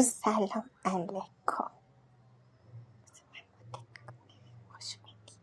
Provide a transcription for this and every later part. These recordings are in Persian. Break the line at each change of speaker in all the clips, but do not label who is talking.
سلام علیکم خوش اومدی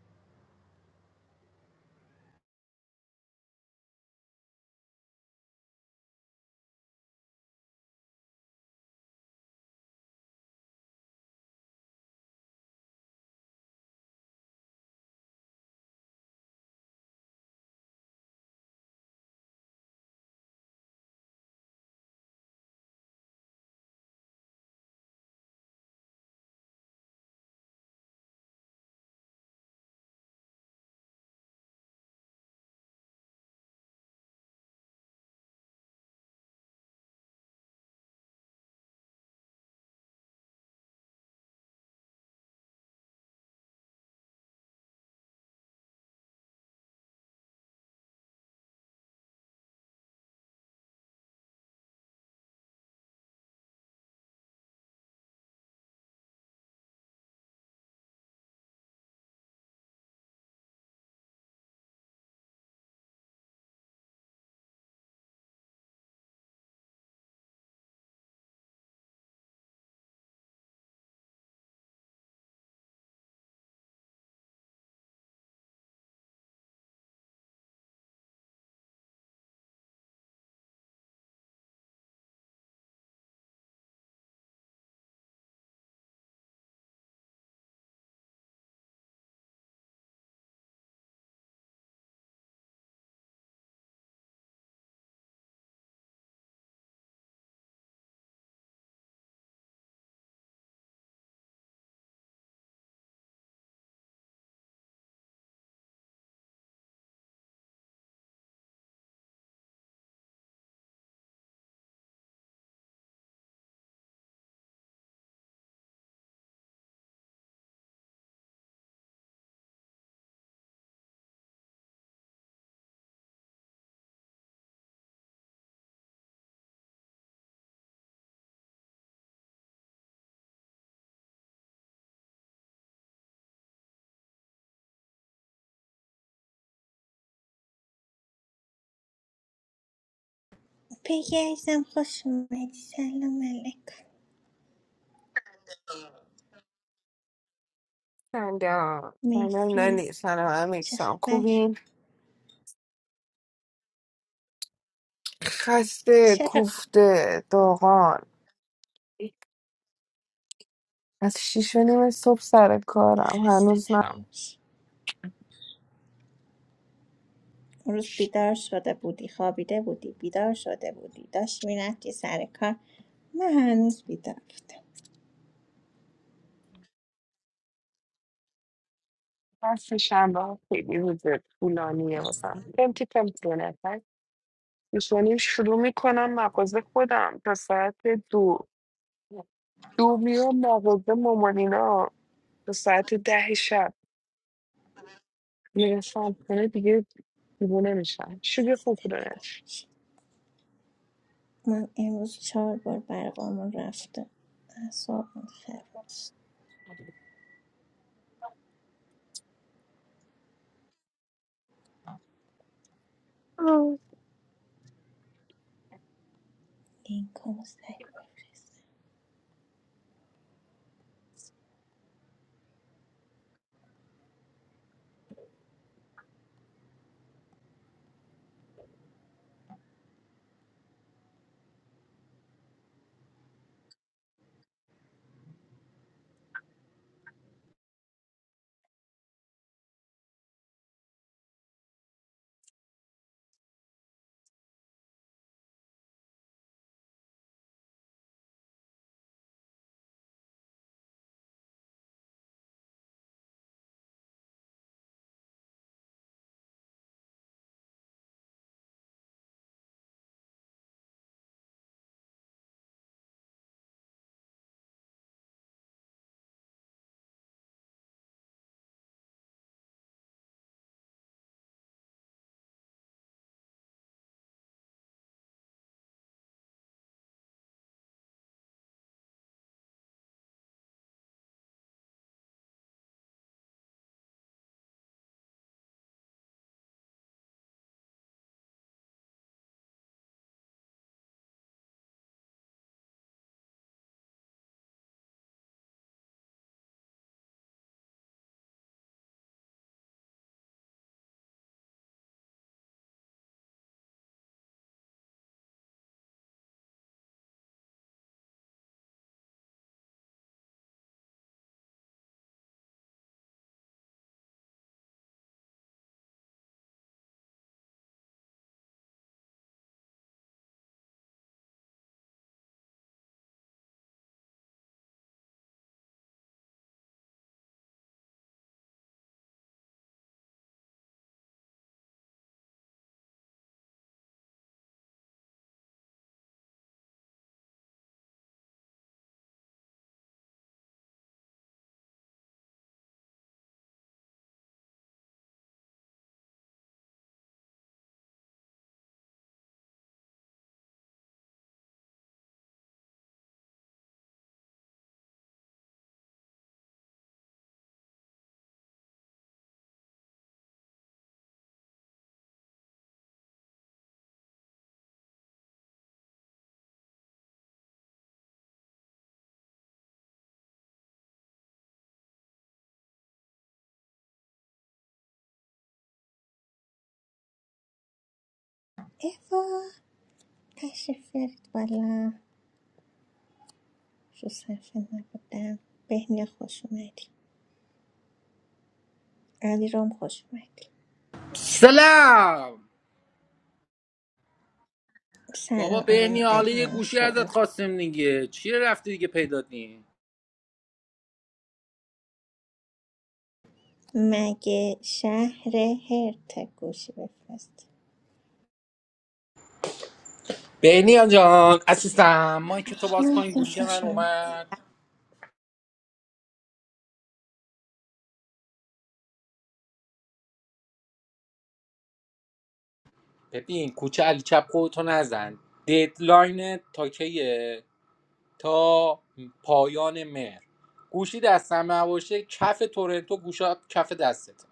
پگی عزیزم خوش اومدی سلام علیکم
سلام سلام
مرسی
نانی سلام
چه
امیرسام
خبر
خوبین خسته
چرا
کوفته داغان از شیش و نیم صبح سر کارم
خسته
هنوز نه
نباش اون روز بیدار شده بودی خوابیده بودی بیدار شده بودی داشت میرفتی سر کار من هنوز بیدار بودم
بس شنبه ها خیلی روز طولانیه واسم پمتی پمتی نفر شیش و نیم شروع میکنم مغازه خودم تا ساعت دو دو میام مغازه مامانینا تا ساعت ده شب میرسم خونه دیگه دیوونه میشم شوگه خوب
خسته
داره
نباش من امروز چهار بار برقامون رفته اعصابم خراب لینکامو سری بفرستم اوا تشریف بیارید بالا رو صفحه نبودم بهنیا خوش اومدی علیرام رام خوش اومدی
سلام
سلام
بابا بهنی
آقای
حالا
علیرام
یه گوشی ازت
شروع
خواستیم دیگه چیه رفتی دیگه پیدا نی
مگه شهر هرت گوشی بفرست
بهنی جان عزیزم ما که تو باز
نه
کن
تو
گوشی من
خوش اومدی
اومد ببین کوچه علی چپ خودتو نزن ددلاین تا کیه تا پایان مهر گوشی دستم نباشه کف تورنتو گوشات کف دستته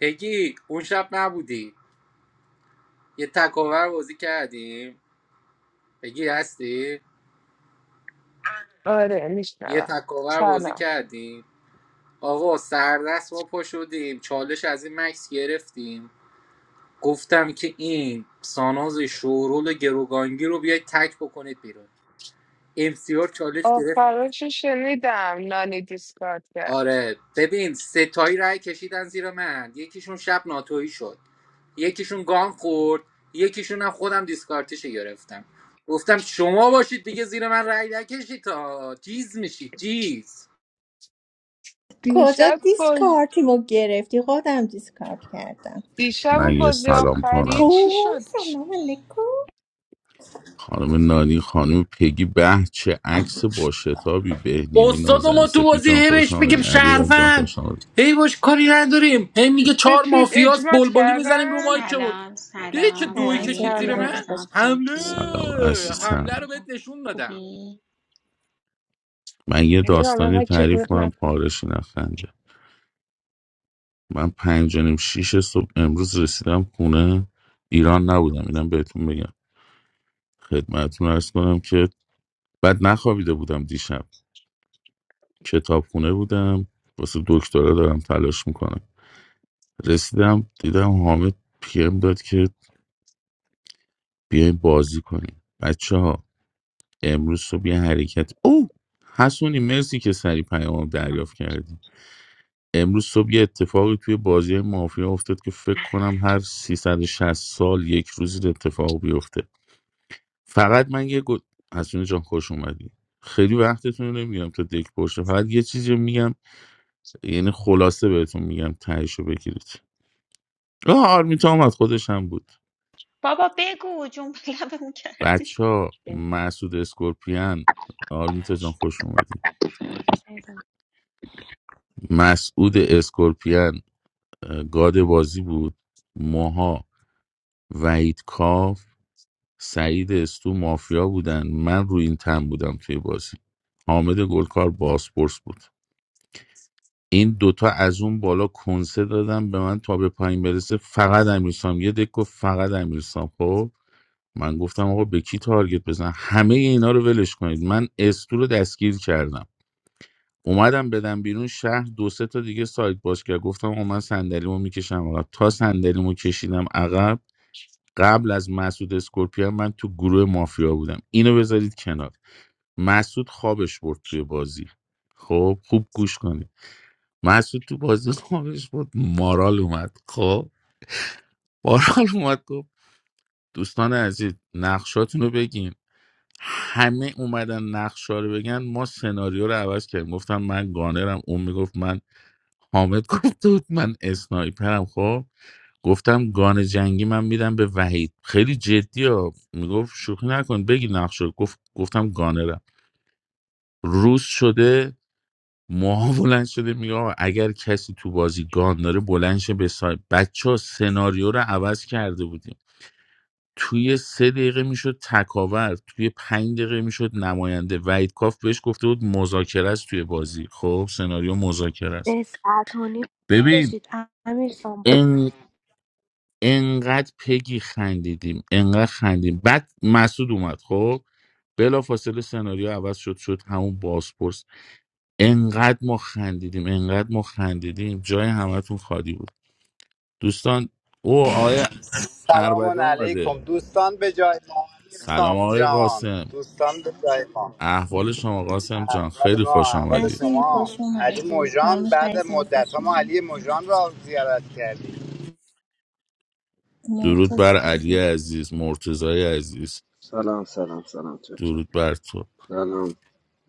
بگی اون شب نبودی یه تکاور بازی کردیم بگی هستی
آره
یه
میشنوم
تکاور بازی
سلام
کردیم آقا سردست ما پا شدیم چالش از این مکس گرفتیم گفتم که این ساناز شورول گروگانگی رو بیاید تک بکنید بیرون امسیار چالش گرفت
آفرینش رو شنیدم نانی دیسکارد کرد
آره ببین ستایی رای کشیدن زیر من یکیشون شب ناتویی شد یکیشون گان خورد یکیشون هم خودم دیسکارتش گرفتم گفتم شما باشید دیگه زیر من رای نکشید تا چیز میشید چیز
کجا
دیشب با
دیسکارتیمو گرفتی خودم دیسکارت کردم
دیشب
من
و
یه
بازی
سلام
آخری
کنم
چی
اوه
شد
سلام علیکم
خانم نانی خانم پگی به چه عکس با شتابی بهنیای
استاد
نازنین
ما تو
سپی
بازی
جان
هی
خوش
بهش
آمدی
بگیم
علی رام جان
شهروند
خوش آمدی
هی باش کاری نداریم هی میگه چهار
سپید
مافیاس
اجمات
بلبلی میزنیم رو
کردن
مایک بود
سلام
دیدی چه
سلام
دوی
سلام
نانی
کشید
سفت
زیر من
عزیزم
سلام
خوش
امیرسان
حمله
سلام
پیگی بهنیا
حمله
عزیزم
رو بهت
علیرام
نشون دادم
خوبی
من یه
خیلی رام
داستانی
اینقدر جیغ
تعریف
میغ
کنم
نکن
پارش نخنده من پنج و نیم شیش صبح امروز رسیدم خونه ایران نبودم اینم بهتون بگم خدمتتون ارز کنم که بعد نخوابیده بودم دیشب کتابخونه بودم واسه دکترا دارم تلاش میکنم رسیدم دیدم حامد پیم داد که بیاین بازی کنیم بچه ها امروز صبح یه حرکت او حسونی مرسی که سری پیامم دریافت کردی امروز صبح یه اتفاقی توی بازی مافیا افتاد که فکر کنم هر 360 سال یک روزی ده اتفاق بیفته فقط من یه گل حسونی جان خوش اومدی خیلی وقتتون رو نمیگم تا دک باشه فقط یه چیزی رو میگم یعنی خلاصه بهتون میگم تهیشو بگیرید آه آرمیتا اومد خودش هم بود
بابا بگو جون به لبمون کردی
بچه ها مسعود اسکورپیان آرمیتا جان خوش اومدی مسعود اسکورپیان اه، گاد بازی بود موها وحید کاف سعید استو مافیا بودن من رو این تن بودم توی بازی حامد گلکار باسپورس بود این دوتا از اون بالا کنسه دادم به من تا به پایین برسه فقط امیرسام یه دک فقط امیرسام خب من گفتم آقا به کی تارگت بزن همه اینا رو ولش کنید من استو رو دستگیر کردم اومدم بدم بیرون شهر دو سه تا دیگه سایت باز کرد گفتم آقا من صندلیمو میکشم عقب تا صندلیمو کشیدم عقب قبل از مسعود اسکورپیان من تو گروه مافیا بودم اینو بذارید کنار مسعود خوابش برد توی بازی خب خوب گوش کنید مسعود تو بازی خوابش برد مارال اومد خب مارال اومد گفت دوستان عزیز نقشاتونو بگین همه اومدن نقشا رو بگن ما سناریو رو عوض کردیم گفتم من گانرم اون میگفت من حامد گفته بود من اسنایپرم خب گفتم گان جنگی من میدم به وحید خیلی جدی ها میگفت شوخی نکن بگی نقش رو. گفت گفتم گانرم روز شده موها بلند شده میگه آقا اگر کسی تو بازی گان داره بلند شه به سایب بچه ها سناریو رو عوض کرده بودیم توی سه دقیقه میشد تکاور توی پنج دقیقه میشد نماینده وحید کاف بهش گفته بود مذاکره است توی بازی خب سناریو مذاکره است
سه ساعت و نیم کشید
ببین
امیر سام بود
انقدر پگی خندیدیم انقدر خندیم بعد مسعود اومد خب بلا فاصله سناریو عوض شد شد همون بازپرس انقدر ما خندیدیم انقدر ما خندیدیم جای همتون خالی بود دوستان او آقای اربده
سلام علیکم
اومده
دوستان به جای ما امیر
سلام آقای
جان
قاسم
دوستان به جای ما
احوال شما قاسم جان
احوال
خیلی
ما
خوش
احوال
آمدید
حسونی
شما
خوش
علی
اومدی
موجان
آرمیت
بعد
عزیزم
مدت
خوش
ها ما
اومدی
علی موجان را زیارت کردیم
درود
مرتضی
بر علی عزیز مرتضای عزیز
سلام سلام سلام چچا
درود بر تو
سلام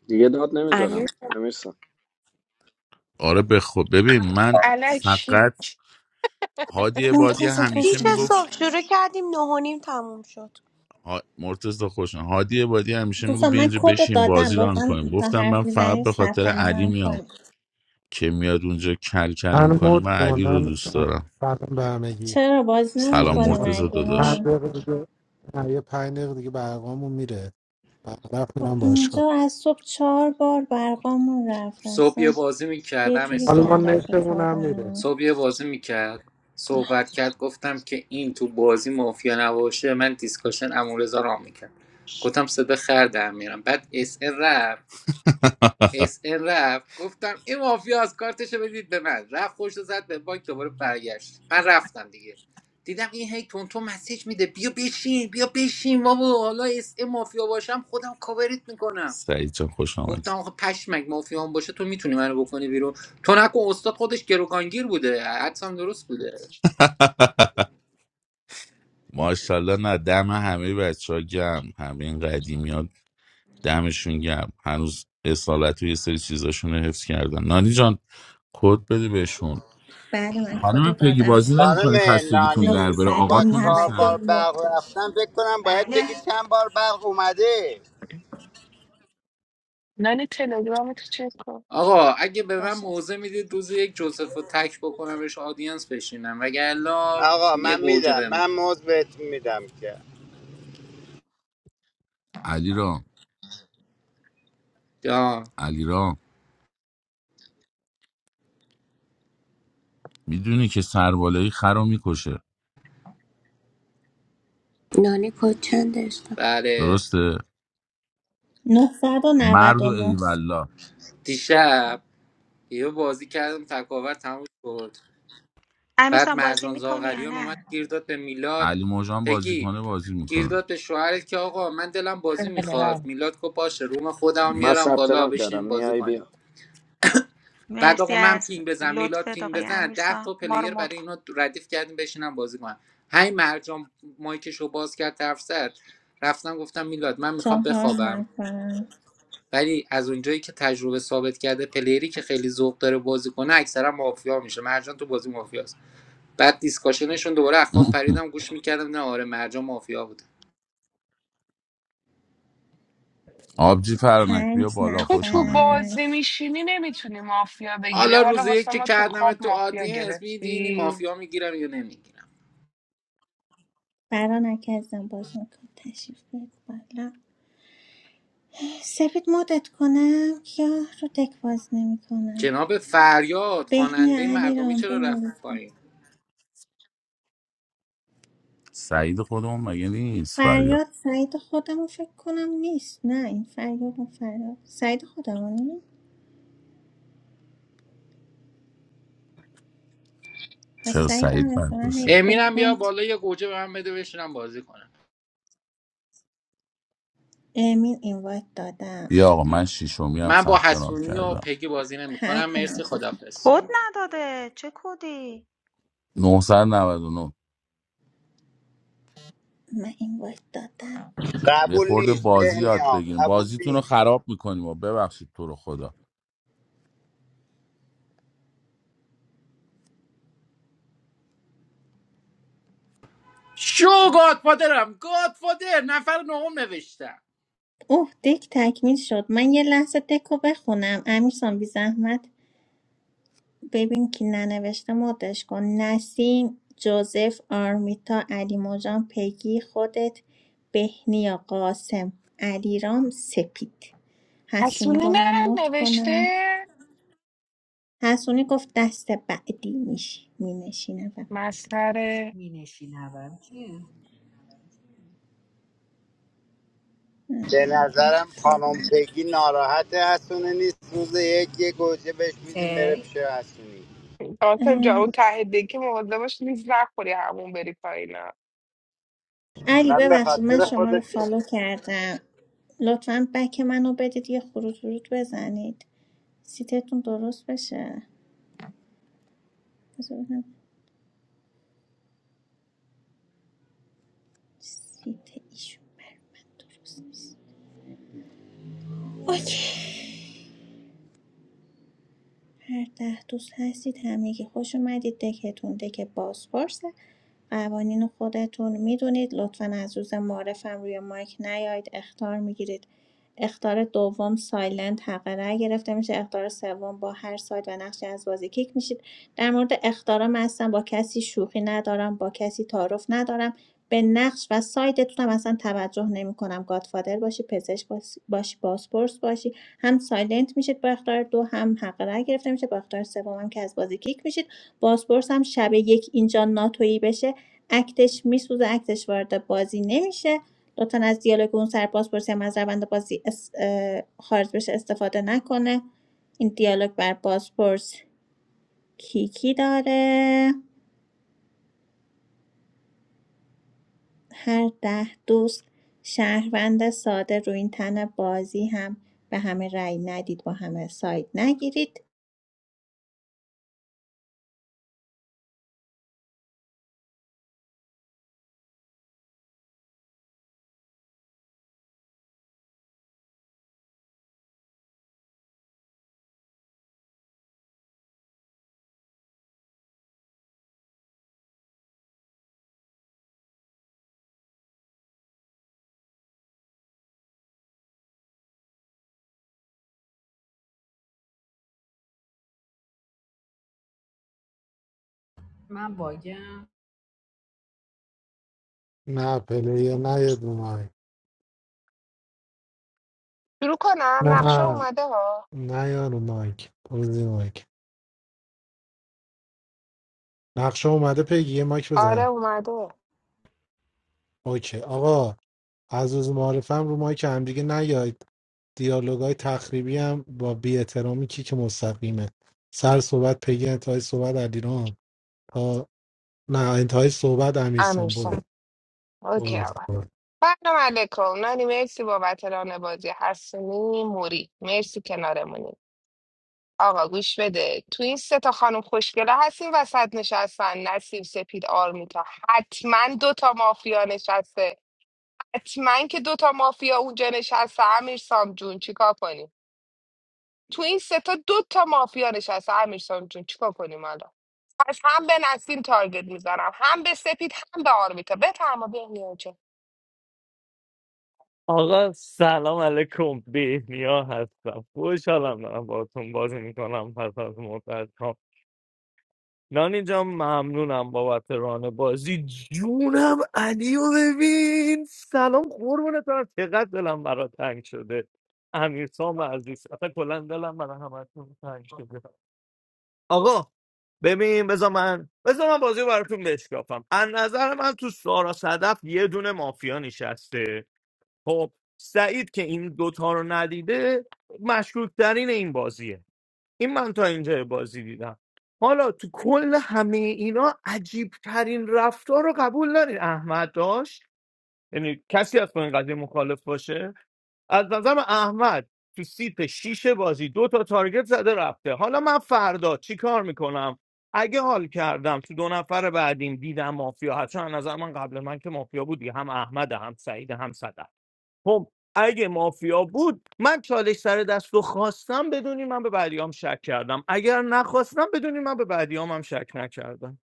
دیگه داد
امیر
نمیزنم امیرسان
آره
رفته بود
بخو ببین من
الکی
فقط هادی بادی
مرتضی
همیشه
خوش
شیش
میگفت
اومدی
صبح شروع کردیم نه و نیم تموم شد
ها... مرتضی خوشم هادی بادی همیشه میگو
دوستان
بیا
من
اینجا
کد رو
بشین
دادم
بازی ران
لطفا
کنیم
تا
گفتم من
حرف
فقط
میزنید
به
ثبت
خاطر
نام
علی
هم
میام
کنید
که میاد اونجا کل کل
من
میکنه
مود
من علی رو
کنن
دوست دارم
سلام به همگی
چرا بازی
ما
سلام
نمیکنیم
اعتماد
مرتضی
اگه ما
هر
داداش
رو
دقیقه دیگه نه، یه پنج دقیقه دیگه برقامون میره برق
خب،
میرم باشگاه
اینجا از صبح چهار بار برقامون رفت
صبح یه
اصلا
بازی
یه
میکردم
جوری
حالا ما
اسام
کلافه
نتمون هم میره
شدم
صبح یه بازی میکرد صحبت کرد گفتم که این تو بازی مافیا نباشه من دیسکاشن امورزا را میکرد گفتم صدا خر در میرم بعد اس رفت اس ان رفت گفتم این مافیا از کارتشو بدید به من رفت خوش زد به بانک دوباره برگشت من رفتم دیگه دیدم این هی تونتون مسیج میده بیا بشین بیا بشین بابا حالا اس ام مافیا باشم خودم کاورت میکنم
سعید جان خوش آمدی
گفتم آخه پشمک مافیا هم باشه تو میتونی منو بکنی بیرون تو نکن استاد خودش گروگانگیر بوده حدسم درست بوده
ماشاءالله نه دم همه بچه ها گم همین این قدیمی ها دمشون گم هنوز اصالت و یه سری چیزاشون رو حفظ کردن نانی جان کد بده بهشون
بعد من کد رو
خانم پگی
دادم
بازی
خانم
نمیکنی خستگیتون
نه
در
نانی
بره
با
آقاتون
چهار
نه
بار
نیستن
نه.
برق رفتن فکر کنم باید
بله
بگی چند بار برق اومده
نانی تلگرام تو چک کن
آقا اگه به من
باشه
موضع میدید روز یک جوزف رو تک بکنمش آدینس بشینم وگرنه
آقا
یه
من
گوجه
میدم
بهم
من
بدید.
موز بهتون میدم که
علی
آه،
علیرام میدونی که سربالایی خر رو میکشه
نانی کد چند عشقم
بله
درسته
نه
مرد و
نه نه
ایوالله
دیشب یه بازی کردم تکاور تموم شد بعد
امیرسان بازی
مرجان
میکنی یا
زاغریان
نه
اومد گیر داد به میلاد
علی موجان بازی
بگی
کنه بازی
گیر
میکنه
داد به شوهرت که آقا من دلم بازی
بله
میخواد
بله
میلاد گفت باشه روم خودم
من
میارم
ثبت
بالا
نام کردم
بشین بازی
میای
کنیم
بیا
بعد
مرسی
آقا من
از
پینگ بزن میلاد
لطفت
پینگ
آقای
بزن ده
امیرسان
تا
ما رو
پلیر
مد
برای
کن
اینا ردیف کردیم بشینم بازی کنم همین مرجان مایکشو باز کرد طرف زد رفتم گفتم میلاد من میخوام
چهار
بخوابم
نفر
ولی از اونجایی که تجربه ثابت کرده پلیری که خیلی ذوق داره بازی کنه اکثرا مافیا میشه مرجان تو بازی مافیاست بعد دیسکاشنشون دوباره از پریدم گوش میکردم نه آره مرجان مافیا بوده
آبجی فرانک بیا
پنج
بالا
تو
خوش
تو
آمدی
نفر
بازی میشینی نمیتونی مافیا بگیری
حالا روز
حالا
یک
واسه
که
ما تو
کردم
خواب
تو
مافیا
آدینس میدینی
گرفتی
مافیا میگیرم یا نمیگیرم
برا نکردم باز میکنم تشریف بیارید بالا سپید مدت کنم یا رو دک باز نمیکنن
جناب فریاد
بهنی
خواننده
علی
مردمی
رام
چرا رفت
بنویسم.
پایین
سعید خودمون مگه نیست فریاد
فریاد سعید خودمو فکر کنم نیست نه این فریاد اون فریاد سعید خودمونی پس
چرا
سعیدم
سعید
مثلا هی
مدرسه
امینم بیا
اکانت
بالا یه گوجه به من بده بشینم بازی کنم
امین اینوایت دادم
بیا آقا من شیشومی هم
من با
ثبت نام
حسونی و
کردم
پگی بازی نمیکنم
هر اون
مرسی
چیز.
خدافظ
کد نداده چه کدی
999
من اینوایت دادم
یه
قبول
خورده
نیست
بازی یاد
بهنیام
بگیریم
قبول
بازیتون رو
نیست
خراب میکنیم و ببخشید تو رو خدا
شو گادفادرم گادفادر نفر نهم نوشتم
اوه دک تکمیل شد من یه لحظه دکو بخونم امیرسان بی زحمت ببین که ننوشته مدش کن نسیم جوزف آرمیتا علی موجان پگی خودت بهنیا قاسم علیرام سپید حسونی
حسونی
رو
نه
من مت کنم
نوشته
حسونی گفت دست بعدی میش می نشینم
مسخره
می نشینم کیه؟
به
همچه
نظرم
فعلی
خانم
من.
پگی ناراحت حسونه نیست روز یک یه گوجه بهش میدیم بره
خیر
پیش حسونی
آسان جا
اه،
اون ته دکی مواظب باش نیز نخوری همون بری پایینا
علی
من به
ببخشید من
خاطر
شما رو
خودت گفتم.
فالو کردم لطفا بک منو بدید یه خروج ورود بزنید سیتتون درست بشه سیت ایشون برای من درست نیست اوکی هر ده دوست هستید همگی خوش اومدید دکتون دک بازپرسه قوانین خودتون میدونید لطفا از روز معرفم روی مایک نیایید اختار میگیرید اختار دوم سایلنت حق رأی گرفته میشه اختار سوم با هر سایت و نقشی از بازی کیک میشید در مورد اختارم اصلا با کسی شوخی ندارم با کسی تعارف ندارم به نقش و سایتتون هم اصلا توجه نمیکنم گادفادر باشی پزشک باشی باشی، بازپرس باشی هم سایلنت میشید با اختار دو هم حق رای گرفته میشه با اختار سوم هم که از بازی کیک میشید بازپرس هم شب یک اینجا ناتویی بشه اکتش میسوزه اکتش وارد بازی نمیشه لطفا از دیالوگ اون سر بازپرسی هم از روند بازی اس- اه، خارج بشه استفاده نکنه این دیالوگ بر بازپرس کیکی داره هر ده دوست شهروند ساده رو این تن بازی هم به همه رأی ندید با همه ساید نگیرید
من باگم
نه پلیه نه یه دو مایک
شروع کنم
نه
نقشه اومده ها
نه یا رو مایک برو زیر مایک نقشه اومده پیگی یه مایک
آره
بزن
اومده
اوکی آقا از روز معارفم رو مایک هم دیگه نیاید دیالوگای تخریبی هم با بی احترامی کی که مستقیمه سر صحبت پیگی انتهای صحبت علیرام نه انتهای صحبت امیرسان برو
امیرسان اوکی
برو
آقا
برو.
سلام علیکم نانی مرسی بابت ران بازی حسونی موری مرسی کنارمونی آقا گوش بده تو این سه تا خانم خوشگله هستین وسط نشستن نسیم سپید آرمیتا حتما دوتا مافیا نشسته حتما که دوتا مافیا اونجا نشسته امیرسام جون چیکار کنی تو این سه تا دو تا مافیا نشسته امیرسان جون چیکار کنیم الان پس هم به نسیم تارگت میزنم هم به سپید هم به آرمیتا بفرما بهنیا جون
آقا سلام علیکم بهنیا هستم خوشحالم دارم باهاتون بازی میکنم پس از مدت ها نانی جان ممنونم بابت ران بازی جونم علی رو ببین سلام قربونت برم چقدر دلم برا تنگ شده امیرسام عزیز اصلا کلا دلم برا همتون تنگ شده آقا ببین بذار من بذار من بازی رو براتون بشکافم از نظر من تو سارا صدف یه دونه مافیا نشسته خب سعید که این دوتا رو ندیده مشکوک ترین این بازیه این من تا اینجا بازی دیدم حالا تو کل همه اینا عجیب ترین رفتار رو قبول دارین احمد داشت یعنی کسی از این قضیه مخالف باشه از نظرم احمد تو سیت شیش بازی دو تا تارگت زده رفته حالا من فردا چی کار میکنم اگه حال کردم تو دو نفر بعدیم دیدم مافیا هست چون از نظر من قبل من که مافیا بودی هم احمد هم سعید هم صدف خب اگه مافیا بود من چالش سر دست رو خواستم بدونی من به بعدیام شک کردم اگر نخواستم بدونی من به بعدیام هم شک نکردم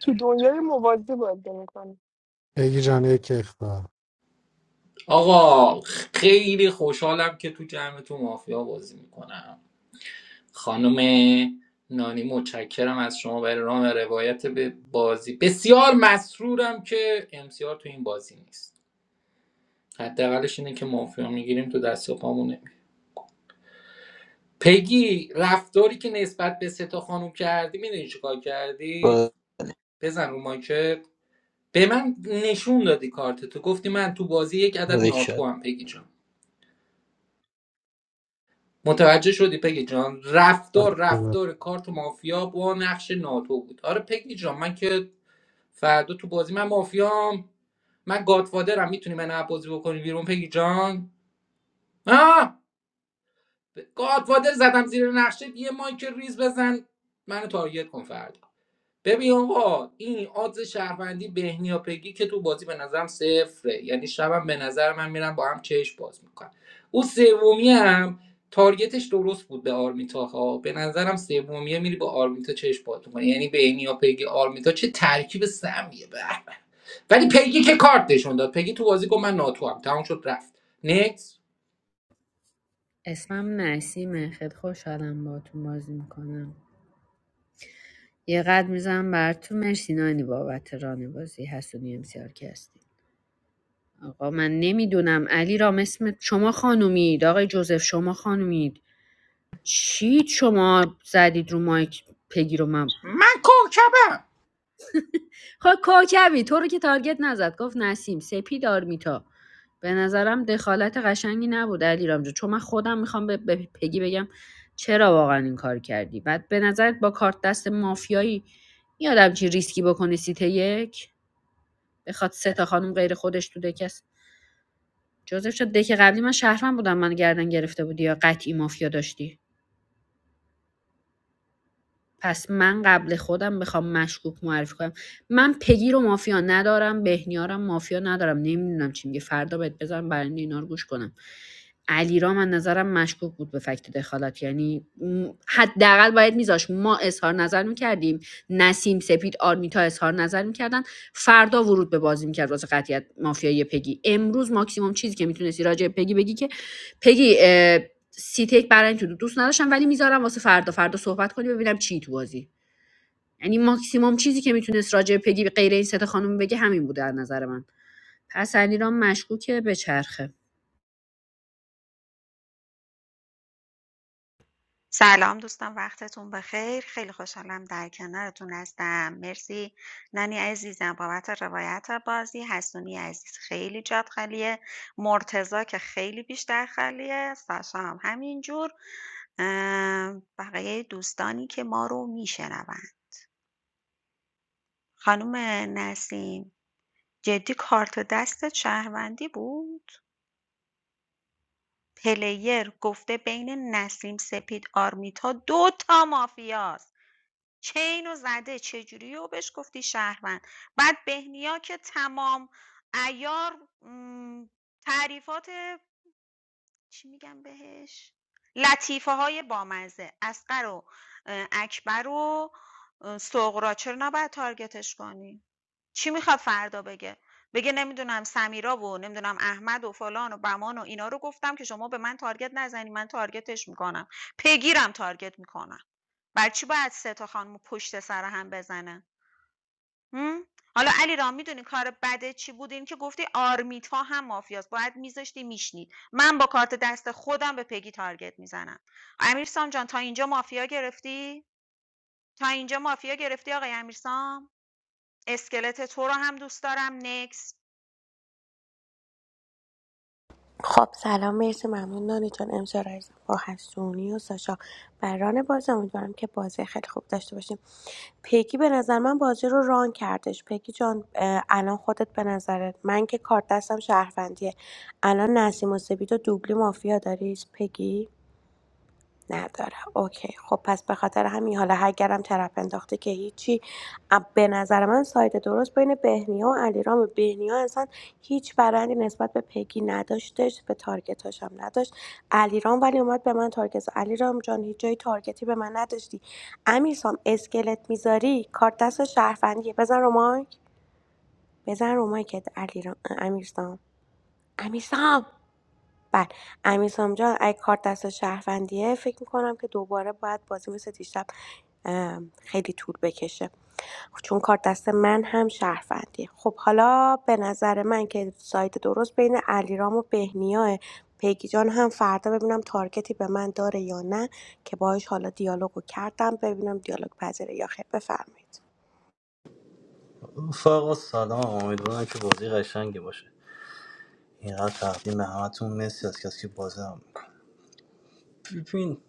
تو دنیای موازی بازی میکنه
بگی جان یک اختار
آقا خیلی خوشحالم که تو جمع تو مافیا بازی میکنم خانم نانی متشکرم از شما برای رام روایت به بازی بسیار مسرورم که امسیار تو این بازی نیست حداقلش اینه که مافیا میگیریم تو دست و پامون پگی رفتاری که نسبت به ستا خانم کردی میدونی چیکار کردی بزن رو مایکت به من نشون دادی کارت تو گفتی من تو بازی یک عدد
باریکلا
ناتو هم پگی جان. متوجه شدی پگی جان رفتار رفتار کارت مافیا با نقش ناتو بود آره پگی جان من که فردا تو بازی من مافیام من گادفادرم میتونی من از بازی بکنی بیرون پگی جان آه گادفادر زدم زیر نقشه یه مایک ریز بزن منو تارگت کن فردا ببین آقا این آدز شهروندی بهنیا پگی که تو بازی به نظرم صفره یعنی شبم به نظر من میرم با هم چش باز میکنم او سومی هم تارگتش درست بود به آرمیتا ها به نظرم سومیه میری با آرمیتا چش باز میکنه یعنی بهنیا پگی آرمیتا چه ترکیب سمیه به به. ولی پگی که کارت نشون داد پگی تو بازی گفت من ناتو هم تمام شد رفت نکس
اسمم نسیمه خیلی خوشحالم با تو بازی میکنم یه قد میزنم براتون مرسی نانی بابت ران بازی حسونی امسیار که هستی آقا من نمیدونم علی رام اسمت شما خانومید آقای جوزف شما خانومید چی شما زدید رو مایک پگی رو من
من کوکبم
خب کوکبی تو رو که تارگت نزد گفت نسیم سپید آرمیتا به نظرم دخالت قشنگی نبود علی رامجو چون من خودم میخوام به, به پگی بگم چرا واقعا این کار کردی بعد به نظرت با کارت دست مافیایی یادم چی ریسکی بکنه سیت یک بخواد سه تا خانم غیر خودش تو دکست جوزف شد دک قبلی من شهرمن بودم من گردن گرفته بودی یا قطعی مافیا داشتی پس من قبل خودم بخوام مشکوک معرفی کنم من پگی رو مافیا ندارم بهنیارم مافیا ندارم نمیدونم چی میگه فردا بهت بذارم برای اینکه اینا رو گوش کنم علی من نظرم مشکوک بود به فکت دخالت یعنی م، حداقل باید میذاش ما اظهار نظر میکردیم نسیم سپید آرمیتا اظهار نظر میکردن فردا ورود به بازی میکرد واسه قطعیت مافیایی پگی امروز ماکسیموم چیزی که میتونستی راجع به پگی بگی که پگی اه، سی تک برای این تو دوست نداشتم ولی میذارم واسه فردا فردا صحبت کنی ببینم چی تو بازی یعنی ماکسیموم چیزی که میتونست راجع به پگی غیر این سه تا خانم بگه همین بوده از نظر من پس علیرام مشکوکه به چرخه
سلام دوستان وقتتون بخیر خیلی خوشحالم در کنارتون هستم مرسی ننی عزیزم بابت روایت بازی حسونی عزیز خیلی جات خالیه مرتزا که خیلی بیشتر خالیه ساشا هم همینجور ام، بقیه دوستانی که ما رو میشنون خانم نسیم جدی کارت دستت شهروندی بود پلیر گفته بین نسیم سپید آرمیتا دو تا مافیاست چه اینو زده چجوری و بهش گفتی شهروند بعد بهنیا که تمام عیار تعریفات چی میگم بهش لطیفه های بامزه اسقر و اه، اکبر و اه، سغرا چرا نباید تارگتش کنی چی میخواد فردا بگه بگه نمیدونم سمیرا و نمیدونم احمد و فلان و بمان و اینا رو گفتم که شما به من تارگت نزنی من تارگتش میکنم پیگیرم تارگت میکنم برای چی باید 3 تا خانمو پشت سر هم بزنن حالا علیرام میدونی کار بده چی بود این که گفتی آرمیتا هم مافیاست باید میذاشتی میشنید من با کارت دست خودم به پگی تارگت میزنم امیرسام جان تا اینجا مافیا گرفتی تا اینجا مافیا گرفتی آقای امیرسام اسکلت تو رو هم دوست دارم نکس
خب سلام مرسی ممنون نانی جان امسا رایز با حسونی و ساشا بران بازی امیدوارم که بازی خیلی خوب داشته باشیم پیگی به نظر من بازی رو ران کردش پیگی جان اه، الان خودت به نظرت من که کارت دستم شهروندیه الان نسیم و سبیت و دوبلی مافیا داری پیگی نداره اوکی خب پس به خاطر همین حالا اگرم طرف انداخته که هیچی ام- به نظر من سایت درست بین بهنیا و علیرام بهنیا اصلا هیچ برندی نسبت به پگی نداشتش به تارگتاش هم نداشت علیرام ولی اومد به من تارگت زد. علیرام جان هیچ جای تارگتی به من نداشتی امیرسام اسکلت میذاری کارت دست شهروندیه بزن رو مایک بزن رو مایکت علیرام امیرسام امیرسام بله امیرسام جان اگه کارت دست شهروندیه فکر میکنم که دوباره باید بازی مثل دیشب ام، خیلی طول بکشه خب، چون کارت دست من هم شهروندیه خب حالا به نظر من که سایت درست بین علیرام و بهنیاه پیگی جان هم فردا ببینم تارگتی به من داره یا نه که باهاش حالا دیالوگو کردم ببینم دیالوگ پذیره یا خیر بفرمایید
رفقا سلام امیدوارم که بازی قشنگی باشه اینقدر تقدیم همتون مرسی از کسی که بازی هم میکنه ببین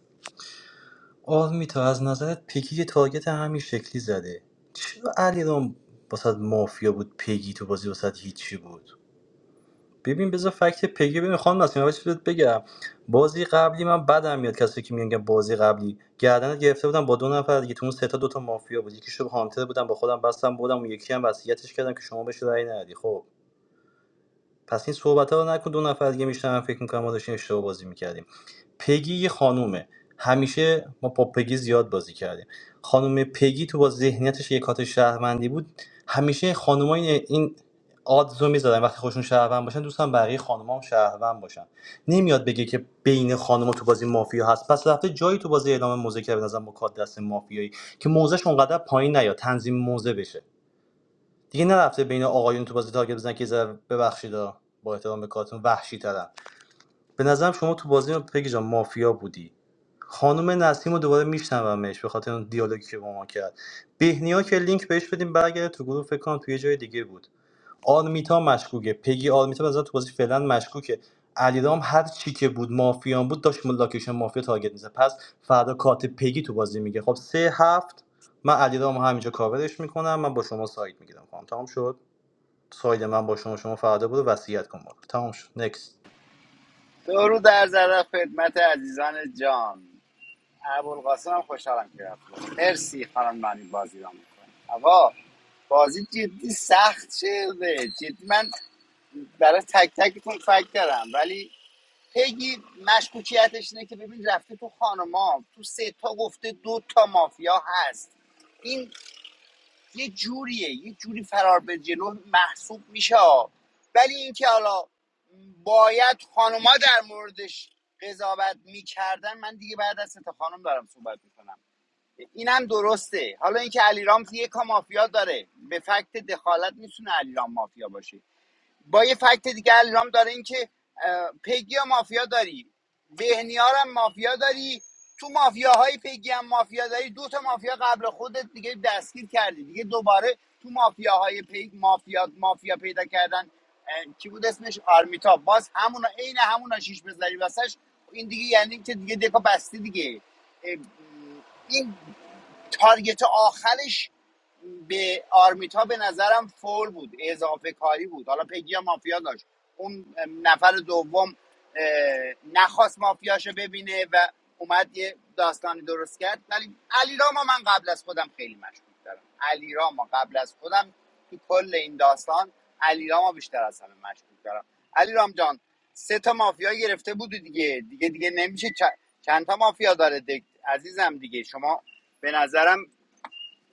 آرمیتا از نظرت پیکی که تارگت همین شکلی زده چرا علیرام واسه مافیا بود پیگی تو بازی واسه هیچی بود ببین بذار فکت پیگی ببین خانم نسیم اول چیز بهت بگم بازی قبلی من بدم میاد کسی که میگن که بازی قبلی گردنت گرفته بودم با دو نفر دیگه تو اون سه تا دو تا مافیا بود یکیشو هانتر بودم با خودم بستم بودم اون یکی هم وصیتش کردم که شما بهش رأی ندی خب پس این صحبت‌ها ها رو نکن دو نفر دیگه میشنن فکر می‌کنم ما داشتیم اشتباه بازی می‌کردیم. پگی یه خانومه همیشه ما با پگی زیاد بازی کردیم خانم پگی تو با ذهنیتش یک کات شهروندی بود همیشه خانوما این این آدزو میزدن وقتی خودشون شهروند باشن دوستان بقیه خانوما هم شهروند باشن نمیاد بگه که بین خانوما تو بازی مافیا هست پس رفته جایی تو بازی اعلام موزه کرده به نظرم با کات دست مافیایی که موزش اونقدر پایین نیاد تنظیم موزه بشه دیگه نرفته بین آقایون تو بازی تارگت بزنن که یه ذره ببخشید ها، با احترام به کارتون وحشی ترم به نظرم شما تو بازی ما پگی جان مافیا بودی خانم نسیم رو دوباره میشنومش به خاطر اون دیالوگی که با ما کرد بهنیا که لینک بهش بدیم برگرده تو گروه فکر کنم توی جای دیگه بود آرمیتا مشکوکه پگی آرمیتا به نظرم تو بازی فعلا مشکوکه علیرام هر چی که بود مافیان بود داشت ملاکشن مافیا تارگت میزد پس فردا کارت پگی تو بازی میگه خب سه هفت من علیرام همینجا کاورش میکنم من با شما سایت میگیرم خانم تمام شد ساید من با شما شما فردا برو وصیت کن برو تمام شد نکس
درود در ذره خدمت عزیزان جان ابوالقاسم هم خوشحالم که رفت مرسی خانم مانی بازی را میکنه آقا بازی جدی سخت شده جدی من برای تک تکتون فکر کردم ولی پگی مشکوکیتش اینه که ببین رفته تو خانما تو سه تا گفته دو تا مافیا هست این یه جوریه یه جوری فرار به جلو محسوب میشه ها. ولی اینکه حالا باید خانوما در موردش قضاوت میکردن من دیگه بعد از تا خانم دارم صحبت میکنم اینم درسته حالا اینکه علیرام یه کا مافیا داره به فکت دخالت میتونه علیرام مافیا باشه با یه فکت دیگه الان داره این که اه، پگی و مافیا داری بهنیار هم مافیا داری تو مافیاهای پگی هم مافیا داری دو تا مافیا قبل خودت دیگه دستگیر کردی دیگه دوباره تو مافیاهای پی مافیا مافیا پیدا کردن اه، کی بود اسمش آرمیتا باز همونا عین همونا شیش بذاری واسش این دیگه یعنی که دیگه دکا بستی دیگه اه، این تارگت آخرش به آرمیتا به نظرم فول بود اضافه کاری بود حالا پگی هم مافیا داشت اون نفر دوم اه، نخواست مافیاشو ببینه و اومد یه داستانی درست کرد ولی علی راما من قبل از خودم خیلی مشکوک دارم علی راما قبل از خودم تو کل این داستان علی راما بیشتر از همه مشکوک دارم علی رام جان سه تا مافیا گرفته بودی دیگه دیگه دیگه نمیشه چ- چند تا مافیا داره دک- عزیزم دیگه شما به نظرم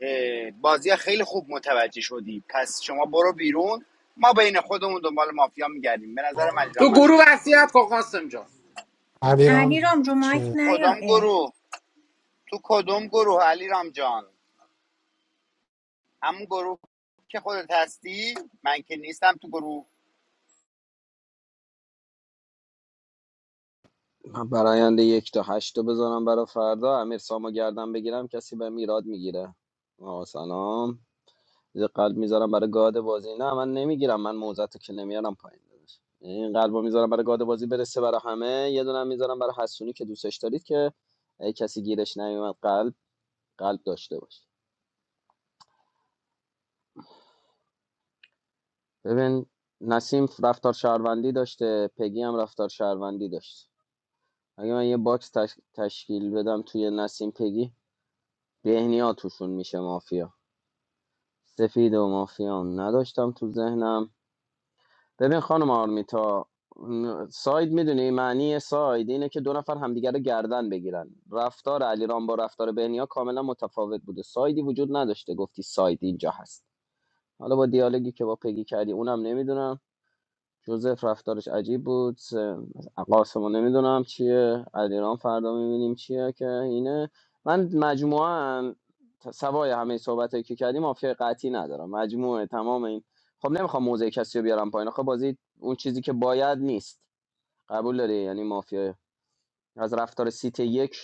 اه، بازی خیلی خوب متوجه شدی پس شما برو بیرون ما بین خودمون دنبال مافیا میگردیم به نظر علیرام
تو
مشکوک
گروه وصیت کن قاسم جان
علیرام چه
کدام
اه،
گروه تو کدام گروه علیرام جان همون گروه که خودت هستی من که نیستم تو گروه
من براینده یک تا هشت رو بذارم برای فردا امیر سامو گردم بگیرم کسی به میراد میگیره آقا سلام یه قلب میذارم برای گاد بازی نه من نمیگیرم من موزت که نمیارم پایین دادش این قلبو میذارم برای گاد بازی برسه برای همه یه دونه هم میذارم برای حسونی که دوستش دارید که اگه کسی گیرش نیومد قلب قلب داشته باش ببین نسیم رفتار شهروندی داشته پگی هم رفتار شهروندی داشت اگه من یه باکس تش- تشکیل بدم توی نسیم پگی بهنیا توشون میشه مافیا سفید و مافیا هم نداشتم تو ذهنم ببین خانم آرمیتا ساید میدونی معنی ساید اینه که دو نفر همدیگه رو گردن بگیرن رفتار علیرام با رفتار بهنیا کاملا متفاوت بوده سایدی وجود نداشته گفتی ساید اینجا هست حالا با دیالوگی که با پگی کردی اونم نمیدونم جوزف رفتارش عجیب بود س- قاسمو نمیدونم چیه علیرام فردا میبینیم چیه که اینه من مجموعه سوای همه صحبت که کردیم مافیا قطعی ندارم مجموعه تمام این خب نمیخوام موزه کسی رو بیارم پایین خب بازی اون چیزی که باید نیست قبول داری یعنی مافیا از رفتار سیت یک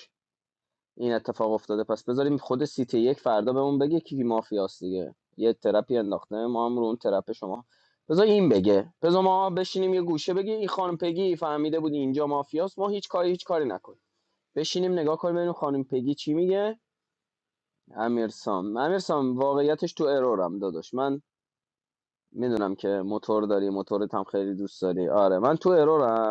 این اتفاق افتاده پس بذاریم خود سیتی یک فردا بهمون بگه کی مافیاست دیگه یه ترپی انداخته ما هم رو اون ترپ شما بذار این بگه بذار ما بشینیم یه گوشه بگی این خانم پگی فهمیده بود اینجا مافیاست ما هیچ کاری هیچ کاری نکنیم بشینیم نگاه کنیم ببینیم خانم پگی چی میگه امیرسام امیرسام واقعیتش تو ارورم داداش من میدونم که موتور داری موتورت هم خیلی دوست داری آره من تو ارورم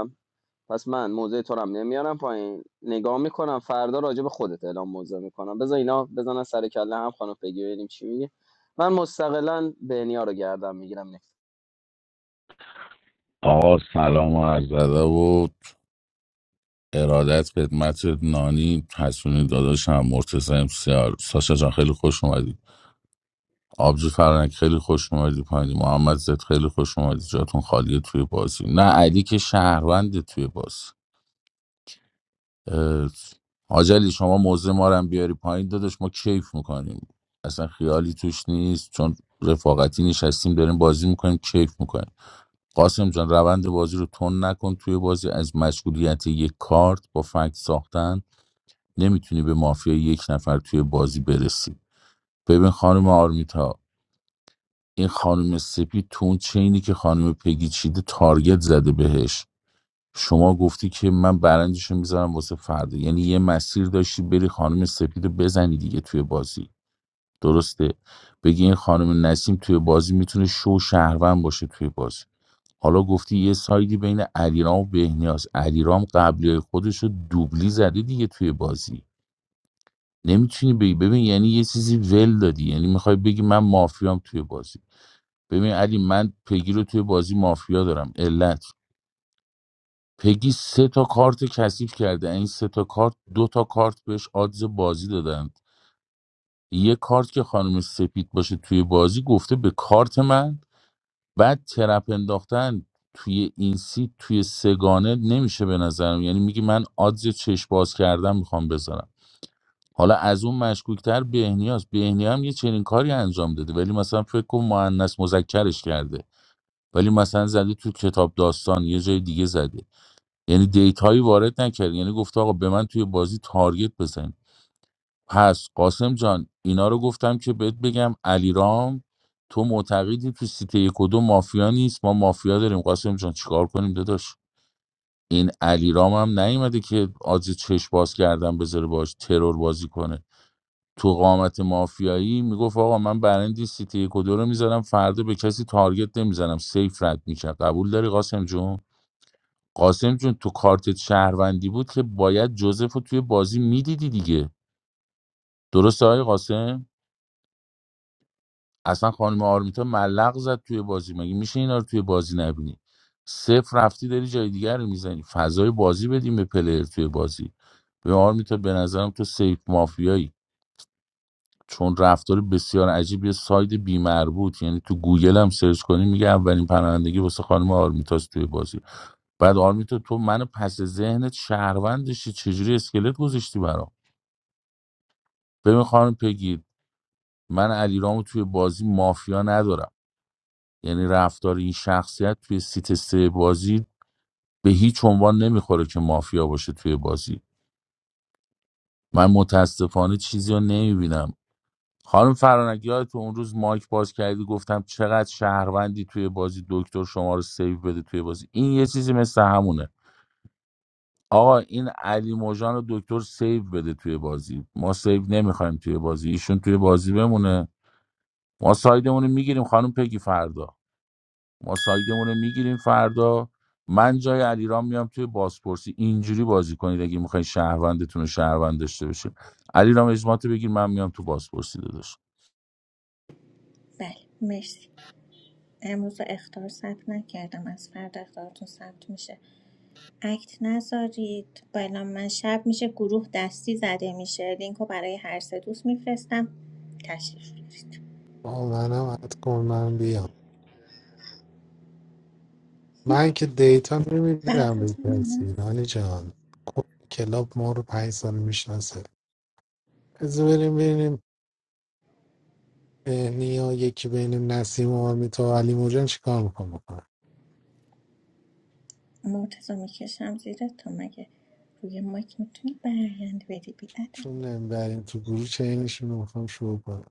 پس من موضع تو رو نمیارم پایین نگاه میکنم فردا راجع به خودت اعلام موضع میکنم بذار اینا بزنن سر کله هم خانم بگی ببینیم چی میگه من مستقلا بهنیا رو گردم میگیرم نه
آقا سلام و عرض ادب و ارادت خدمت نانی حسونی داداشم مرتضی امسیار ساشا جان خیلی خوش اومدی آبجو فرنک خیلی خوش اومدی پایینی محمد زد خیلی خوش اومدی جاتون خالیه توی بازی نه علی که شهرونده توی بازی اه، حاج علی شما موضع ما رو هم بیاری پایین داداش ما کیف میکنیم اصلا خیالی توش نیست چون رفاقتی نشستیم داریم بازی میکنیم کیف میکنیم قاسم جان روند بازی رو تون نکن توی بازی از مشغولیت یک کارت با فکت ساختن نمیتونی به مافیای یک نفر توی بازی برسی ببین خانم آرمیتا این خانم سپید تو اون چینی که خانم پگی چیده تارگت زده بهش شما گفتی که من برندش میذارم واسه فردا یعنی یه مسیر داشتی بری خانم سپید رو بزنی دیگه توی بازی درسته بگی این خانم نسیم توی بازی میتونه شو شهروند باشه توی بازی حالا گفتی یه سایدی بین علیرام و بهنیاز علیرام قبلی خودش رو دوبلی زده دیگه توی بازی نمیتونی بگی ببین یعنی یه چیزی ول دادی یعنی میخوای بگی من مافیام توی بازی ببین علی من پگی رو توی بازی مافیا دارم علت پگی سه تا کارت کثیف کرده این سه تا کارت دو تا کارت بهش آدز بازی دادن یه کارت که خانم سپید باشه توی بازی گفته به کارت من بعد ترپ انداختن توی این سیت توی سگانه نمیشه به نظرم یعنی میگی من آدز چشم باز کردن میخوام بذارم حالا از اون مشکوکتر بهنیاست بهنیا هم یه چنین کاری انجام داده ولی مثلا فکر کن مؤنث مذکرش کرده ولی مثلا زده تو کتاب داستان یه جای دیگه زده یعنی دیتایی وارد نکرده یعنی گفته آقا به من توی بازی تارگت بزن پس قاسم جان اینا رو گفتم که بهت بگم علیرام تو معتقدی تو سیته یک و دو مافیا نیست ما مافیا داریم قاسم جان چیکار کنیم داداش این علیرام هم نیومده که آجی چش باز کردن بذاره باش ترور بازی کنه تو قامت مافیایی میگفت آقا من برندی سیتی یک و دو رو میزنم فردا به کسی تارگت نمیزنم سیف رد میشه قبول داری قاسم جون قاسم جون تو کارت شهروندی بود که باید جوزف رو توی بازی میدیدی دیگه درسته های قاسم اصلا خانم آرمیتا ملق زد توی بازی مگه میشه اینا رو توی بازی نبینی صفر رفتی داری جای دیگر رو میزنی فضای بازی بدیم به پلیر توی بازی به آرمیتا به نظرم تو سیف مافیایی چون رفتار بسیار عجیب یه ساید بیمربوط یعنی تو گوگل هم سرچ کنی میگه اولین پناهندگی واسه خانم آرمیتاس توی بازی بعد آرمیتا تو منو پس ذهنت شهروند داشتی چجوری اسکلت گذاشتی برام ببین خانم پگید من علیرامو توی بازی مافیا ندارم یعنی رفتار این شخصیت توی سیت سه بازی به هیچ عنوان نمیخوره که مافیا باشه توی بازی من متاسفانه چیزی رو نمیبینم خانم فرانک تو اون روز مایک باز کردی گفتم چقدر شهروندی توی بازی دکتر شما رو سیو بده توی بازی این یه چیزی مثل همونه آقا این علی موجان رو دکتر سیو بده توی بازی ما سیو نمیخوایم توی بازی ایشون توی بازی بمونه ما سایدمون رو میگیریم خانم پگی فردا ما سایدمون رو میگیریم فردا من جای علیرام میام توی بازپرسی اینجوری بازی کنید اگه میخواین شهروندتون رو شهروند داشته باشید علیرام اجماعتو بگیر من میام تو بازپرسی داداش
بله مرسی امروز اخطار ثبت نکردم از فردا اختارتون ثبت میشه اکت نذارید بلا من شب میشه گروه دستی زده میشه لینکو برای هر سه دوست میفرستم تشریف بیارید
با منم عد کن من بیام من که دیتا نمیدم به کسی نانی جان کل کلاب ما رو پنج سال میشناسه از بریم ببینیم اه، نیا یکی بین نسیم و آرمیتا و علی موجان چیکار میخوام بکنم
مرتضا میکشم زیره تا مگه روی مایک میتونی برایند بدی بیادم
چون نمیبریم تو گروه چینشون رو میخوام شروع کنم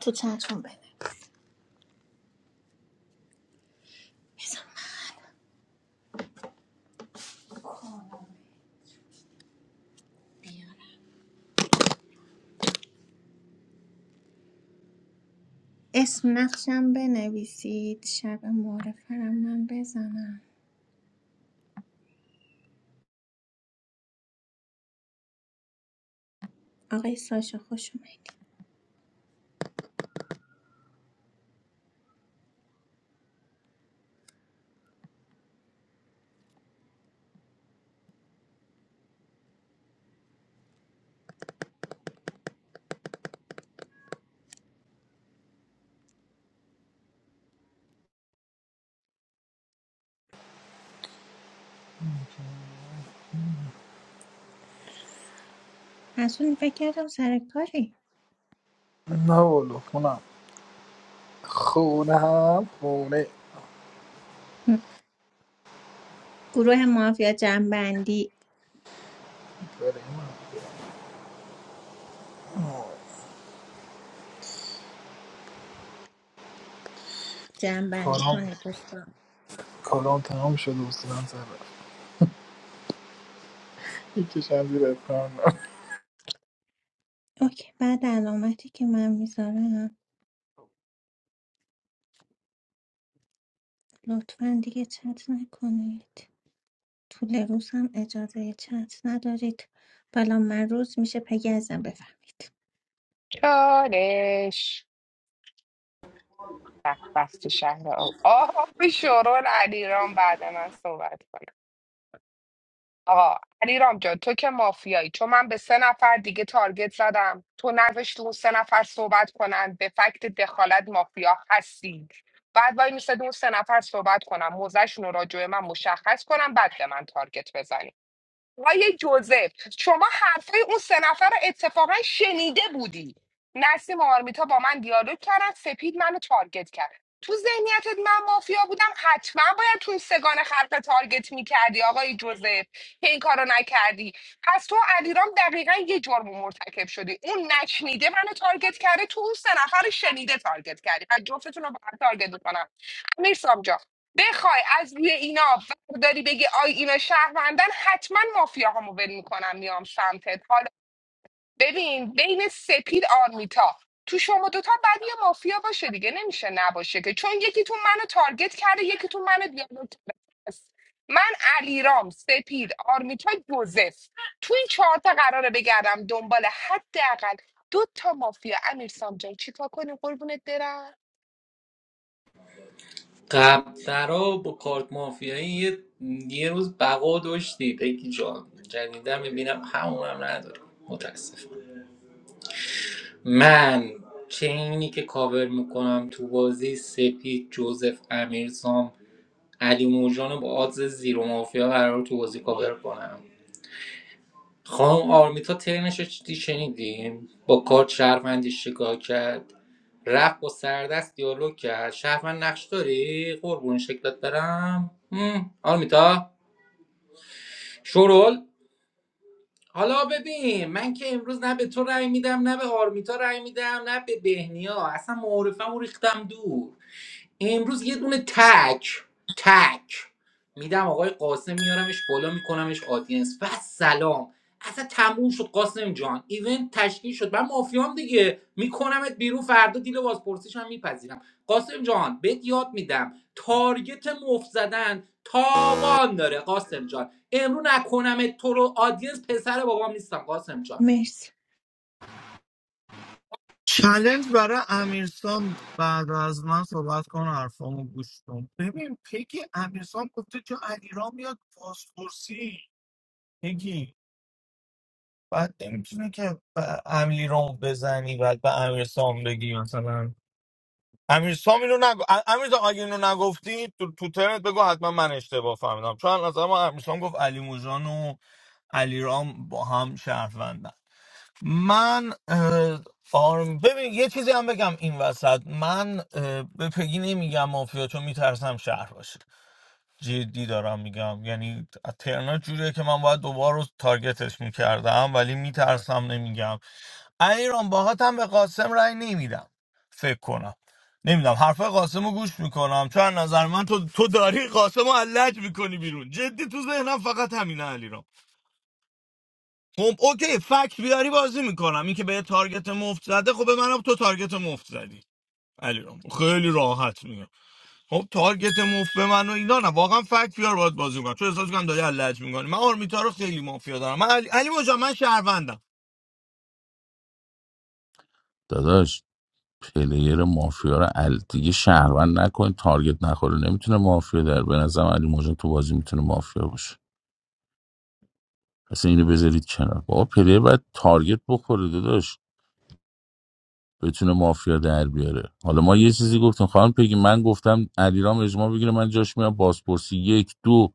تو چتون بده اسم نقشم بنویسید شب معرفرم من بزنم آقای ساشا خوش اومدید از اون فکر کردم سر کاری
نه والا خونم خونم خونه
گروه مافیا جنبندی
برای من
جنبندی
کارام
کنید دوستان
کارام تمام شده و سرم سر رفت میکشم زیر اتمام
اوکی بعد علامتی که من میذارم لطفا دیگه چت نکنید طول روز هم اجازه چت ندارید بالا من روز میشه پگی ازم بفهمید
چالش بخت شهر آه آه شورون علیرام بعد من صحبت کن آقا علی جان تو که مافیایی چون من به سه نفر دیگه تارگت زدم تو نوشت اون سه نفر صحبت کنن به فکت دخالت مافیا هستی بعد وای میسته اون سه نفر صحبت کنم موزشون رو راجع به من مشخص کنم بعد به من تارگت بزنی آقای جوزف شما حرفای اون سه نفر رو اتفاقا شنیده بودی نسیم و آرمیتا با من دیالوگ کردن سپید منو تارگت کرد تو ذهنیتت من مافیا بودم حتما باید تو این سگان خلق تارگت میکردی آقای جوزف که این کارو نکردی پس تو و علیرام دقیقا یه جرم مرتکب شدی اون نشنیده منو تارگت کرده تو اون سه نفر شنیده تارگت کردی و جفتتون رو با هم تارگت میکنم امیر بخوای از روی اینا برداری بگی آی اینا شهروندن حتما مافیاهامو ول میکنم میام سمتت حالا ببین بین سپید آرمیتا تو شما دوتا بعد یه مافیا باشه دیگه نمیشه نباشه که چون یکیتون منو تارگت کرده یکیتون منو دیالوگ کرده پس من علیرام سپید آرمیتا جوزف تو این چهارتا قراره بگردم دنبال حداقل دو تا مافیا امیر سامجان چیکار کنیم قربونت برم
قبلترا با کارت مافیایی یه, یه روز بقا داشتی بگی جان جدیدن ببینم همون هم نداره متاسفم من چینی که کاور میکنم تو بازی سپید جوزف امیرسام علی موجان رو با آدز زیرو مافیا قرار تو بازی کاور کنم خانم آرمیتا ترنش رو چی شنیدیم با کارت شهروندی شکار کرد رفت با سردست دیالوگ کرد شهروند نقش داری قربون شکلت برم هم. آرمیتا شرول حالا ببین من که امروز نه به تو رأی میدم نه به آرمیتا رأی میدم نه به بهنیا اصلا معارفم ریختم دور امروز یه دونه تک تک میدم آقای قاسم میارمش بالا میکنمش آدینس و سلام اصلا تموم شد قاسم جان ایونت تشکیل شد من مافیام دیگه میکنمت بیرون فردا دیل بازپرسیش هم میپذیرم قاسم جان بهت یاد میدم تارگت مفت زدن تاوان داره قاسم جان امرو نکنمت تو رو آدینس پسر بابام نیستم قاسم جان
مرسی
چلنج برای امیرسام بعد از من صحبت کن حرفامو گوش کن ببین پگی امیرسام گفته تو علیرام میاد پاسپورسی پگی بعد نمیتونه که به امیرام بزنی بعد به امیرسام بگی مثلا امیر سام اینو نگو ا- امیر سام اگه اینو نگفتی تو تو ترنت بگو حتما من اشتباه فهمیدم چون از ما امیر سام گفت علی موجان و علی رام با هم شهروندن من اه، آرم ببین یه چیزی هم بگم این وسط من اه، به پگی نمیگم مافیا چون میترسم شهر باشه جدی دارم میگم یعنی ترنا جوریه که من باید دوباره رو تارگتش میکردم ولی میترسم نمیگم ایران باهات هم به قاسم رأی نمیدم فکر کنم نمیدونم حرف قاسم رو گوش میکنم چون از نظر من تو تو داری قاسم رو علج میکنی بیرون جدی تو ذهنم فقط همینه علیرام خب اوکی فکت بیاری بازی میکنم این که به یه تارگت مفت زده خب به منم تو تارگت مفت زدی علیرام خیلی راحت میگم خب تارگت مفت به من و اینا نه واقعا فکت بیار باید بازی میکنم چون احساس کنم داری علج میکنی من آرمیتا رو خیلی مافیا دارم من علی, علی مجا من شهروندم
داداش پلیر مافیا رو ال دیگه شهروند نکنید تارگت نخوره نمیتونه مافیا در به نظرم علی موجان تو بازی میتونه مافیا باشه اصلا اینو بذارید کنار بابا پلیر باید تارگت بخوره داداش بتونه مافیا در بیاره حالا ما یه چیزی گفتیم خانم پگی من گفتم علیرام اجماع بگیره من جاش میام بازپرسی یک دو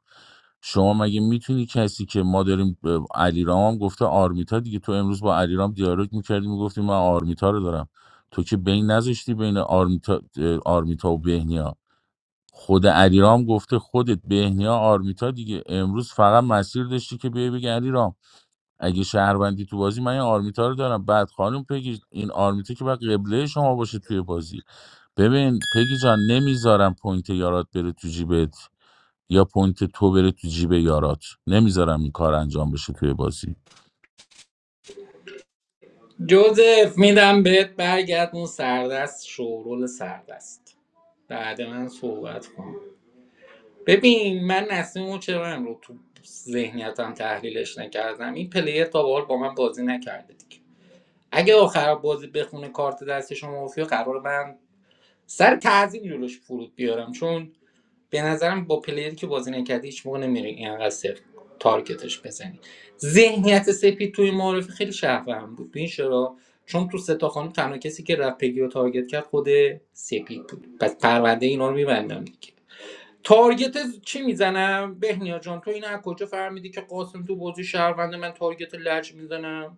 شما مگه میتونی کسی که ما داریم اه، علیرام هم گفته آرمیتا دیگه تو امروز با علیرام دیالوگ میکردی میگفتی من آرمیتا رو دارم تو که بین نذاشتی بین آرمیتا آرمیتا و بهنیا خود علیرام گفته خودت بهنیا آرمیتا دیگه امروز فقط مسیر داشتی که بیای بگی علیرام اگه شهروندی تو بازی من این آرمیتا رو دارم بعد خانم پگی این آرمیتا که باید قبله شما باشه توی بازی ببین پگی جان نمیذارم پوینت یارات بره تو جیبت یا پوینت تو بره تو جیب یارات نمیذارم این کار انجام بشه توی بازی
جوزف میدم بهت برگردون سردست شورول سردست بعد من صحبت کن ببین من نسیم رو چرا رو تو ذهنیتم تحلیلش نکردم این پلیر تا به حال با من بازی نکرده دیگه اگه آخر بازی بخونه کارت دست شما مافیا قرار من سر تعظیم جلوش فرود بیارم چون به نظرم با پلیری که بازی نکرده هیچ موقع نمیری اینقدر صفر تارگتش بزنی ذهنیت سپید توی معارفه خیلی شهروند بود این چرا چون تو ستا خانم تنها کسی که رپگی رو تارگت کرد خود سپید بود پس پرونده اینا رو میبندم دیگه تارگت چی میزنم بهنیا جان تو این از کجا فهمیدی که قاسم تو بازی شهرونده من تارگت لج میزنم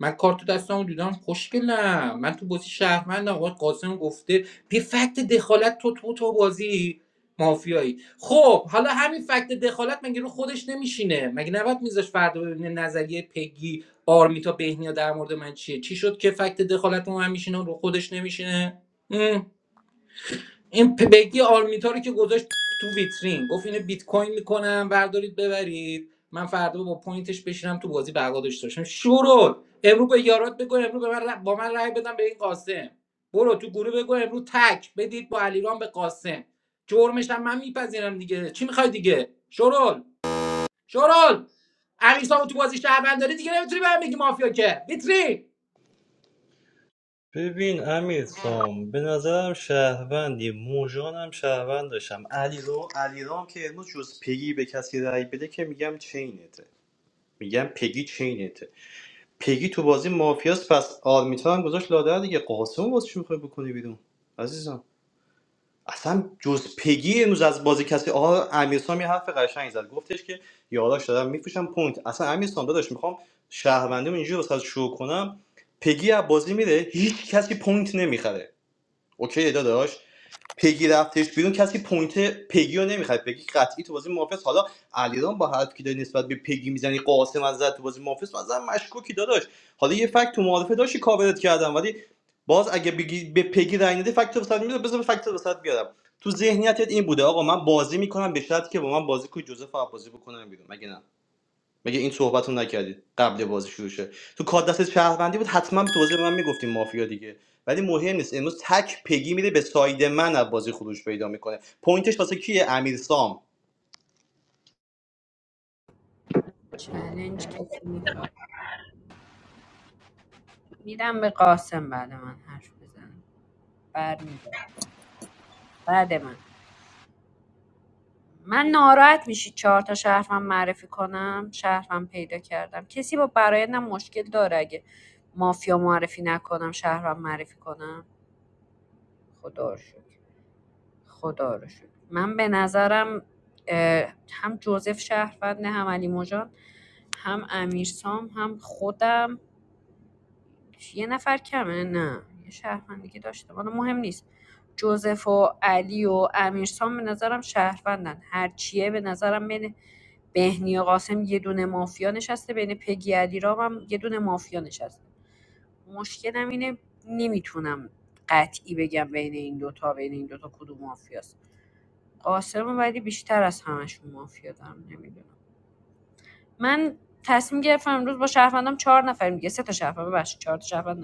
من کارت دستمو دیدم خوشگلم من تو بازی شهروندم آقا قاسم گفته بی فکت دخالت تو تو تو بازی مافیایی خب حالا همین فکت دخالت مگه رو خودش نمیشینه مگه نباید میذاش فردا ببینه نظریه پگی آرمیتا بهنیا در مورد من چیه چی شد که فکت دخالت رو من میشینه رو خودش نمیشینه این بگی آرمیتا رو که گذاشت تو ویترین گفت اینو بیت کوین میکنم بردارید ببرید من فردا با پوینتش بشینم تو بازی بقا داشته باشم شروع امرو به یارات بگو امروز به من ر- با من رأی بدم به این قاسم برو تو گروه بگو امروز تک بدید با علیرام به قاسم جرمش هم من میپذیرم دیگه چی میخوای دیگه شرول شرول علی تو بازی شهروند داری دیگه نمیتونی بهم بگی مافیا که ویترین
ببین امیر سام به نظرم شهروندی موژان هم شهروند داشتم علی رو علی رام که امروز جز پگی به کسی رأی بده که میگم چینته میگم پگی چینته پگی تو بازی مافیاست پس آرمیتا هم گذاشت لادر دیگه قاسم واسه چی میخوای بکنی بیرون عزیزم اصلا جز پگی امروز از بازی کسی آها امیرسام یه حرف قشنگ زد گفتش که یاداش دارم میفروشم پوینت اصلا امیرسام داداش میخوام شهروندیمو اینجوری واسه شو کنم پگی از بازی میره هیچ کسی پوینت نمیخره اوکی داداش پگی رفتش بیرون کسی پوینت پگی رو نمیخواد پگی قطعی تو بازی محافظ حالا علیرام با حرفی که داری نسبت به پگی میزنی قاسم از زد تو بازی محافظ مثلا مشکوکی داداش حالا یه فکت تو معارفه داشتی کاورت کردم ولی باز اگه بگی به پگی رای ندی فکت وسط میاد بذار فکت وسط بیارم تو ذهنیتت این بوده آقا من بازی میکنم به شرطی که با من بازی کنی جوزف عباسی بکنم بیرون مگه نه مگه این صحبت رو نکردید قبل بازی شروع شه تو کار دست شهروندی بود حتما به توضیح من میگفتیم مافیا دیگه ولی مهم نیست امروز تک پگی میره به ساید من از بازی خروج پیدا میکنه پوینتش واسه کیه امیر سام
چلنج کسی میخواد میدم به قاسم بعد من حرف بزنم برمیگردم بعد من من ناراحت میشی چهار تا شهروند معرفی کنم شهروند پیدا کردم کسی با برایندم مشکل داره اگه مافیا معرفی نکنم شهروند معرفی کنم خدا رو شکر خدا رو شکر من به نظرم اه، هم جوزف شهرونده هم علی مجان هم امیرسام هم خودم یه نفر کمه نه یه شهروند دیگه داشته حالا مهم نیست جوزف و علی و امیرسام به نظرم شهروندن هرچیه به نظرم بین بهنی و قاسم یه دونه مافیا نشسته بین پگی علیرام هم یه دونه مافیا نشسته مشکلم اینه نمیتونم قطعی بگم بین این دوتا بین این دوتا کدوم مافیاست قاسم ولی بیشتر از همشون مافیا دارم نمیدونم من تصمیم گرفتم امروز با شهروندم چهار نفر میگه سه تا شهروند ببخشید چهار تا شهروند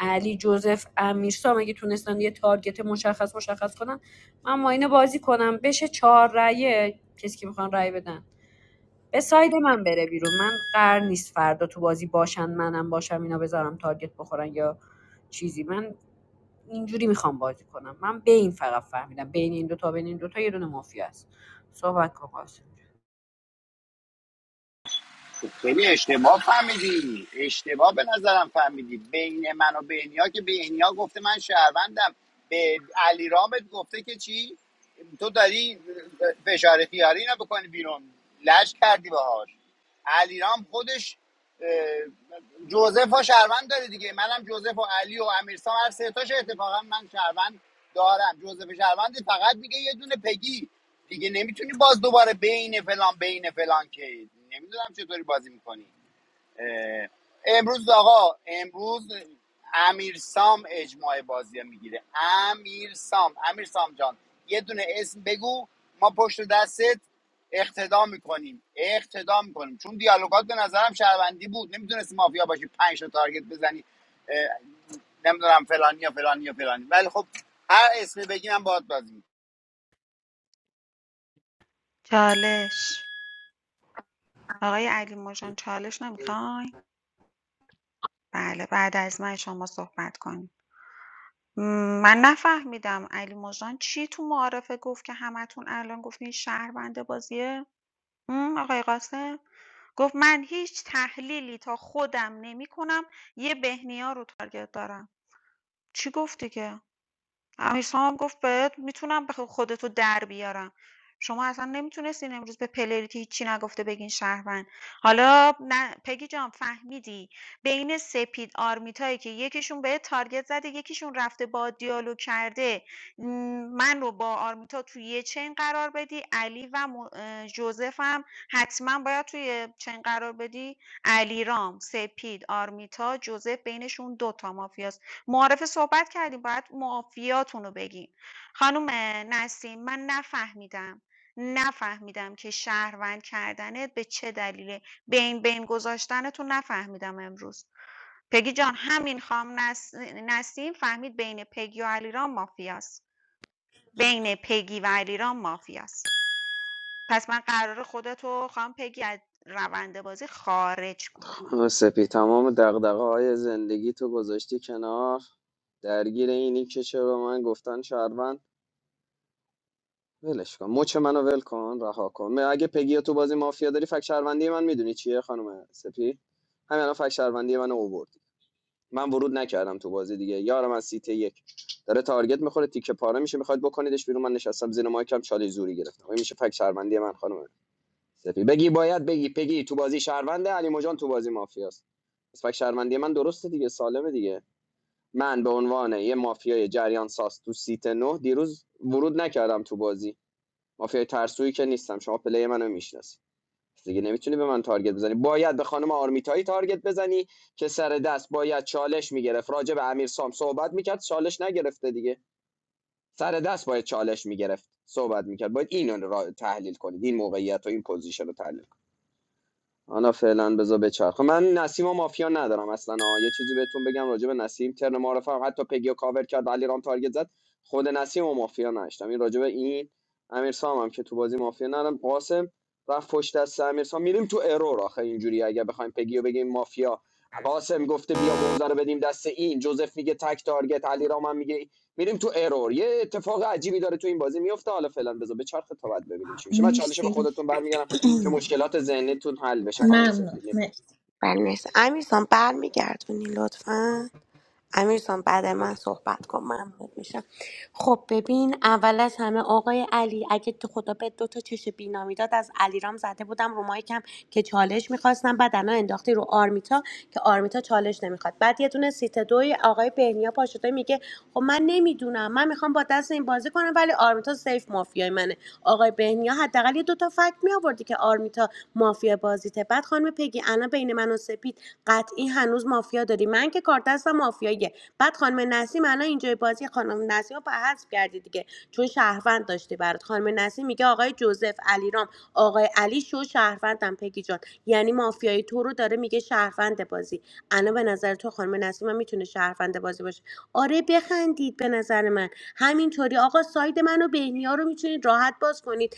علی جوزف امیرسام اگه تونستن یه تارگت مشخص مشخص کنن من ماینه بازی کنم بشه چهار رأیه کسی که میخوان رأی بدن به ساید من بره بیرون من قرار نیست فردا تو بازی باشن منم باشم اینا بذارم تارگت بخورن یا چیزی من اینجوری میخوام بازی کنم من بین فقط فهمیدم بین این دوتا بین این دوتا یه دونه مافیا است صحبت کن قاسم.
خب خیلی اشتباه فهمیدی اشتباه به نظرم فهمیدی بین من و بهنیا که بهنیا گفته من شهروندم به علی رامت گفته که چی تو داری فشار خیاری نبکنی بیرون لج کردی باهاش علیرام خودش جوزف ها شهروند داره دیگه منم جوزف و علی و امیرسام هر سه تاش اتفاقا من شهروند دارم جوزف شهروند فقط میگه یه دونه پگی دیگه نمیتونی باز دوباره بین فلان بین فلان که نمیدونم چطوری بازی میکنی امروز آقا امروز امیر سام اجماع بازی میگیره امیر سام امیر سام جان یه دونه اسم بگو ما پشت دستت اقتدا میکنیم اقتدا میکنیم چون دیالوگات به نظرم شهروندی بود نمیتونستی مافیا باشی پنج تا تارگت بزنی اه، نمیدونم فلانی یا فلانی یا فلانی ولی خب هر اسمی بگی من باهات بازی
چالش آقای علی مژان چالش نمیخوای بله بعد از من شما صحبت کنید م، من نفهمیدم علی مژان چی تو معارفه گفت که همتون الان گفتین شهروند بازیه م، آقای قاسم گفت من هیچ تحلیلی تا خودم نمی کنم یه بهنیا رو تارگت دارم چی گفتی که حسام گفت بهت میتونم به خودتو در بیارم شما اصلا نمیتونستین امروز به پلریتی هیچی نگفته بگین شهروند حالا نه پگی جان فهمیدی بین سپید آرمیتایی که یکیشون به تارگت زده یکیشون رفته با دیالوگ کرده م، من رو با آرمیتا توی یه چین قرار بدی علی و م- اه، جوزف هم حتما باید توی چین قرار بدی علیرام سپید آرمیتا جوزف بینشون دوتا مافیاست معارفه صحبت کردیم باید معافیاتون رو بگین خانم نسیم من نفهمیدم نفهمیدم که شهروند کردنت به چه دلیله بین بین گذاشتنتون نفهمیدم امروز پگی جان همین خام نس... نسیم فهمید بین پگی و علیرام مافیاست بین پگی و علیرام مافیاست پس من قرار خودتو خام پگی از روند بازی خارج کنم
سپی تمام دغدغه های زندگی تو گذاشتی کنار درگیر اینی که چرا من گفتن شهروند ولش کن مچ منو ول کن رها کن من- اگه پگی تو بازی مافیا داری فک شهروندی من میدونی چیه خانم سپی همین الان فک شهروندی من اوورد من ورود نکردم تو بازی دیگه یارم از سیت یک داره تارگت میخوره تیکه پاره میشه میخواد بکنیدش بیرون من نشستم زیر مایکم چاله زوری گرفتم این میشه فک شهروندی من خانم سپی بگی باید بگی پگی تو بازی شهرونده علی مجان تو بازی مافیاست پس فک شهروندی من درسته دیگه سالمه دیگه من به عنوان یه مافیای جریان ساز تو سیت نه دیروز ورود نکردم تو بازی مافیای ترسویی که نیستم شما پلی منو میشناسی پس دیگه نمیتونی به من تارگت بزنی باید به خانم آرمیتایی تارگت بزنی که سر دست باید چالش میگرفت راجع به امیر سام صحبت میکرد چالش نگرفته دیگه سر دست باید چالش میگرفت صحبت میکرد باید اینو را تحلیل کنید این موقعیت و این پوزیشن رو تحلیل حالا فعلا بذار بچرخه خب من نسیم و مافیا ندارم اصلا آه. یه چیزی بهتون بگم راجع به نسیم ترن معرفم حتی پگی و کاور کرد علیرام تارگت زد خود نسیم و مافیا نداشتم این راجع به این امیر سام هم که تو بازی مافیا ندارم قاسم رفت پشت دست امیر سام میریم تو ارور آخه اینجوری اگه بخوایم پگی و بگیم مافیا قاسم گفته بیا موزه رو بدیم دست این جوزف میگه تک تارگت علیرام رام هم میگه میریم تو ارور یه اتفاق عجیبی داره تو این بازی میفته حالا فعلا بذار بچرخه تا بعد ببینیم چی میشه من چالش به
مرسی
خودتون برمیگردم که مشکلات ذهنیتون حل بشه خانم
ممنون
سفید. خانم
مرسی
بله مرسی امیرسان برمیگردونی لطفا امیرسان بعد من صحبت کن ممنون میشم خب ببین اول از همه آقای علی اگه تو خدا به دو تا چش بینامی داد از علیرام زده بودم رو مایکم که چالش میخواستم بعد الان انداختی رو آرمیتا که آرمیتا چالش نمیخواد بعد یه دونه سیت دوی آقای بهنیا پاشده میگه خب من نمیدونم من میخوام با دست این بازی کنم ولی آرمیتا سیف مافیای منه آقای آقای بهنیا حداقل یه دوتا فکت می آوردی که آرمیتا مافیا بازیته بعد خانم پگی الان بین من و سپید قطعی هنوز مافیا داری من که کارت دستم مافیاییه بعد خانم نسیم الان اینجای بازی خانم نسیم رو حذف کردی دیگه چون شهروند داشتی برات خانم نسیم میگه آقای جوزف علیرام آقای علی شو شهروندم پگی جان یعنی مافیای تو رو داره میگه شهروند بازی الان به نظر تو خانم نسیم هم میتونه شهروند بازی باشه آره بخندید به نظر من همینطوری آقا ساید منو بهنیا رو میتونید راحت باز کنید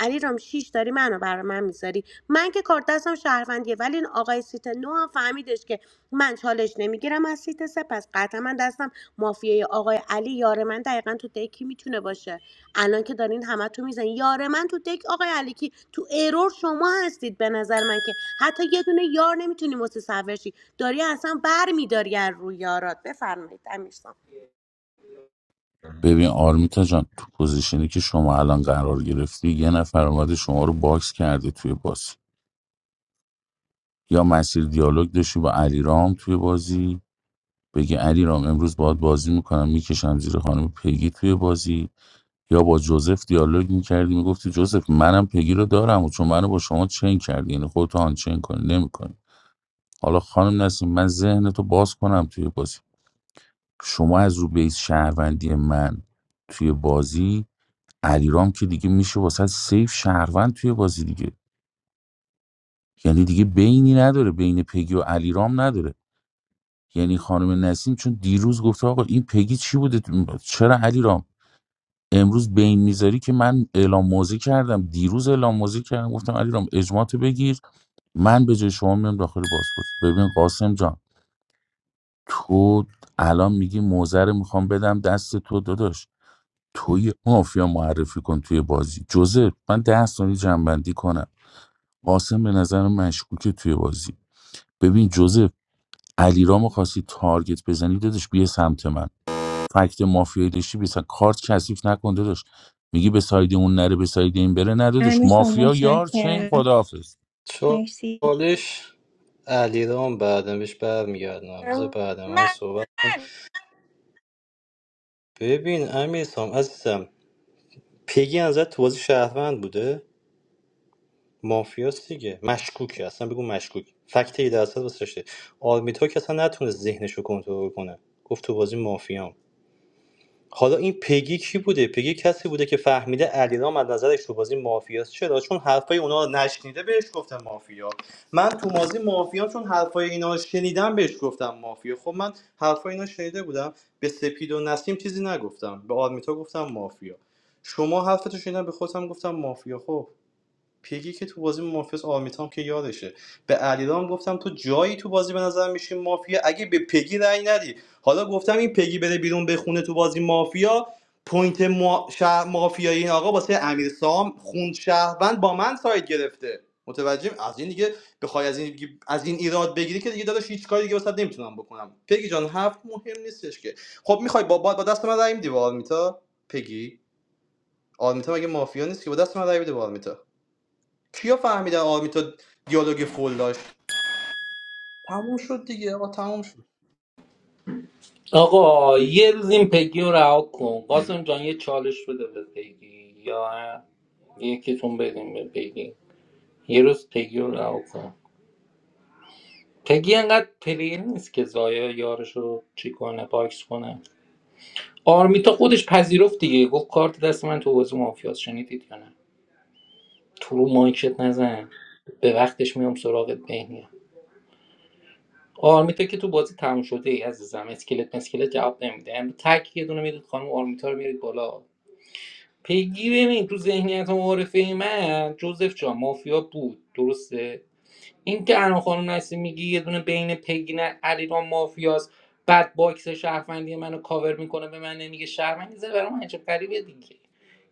علی رام شیش داری منو برا من میذاری من که کارت دستم شهروندیه ولی این آقای سیت نو هم فهمیدش که من چالش نمیگیرم از سیت سه پس قطعا من دستم مافیای آقای علی یار من دقیقا تو دکی میتونه باشه الان که دارین همه تو میزن یار من تو دک آقای علی کی تو ایرور شما هستید به نظر من که حتی یه دونه یار نمیتونی متصور شی داری اصلا بر میداری از روی یارات بفرمایید امیر
ببین آرمیتا جان تو پوزیشنی که شما الان قرار گرفتی یه نفر اومده شما رو باکس کرده توی بازی یا مسیر دیالوگ داشتی با علیرام توی بازی بگه علیرام امروز باهات بازی میکنم میکشم زیر خانم پگی توی بازی یا با جوزف دیالوگ میکردی میگفتی جوزف منم پگی رو دارم و چون منو با شما چین کردی یعنی خودتو آنچین کنی نمیکنی حالا خانم نسیم من ذهنتو باز کنم توی بازی شما از رو بیس شهروندی من توی بازی علیرام که دیگه میشه واسه سیف شهروند توی بازی دیگه یعنی دیگه بینی نداره بین پگی و علیرام نداره یعنی خانم نسیم چون دیروز گفته آقا این پگی چی بوده چرا علیرام امروز بین میذاری که من اعلام موضع کردم دیروز اعلام موضع کردم گفتم علیرام اجماعتو بگیر من به جای شما میام داخل بازپرس ببین قاسم جان تو الان میگی موزه رو میخوام بدم دست تو داداش تو یه مافیا معرفی کن توی بازی جوزف من ده ثانیه جنبندی کنم قاسم به نظر مشکوکه توی بازی ببین جوزف علیرامو خواستی تارگت بزنی دادش بیا سمت من فکت مافیایی داشتی بسن کارت کثیف نکن داداش میگی به ساید اون نره به ساید این بره نه داداش
امیر جان،
مافیا یار چین
متشکرم
خداحافظ
مرسی
چالش علیرام بعدم بهش برمیگردم بذار بعد من
من
صحبت کن ببین امیر سام عزیزم پیگی ازت تو بازی شهروند بوده مافیاست دیگه مشکوکه اصلا بگو مشکوک فکت 18 درصد واسه داشته آرمیتا که اصلا نتونست ذهنش رو کنترل کنه گفت تو بازی مافیام حالا این پگی کی بوده پگی کسی بوده که فهمیده علیرام از نظرش تو بازی مافیاست چرا چون حرفای اونا رو نشنیده بهش گفتم مافیا من تو بازی مافیا چون حرفای اینا رو شنیدم بهش گفتم مافیا خب من حرفای اینا شنیده بودم به سپید و نسیم چیزی نگفتم به آرمیتا گفتم مافیا شما حرفتو شنیدم به خودم گفتم مافیا خب پیگی که تو بازی مافیاس آرمیتام که یادشه به علیرام گفتم تو جایی تو بازی به نظر میشی مافیا اگه به پگی رأی ندی حالا گفتم این پگی بره بیرون بخونه تو بازی مافیا پوینت ما... شهر مافیایی این آقا واسه امیرسام سام خوند شهروند با من ساید گرفته متوجهم؟ از این دیگه بخوای از این دیگه از این ایراد بگیری که دیگه داداش هیچ کاری دیگه واسه نمیتونم بکنم پگی جان حرف مهم نیستش که خب میخوای با با دست من رأی میدی به آرمیتا پگی آرمیتا مگه مافیا نیست که با دست من رأی بده به آرمیتا کیا فهمیدن آرمیتا دیالوگ فول داشت تموم شد دیگه آقا تموم شد
آقا یه روز این پگی رو رها کن قاسم جان یه چالش بده به پگی یا یکیتون بدیم به پگی یه روز پگی رو رها کن پگی انقدر پلیر نیست که زایا یارش رو چی کنه باکس کنه آرمیتا خودش پذیرفت دیگه گفت کارت دست من تو بازی مافیاس شنیدید یا نه تو رو مایکت نزن به وقتش میام سراغت بهنیا آرمیتا که تو بازی تموم شده ای عزیزم اسکلت مسکلت جواب نمیده امروز تک یه دونه میدید خانم آرمیتا رو میرید بالا پیگی ببین تو ذهنیت و معارفه من جوزف جان مافیا بود درسته این که الان خانم نسیم میگی یه دونه بین پیگی نه علیرام مافیاست بعد باکس شهروندی منو کاور میکنه به من نمیگه شهروندی زه برام عجب غریبه دیگه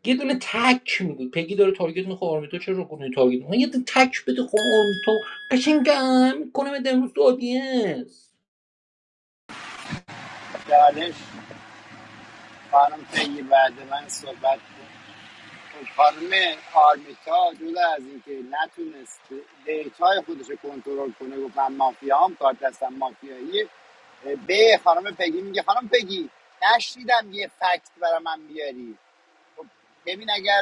یه دونه تک میدی پیگی داره تارگت میخوره اورمیتو چرا گونه تارگت میخوره یه دونه تک بده خون اورمیتو قشنگم کنه بده امروز تو آدینس
می‌کنم. خانم پیگی بعد من صحبت کن خب خانم آرمیتا جدا از اینکه نتونست دیتای خودش رو کنترل کنه گفت من مافیا هم کار دستم مافیایی به خانم پگی میگه خانم پگی نشنیدم یه فکت برای من بیاری خب، ببین اگر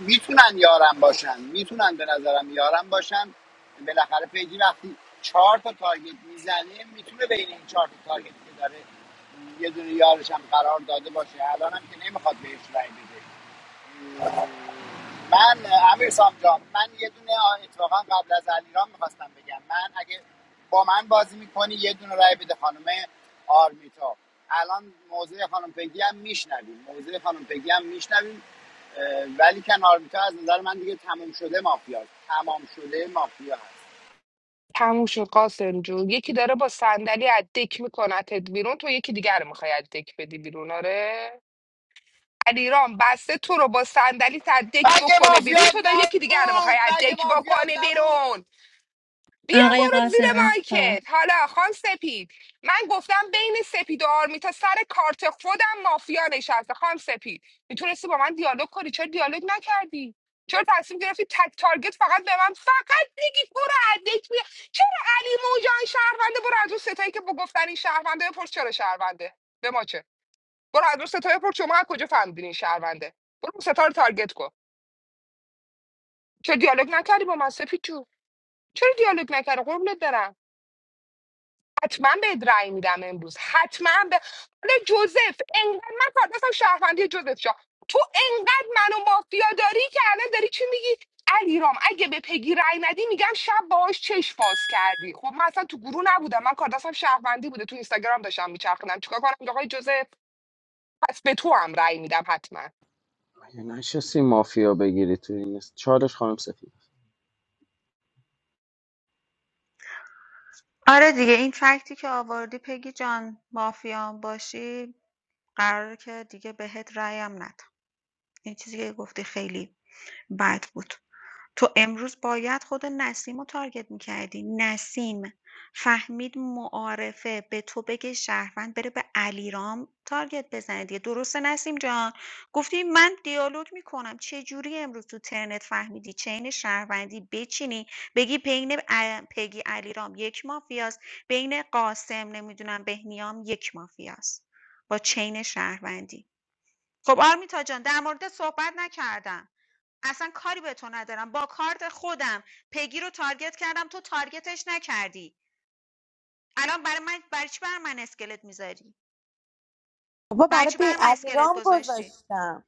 میتونن یارم باشن میتونن به نظرم یارم باشن بالاخره پیجی وقتی چهار تا تارگت میزنه میتونه بین این چهار تا تارگت که داره یه دونه یارش هم قرار داده باشه الان هم که نمیخواد بهش رای بده من اه، امیر سام من یه دونه آ- اتفاقا قبل از علیرام میخواستم بگم من اگه با من بازی میکنی یه دونه رای بده خانم آرمیتا الان موضع خانم پگی هم میشنویم موضع خانم پگی هم میشنویم ولی کن آرمیتا از نظر من دیگه تمام شده مافیا است. تمام شده مافیا هست
تموم شد قاسم جون یکی داره با صندلی از دک میکنتت بیرون تو یکی دیگر رو میخوای از دک بدی بیرون آره علیرام بسته تو رو با صندلی از دک
مگه
بکنه
مافیا
بیرون تو داری یکی دیگر رو میخوای
نبود
از
مگه
دک
مافیا
بکنه
نبود
بیرون بیا
آقای
برو زیر
قاسم اختار
مایکت حالا خان سپید من گفتم بین سپید و آرمیتا سر کارت خودم مافیا نشسته خان سپید میتونستی با من دیالوگ کنی چرا دیالوگ نکردی چرا تصمیم گرفتی تک تارگت فقط به من فقط بگی برو ادک بیا چرا علی موجان شهرونده برو از اون ستایی که با گفتن این شهرونده بپرس چرا شهرونده به ما چه برو از اون ستایی بپرس شما از کجا فهمیدین این شهرونده برو اون ستا رو تارگت کن چرا دیالوگ نکردی با من سپید جون چرا دیالوگ نکردی قربونت برم حتما بهت رأی میدم امروز حتما به حالا جوزف انقدر من کار دستم شهروندی جوزف شاه تو انقدر منو مافیا داری که الان داری چی میگی علیرام اگه به پگی رأی ندی میگم شب باهاش چش باز کردی خب من اصلا تو گروه نبودم من کار دستم شهروندی بوده تو اینستاگرام داشتم میچرخیدم چیکار کنم آقای جوزف پس به تو هم رأی میدم حتما
آره دیگه این فکتی که آوردی پگی جان مافیان باشی قراره که دیگه بهت رأیم ندم. این چیزی که گفتی خیلی بد بود. تو امروز باید خود نسیم رو تارگت میکردی. نسیم فهمید معارفه به تو بگه شهروند بره به علیرام تارگت بزنه دیگه درسته نسیم جان گفتی من دیالوگ میکنم چه جوری امروز تو ترنت فهمیدی چین شهروندی بچینی بگی بین ا- پگی علیرام یک مافیاست بین قاسم نمیدونم بهنیام یک مافیاست با چین شهروندی خب آرمیتا جان در موردت صحبت نکردم اصلا کاری به تو ندارم با کارت خودم پگی رو تارگت کردم تو تارگتش نکردی الان برای من برای چی بر من اسکلت میذاری
بابا
برای
برای
چی
به
بر من اسکلت
علیرام
گذاشتی
گذاشتم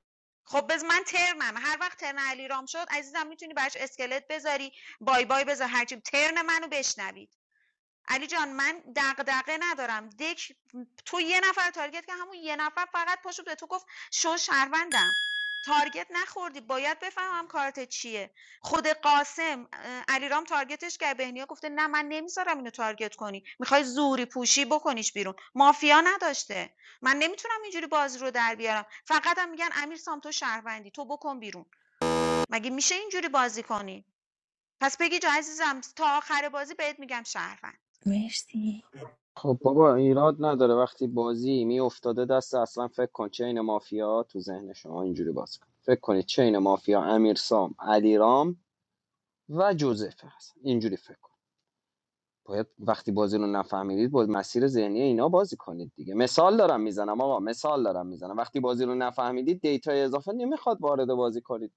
خب بز من ترنم هر وقت ترن علی رام شد عزیزم میتونی براش اسکلت بذاری بای بای بذار هرچی ترن منو بشنوی علی جان من دغدغه ندارم دک تو یه نفر تارگت که همون یه نفر فقط پاشو به تو گفت شو شهروندم تارگت نخوردی باید بفهمم کارت چیه خود قاسم اه، علیرام تارگتش که بهنیا گفته نه من نمیذارم اینو تارگت کنی میخوای زوری پوشی بکنیش بیرون مافیا نداشته من نمیتونم اینجوری بازی رو در بیارم فقط هم میگن امیر سام تو شهروندی تو بکن بیرون مگه میشه اینجوری بازی کنی پس بگی جا عزیزم تا آخر بازی بهت میگم شهروند
مرسی
خب بابا ایراد نداره وقتی بازی می افتاده دست اصلا فکر کن چین مافیا تو ذهن شما اینجوری باز کن فکر کنید چین مافیا امیر سام علیرام و جوزف هست اینجوری فکر کن باید وقتی بازی رو نفهمیدید با مسیر ذهنی اینا بازی کنید دیگه مثال دارم میزنم آقا مثال دارم میزنم وقتی بازی رو نفهمیدید دیتا اضافه نمیخواد وارد بازی کنید دیگه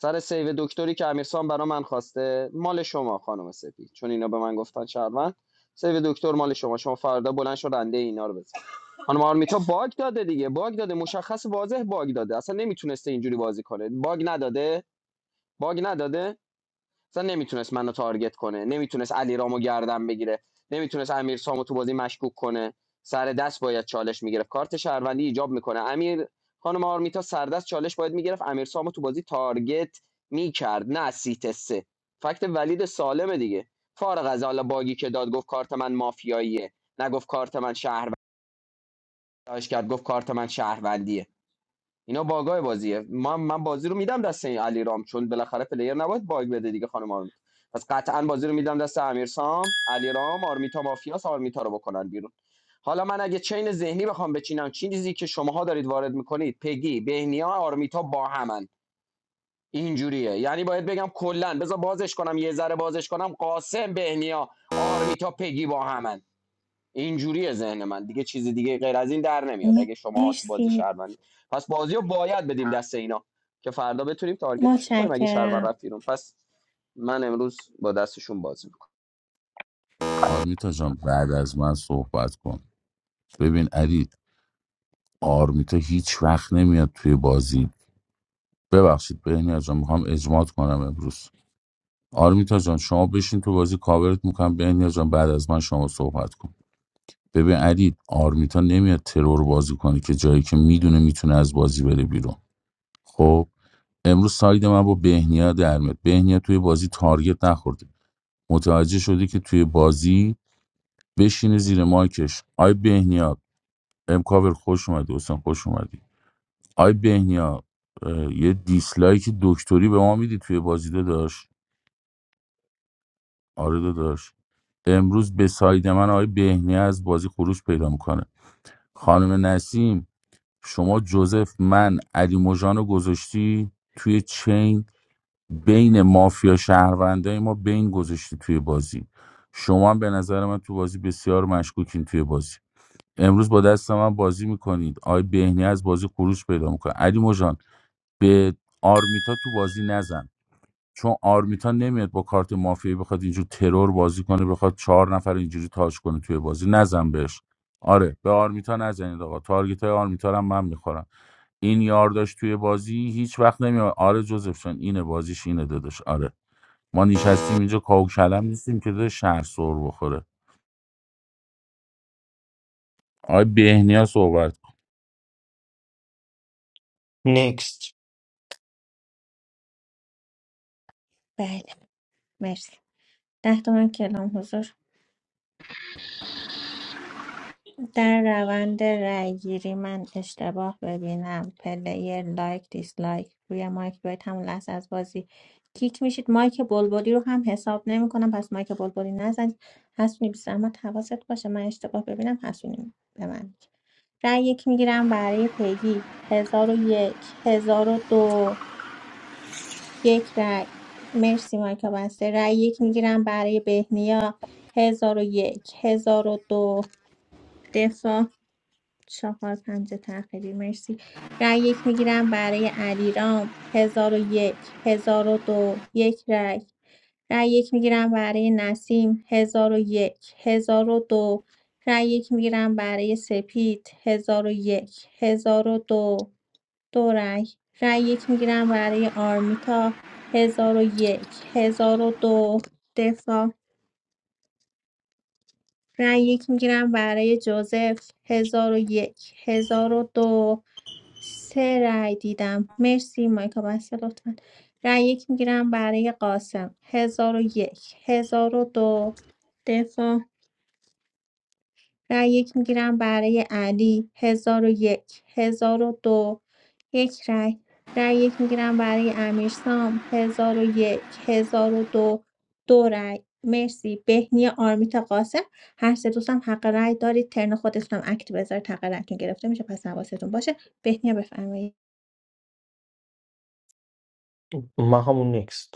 سر سیو دکتری که امیرسان برا من خواسته مال شما خانم سپید چون اینا به من گفتن شهروند سیو دکتر مال شما شما فردا بلند شو رنده اینا رو بزن خانم آرمیتا باگ داده دیگه باگ داده مشخص واضح باگ داده اصلا نمیتونسته اینجوری بازی کنه باگ نداده باگ نداده اصلا نمیتونست منو تارگت کنه نمیتونست علی رامو گردن بگیره نمیتونست امیر سامو تو بازی مشکوک کنه سر دست باید چالش میگرفت کارت شهروندی ایجاب میکنه امیر خانم آرمیتا سردست چالش باید میگرفت امیر سامو تو بازی تارگت میکرد نه سیت سه فکت ولید سالمه دیگه فارغ از حالا باگی که داد گفت کارت من مافیاییه نگفت کارت من شهروندی کرد گفت کارت من شهروندیه اینا باگای بازیه من من بازی رو میدم دست این علی چون بالاخره پلیر نباید باگ بده دیگه خانم آرمیتا پس قطعا بازی رو میدم دست امیر سام علی آرمیتا مافیاس آرمیتا رو بکنن بیرون حالا من اگه چین ذهنی بخوام بچینم چیزی که شماها دارید وارد میکنید پگی بهنیا آرمیتا با همن اینجوریه یعنی باید بگم کلا بذار بازش کنم یه ذره بازش کنم قاسم بهنیا آرمیتا پگی با همن اینجوریه ذهن من دیگه چیزی دیگه غیر از این در نمیاد اگه شما تو بازی
مرسی
شهروندی پس بازیو باید بدیم دست اینا که فردا بتونیم تارگتشون کنیم اگه شهروند
متشکرم
رفت بیرون پس من امروز با دستشون بازی میکنم
آرمیتا جان بعد از من صحبت کن ببین علی آرمیتا هیچ وقت نمیاد توی بازی ببخشید بهنیا جان میخوام اجماعت کنم امروز آرمیتا جان شما بشین تو بازی کاورت میکنم بهنیا جان بعد از من شما صحبت کن ببین علی آرمیتا نمیاد ترور بازی کنه که جایی که میدونه میتونه از بازی بره بیرون خب امروز ساید من با بهنیا در بهنیا توی بازی تارگت نخورده متوجه شده که توی بازی بشینه زیر مایکش آی بهنیا ام خوش اومدی حسین خوش اومدی آی بهنیا اه، یه دیسلایک دکتری به ما میدی توی بازی داداش آره داداش امروز به ساید من آی بهنیا از بازی خروج پیدا میکنه خانم نسیم شما جوزف من علی مژان رو گذاشتی توی چین بین مافیا شهروندای ما بین گذاشتی توی بازی شما هم به نظر من تو بازی بسیار مشکوکین توی بازی امروز با دست من بازی میکنید آقای بهنی از بازی خروج پیدا میکنه علی مجان به آرمیتا تو بازی نزن چون آرمیتا نمیاد با کارت مافیا بخواد اینجور ترور بازی کنه بخواد چهار نفر اینجوری تاج کنه توی بازی نزن بهش آره به آرمیتا نزنید آقا تارگت های آرمیتا رو هم من میخورم این یارداش توی بازی هیچ وقت نمیاد آره جوزف جان، اینه بازیش اینه داداش آره ما نشستیم اینجا کاهو کلم نیستیم که داره شهر سر بخوره آقای بهنیا صحبت کن.
نکست
بله مرسی ده تومن کلام حضور در روند رأیگیری من اشتباه ببینم پلیر لایک دیسلایک روی مایک باید همون لحظه از بازی کیک میشید مایک بلبلی رو هم حساب نمیکنم پس مایک بلبلی نزنید حسونی بی زحمت حواست باشه من اشتباه ببینم حسونی ببند رأی یک میگیرم برای پیگی هزار و یک هزار و دو یک رأی مرسی مایک بسته رأی یک میگیرم برای بهنیا هزار و یک هزار و دو دفاع چهار پنج تأخیری مرسی رأی یک میگیرم برای علیرام هزار و یک هزار و دو یک رأی رأی یک میگیرم برای نسیم هزار و یک هزار و دو رأی یک میگیرم برای سپید هزار و یک هزار و دو دو رأی رأی یک میگیرم برای آرمیتا هزار و یک هزار و دو دفاع رأی یک میگیرم برای جوزف هزار و یک هزار و دو سه رأی دیدم مرسی مایکا بس لطفا رأی یک میگیرم برای قاسم هزار و یک هزار و دو دفاع رأی یک میگیرم برای علی هزار و یک هزار و دو یک رأی رأی یک میگیرم برای امیرسام هزار و یک هزار و دو دو رأی مرسی بهنی آرمیتا قاسم هر سه دوستم حق رأی دارید ترن خودتونم اکت بذارید حق رأیتون گرفته میشه پس حواستون باشه بهنیا بفرمایید
من همون نکست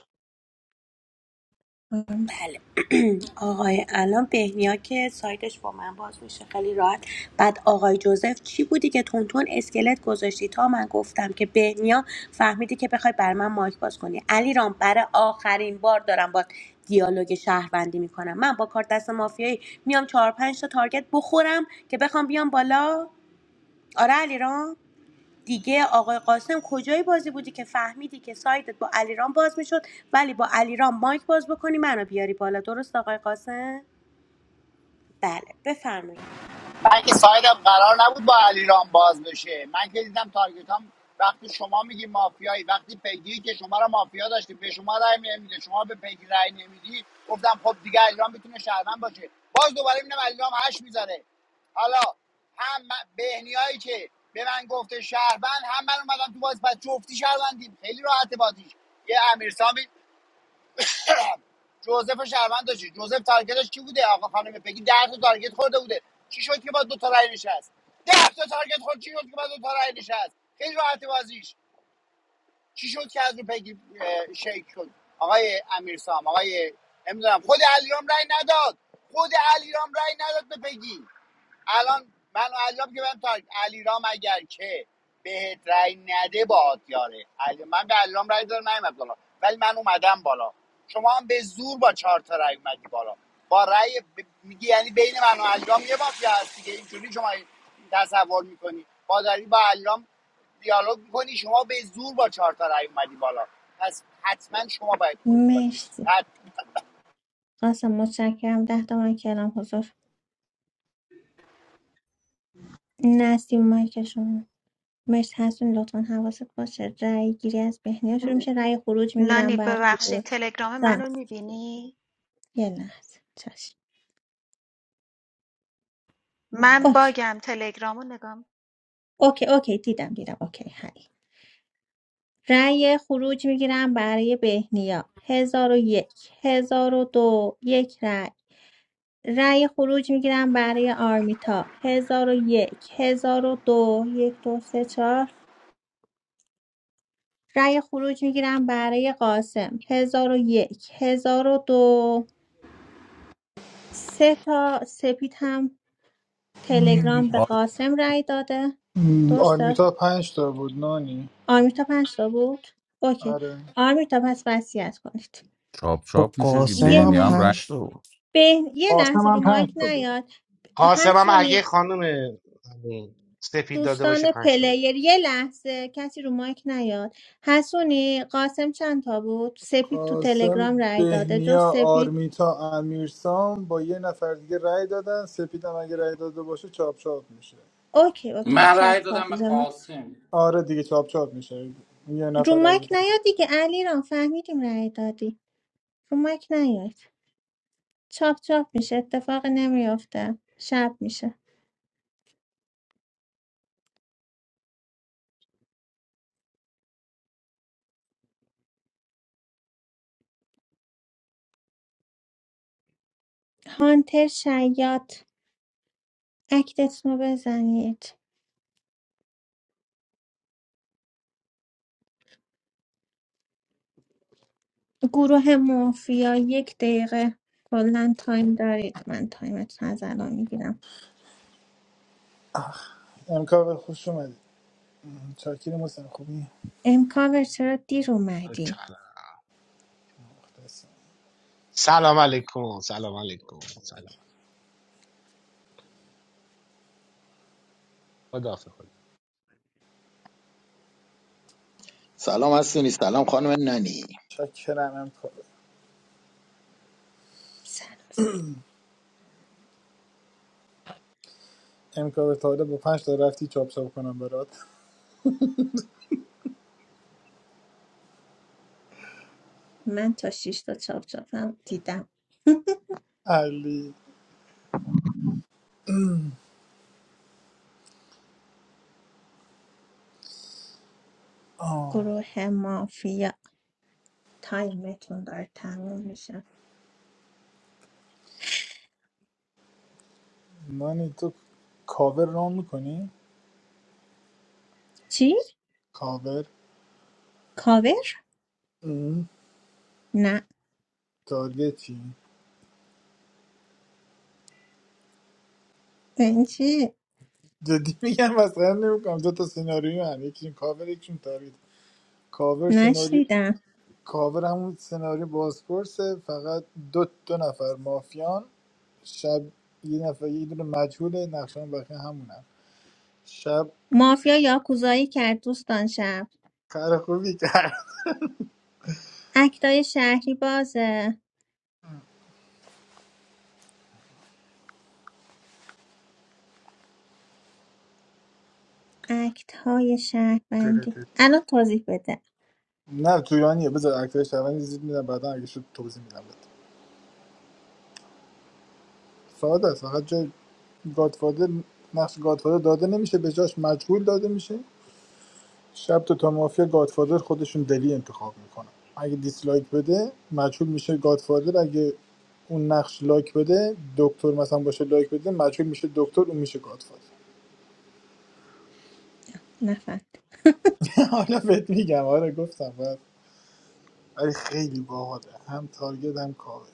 بله آقای الان بهنیا که سایتش با من باز میشه خیلی راحت بعد آقای جوزف چی بودی که تونتون اسکلت گذاشتی تا من گفتم که بهنیا فهمیدی که بخوای بر من مایک باز کنی علی رام برای آخرین بار دارم با دیالوگ شهروندی میکنم من با کارت دست مافیایی میام چهار پنج تا تارگت بخورم که بخوام بیام بالا آره علی دیگه آقای قاسم کجای بازی بودی که فهمیدی که سایدت با علیرام باز میشد ولی با علیرام مایک باز بکنی منو بیاری بالا درست آقای قاسم بله بفرمایید
من که سایدم قرار نبود با علیرام باز بشه من که دیدم تارگت وقتی شما میگی مافیایی وقتی پیگیری که شما را مافیا داشتی به شما رأی نمیده شما به پیگیر رأی نمیدی گفتم خب دیگه علیرام میتونه شهروند باشه باز دوباره میبینم علیرام هش میذاره حالا هم من- بهنیایی که به من گفته شهروند هم من اومدم تو باز پس جفتی شهروندیم خیلی راحته بازیش یه امیرسامی جوزف شهروند داشتی جوزف تارگتش کی بوده آقا خانم پگی ده تا تارگت خورده بوده چی شد که با دو تا رای نشست ده تا تارگت خورد چی شد که با دو تا رای نشست خیلی راحت بازیش چی شد که از رو پگی اه، شیک شد آقای امیرسام آقای نمیدونم خود علیرام رای نداد خود علیرام رای نداد به پگی الان منو عجب که من تا علیرام اگر که بهت رأی نده باهات یاره علی من به علیرام رای دادم نیومد بالا ولی من اومدم بالا شما هم به زور با چهار تا رأی اومدی بالا با رأی ب- میگی یعنی بین من و علیرام یه مافیا هست دیگه اینجوری شما این تصور میکنی با داری با علیرام دیالوگ میکنی شما به زور با چهار تا رأی اومدی بالا پس حتما شما باید خروج باشید
مرسی
حت-
آسان متشکرم ده تا من کلام حضور نسیم مایکشون مرسی هستون لطفا حواست باشه رأی گیری از بهنیا شروع میشه رأی خروج میگیرم
نانی
بر
ببخشین تلگرام
جان
منو میبینی؟
یه لحظه چشم
من
اوکی
باگم تلگرامو نگاه
اوکی اوکی دیدم دیدم اوکی هی رأی خروج میگیرم برای بهنیا هزار و یک هزار و دو یک رأی رأی خروج میگیرم برای آرمیتا هزار و یک هزار و دو یک دو سه چهار رأی خروج میگیرم برای قاسم هزار و یک هزار و دو سه تا سپید هم تلگرام به
آر
قاسم رأی داده درسته
آرمیتا پنج تا بود نانی
آرمیتا پنج تا بود اوکی
آره
آرمیتا پس وصیت کنید
چاپ
خب
چاپ میشه که
قاسم
یه
هم
بهنیا هم
لحظه
رنگ
پنج تا بود
به یه
قاسم
لحظه رو
هم پنج
مایک
تا بود
نیاد
قاسم هم اگه
حسونی
خانم سفید داده باشه
دوستان
پنج تا بود
پلیر یه لحظه کسی رو مایک نیاد حسونی قاسم چند تا بود سپید تو
قاسم
تلگرام رأی داده جز
بهنیا
سپید
آرمیتا امیرسام با یه نفر دیگه رأی دادن سپیدم اگه رأی داده باشه چاپ چاپ میشه
اوکی اوکی
من
چاپ
رأی دادم به
چاپ
قاسم
آره دیگه چاپ چاپ میشه یه
رو
نفر رأی
مایک
دادن
نیاد دیگه علیرام فهمیدیم رأی دادی رو مایک نیاد چاپ چاپ میشه اتفاق نمیافته شب میشه هانتر شیاد اکتتون رو بزنید گروه مافیا یک دقیقه کلا تایم دارید من تایمتون از الان میگیرم
امکان خوش اومدید چاکریم حسین خوبی
امکاور چرا دیر اومدی
چقدر.
مخلصم.
سلام علیکم سلام علیکم سلام خدا خدا
سلام هستونی سلام خانم ننی
چاکرم امکان
سلام سلام
امکا تا حالا با پنج تا رفتی چاپ چاپ کنم برات
من تا شیش تا چاپ چاپم دیدم
علی آه.
گروه مافیا تایمتون داره تموم میشه
نانی تو کاور رام میکنی؟
چی؟
کاور
کاور؟
ام.
نه
تارگت چی؟
بنچی
جدی میگم مسخره نمیکنم دو تا سناریو هم یکیشون کاور یکیشون تارگت کاور سناریو
نشنیدم
کاور همون سناریو بازپرسه فقط دو دو نفر مافیان شب یه نفر یه دونه مجهول نقشان بقیه همونن شب
مافیا یاکوزایی کرد دوستان شب
کار خوبی
اکتای شهری بازه اکتهای
کرد
شهروندی الان توضیح بده
نه تو ایرانیه بذار اکترش اول زیاد میدم بعدا اگه شد توضیح میدم بهت ساده است فقط جای گادفادر نقش گادفادر داده نمیشه به جاش مجهول داده میشه شب تو تا مافیا گادفادر خودشون دلی انتخاب میکنن اگه دیسلایک بده مجهول میشه گادفادر اگه اون نقش لایک بده دکتر مثلا باشه لایک بده مجهول میشه دکتر اون میشه گادفادر
نفهمید
حالا بهت میگم آره گفتم باید ولی خیلی باحاله هم تارگت هم کاور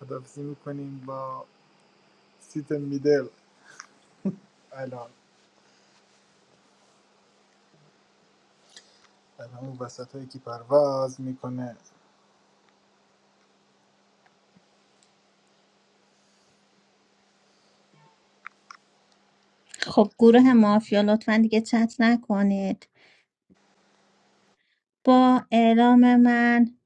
خدافزی میکنیم با سیت میدل الان در همون وسط هایی که پرواز میکنه
خب گروه مافیا لطفا دیگه چت نکنید با اعلام من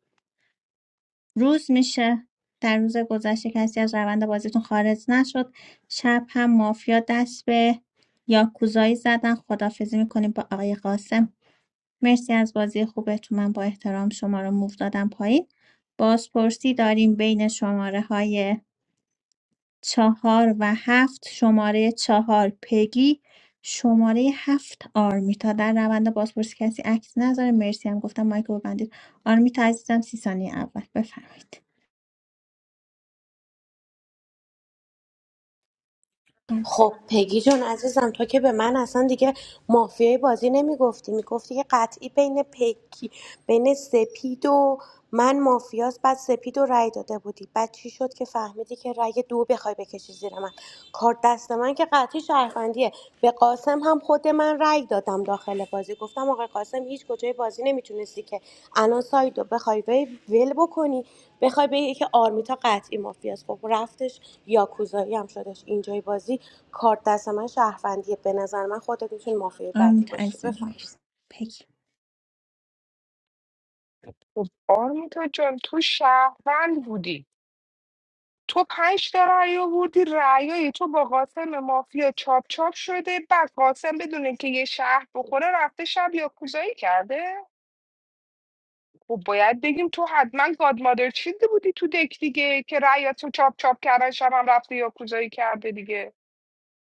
روز میشه در روز گذشته کسی از روند بازیتون خارج نشد شب هم مافیا دست به یاکوزایی زدن خدافزی میکنیم با آقای قاسم مرسی از بازی خوبتون من با احترام شما رو موو دادم پایین بازپرسی داریم بین شماره های چهار و هفت شماره چهار پگی شماره هفت آرمیتا در روند بازپرسی کسی عکس نذاره مرسی هم گفتم مایک رو ببندید آرمیتا عزیزم سی ثانیه اول بفرمایید آرمیتا
خب پگی جون عزیزم تو که به من اصلا دیگه مافیای بازی نمیگفتی میگفتی که قطعی بین پگی بین سپید و من مافیاس بعد سپید و رأی داده بودی بعد چی شد که فهمیدی که رأی دو بخوای بکشی زیر من کار دست من که قطعی شهروندیه به قاسم قاسم هم خود من رأی دادم داخل بازی گفتم آقای قاسم هیچ کجای بازی نمیتونستی که الان سایدو بخوای وی- ول بکنی بخوای به که آرمیتا قطعی مافیاست خب رفتش یاکوزایی هم شدش اینجای بازی کارت دست من شهروندیه به نظر من خودت میتونی مافیای بعدی
آرمیتا
باشی
عزیزم
بفهم
مرسی پگی
خب آرمیتا جان تو شهروند بودی تو پنج تا رأی آوردی رأیای تو با قاسم مافیا چاپ چاپ شده بعد قاسم بدون که یه شهر بخوره رفته شب یاکوزایی کرده خب باید بگیم تو حتما گادمادر چیده بودی تو دک دیگه که رأیاتو چاپ چاپ کردن شب هم رفته یاکوزایی کرده دیگه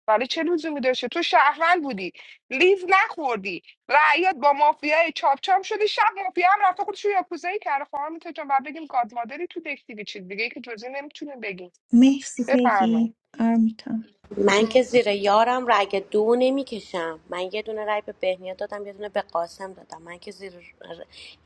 ولی چه لزومی داشته تو شهروند بودی لیز نخوردی رعیات با مافیای چاپ چاپ شده شب مافیا هم رفته خودش رو یاکوزایی کرده خواهم میتونم بگیم گادمادری تو دک دیگه چیز دیگه که جزی نمیتونیم بگیم
مرسی
بفرمایید
پگی آرمیتا
من که زیر یارم رگ دو نمیکشم من یه دونه رگ به بهنیا دادم یه دونه به قاسم دادم من که زیر ر-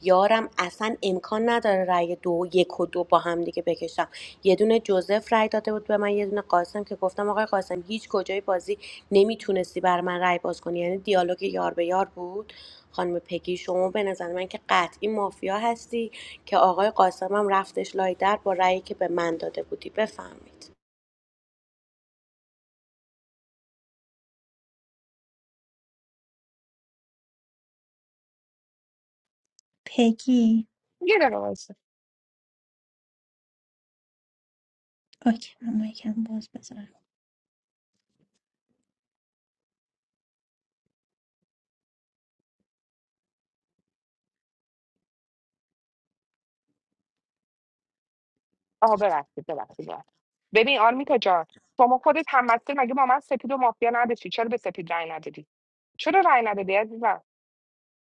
یارم اصلا امکان نداره رگ دو یک و دو با هم دیگه بکشم یه دونه جوزف رای داده بود به من یه دونه قاسم که گفتم آقای قاسم هیچ کجای بازی نمیتونستی بر من رای باز کنی یعنی دیالوگ یار به یار بود خانم پگی شما به نظر من که قطعی مافیا هستی که آقای قاسمم رفتش لای در با رأیی که به من داده بودی بفهمید
پگی
یه دقیقه وایسا
اوکی من مایکم باز بذارم
آها ببخشید ببخشید ببخشید. ببین آرمیتا جان شما خودت هم مسئول مگه با من سپید و مافیا نداشتی چرا به سپید رای ندادی چرا رای ندادی عزیزم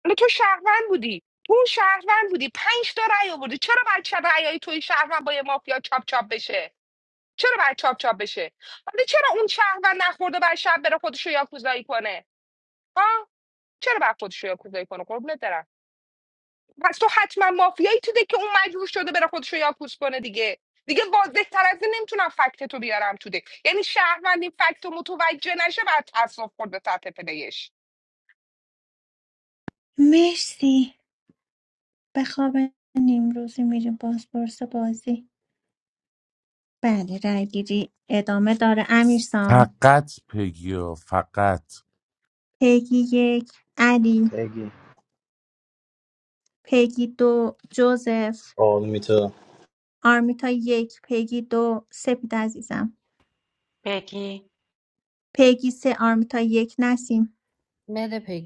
حالا تو شهروند بودی تو اون شهروند بودی پنج تا رای آوردی چرا باید چه رأیای توی شهروند با یه مافیا چاپ چاپ بشه چرا باید چاپ چاپ بشه حالا چرا اون شهروند نخورده بر شب بره خودش رو یاکوزایی کنه ها چرا باید خودش رو یاکوزایی کنه قربونت برم پس تو حتما مافیایی تو دک که اون مجبور شده بره خودش رو یاکوس کنه دیگه دیگه واضح تر از این نمیتونم فکت تو بیارم تو دک یعنی شهروند این فکت رو متوجه نشه بعد تصف خورد به سطح پلیش
مرسی به خواب نیمروزی میریم بازپرس بازی بله رای گیری ادامه داره امیرسام
فقط پگیا فقط
پیگی یک علی
بگی
پیگی دو جوزف
آرمیتا
آرمیتا یک پیگی دو سپید عزیزم
بگی
پیگی سه آرمیتا یک نسیم
بله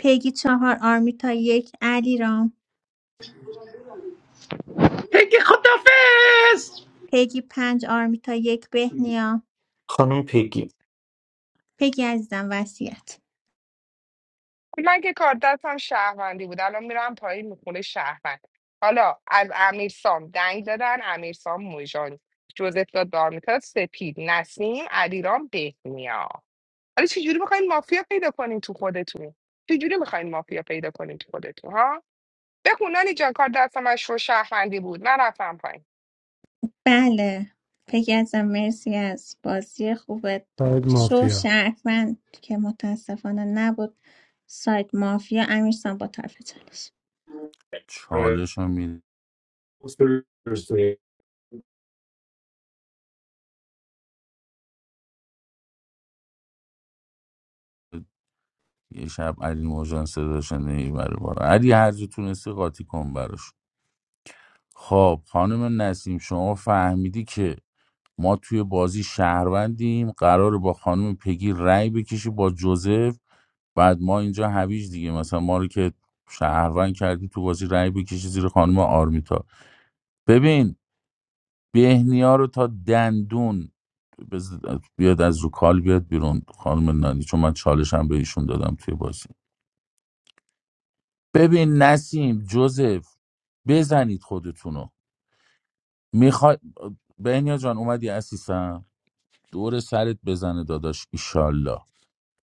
پیگی چهار آرمیتا یک علی رام
پگی خدافز
پیگی پنج آرمیتا یک بهنیا
خانم پیگی
پیگی عزیزم وسیعت
من که کار دستم شهروندی بود الان میرم پایین میخونه شهروند حالا از امیرسام دنگ دادن امیرسام موژان جوزف داد دارمیتا سپید نسیم علیرام بهنیا حالا چجوری میخواین مافیا پیدا کنین تو خودتون چجوری میخواین مافیا پیدا کنین تو خودتون ها بخون نانی جان کار دست من شو شهروندی بود من رفتم پایین
بله پگی ازم مرسی از بازی خوبت
باید
شو
مافیا
شهروند که متاسفانه نبود سایت مافیا امیرسان با طرف چالش
چالش رو میده یه شب علی موجان صداش نمیبره بالا علی هر جا تونستی قاطی کن براش خب خانم نسیم شما فهمیدی که ما توی بازی شهروندیم قراره با خانم پگی رأی بکشی با جوزف بعد ما اینجا هویج دیگه مثلا ما رو که شهروند کردی تو بازی رأی بکشی زیر خانم آرمیتا ببین بهنیا رو تا دندون بز- بیاد از رو کال بیاد بیرون خانم نانی چون من چالشم به ایشون دادم توی بازی ببین نسیم جوزف بزنید خودتونو میخوای بهنیا جان اومدی عزیزم دور سرت بزنه داداش ایشالله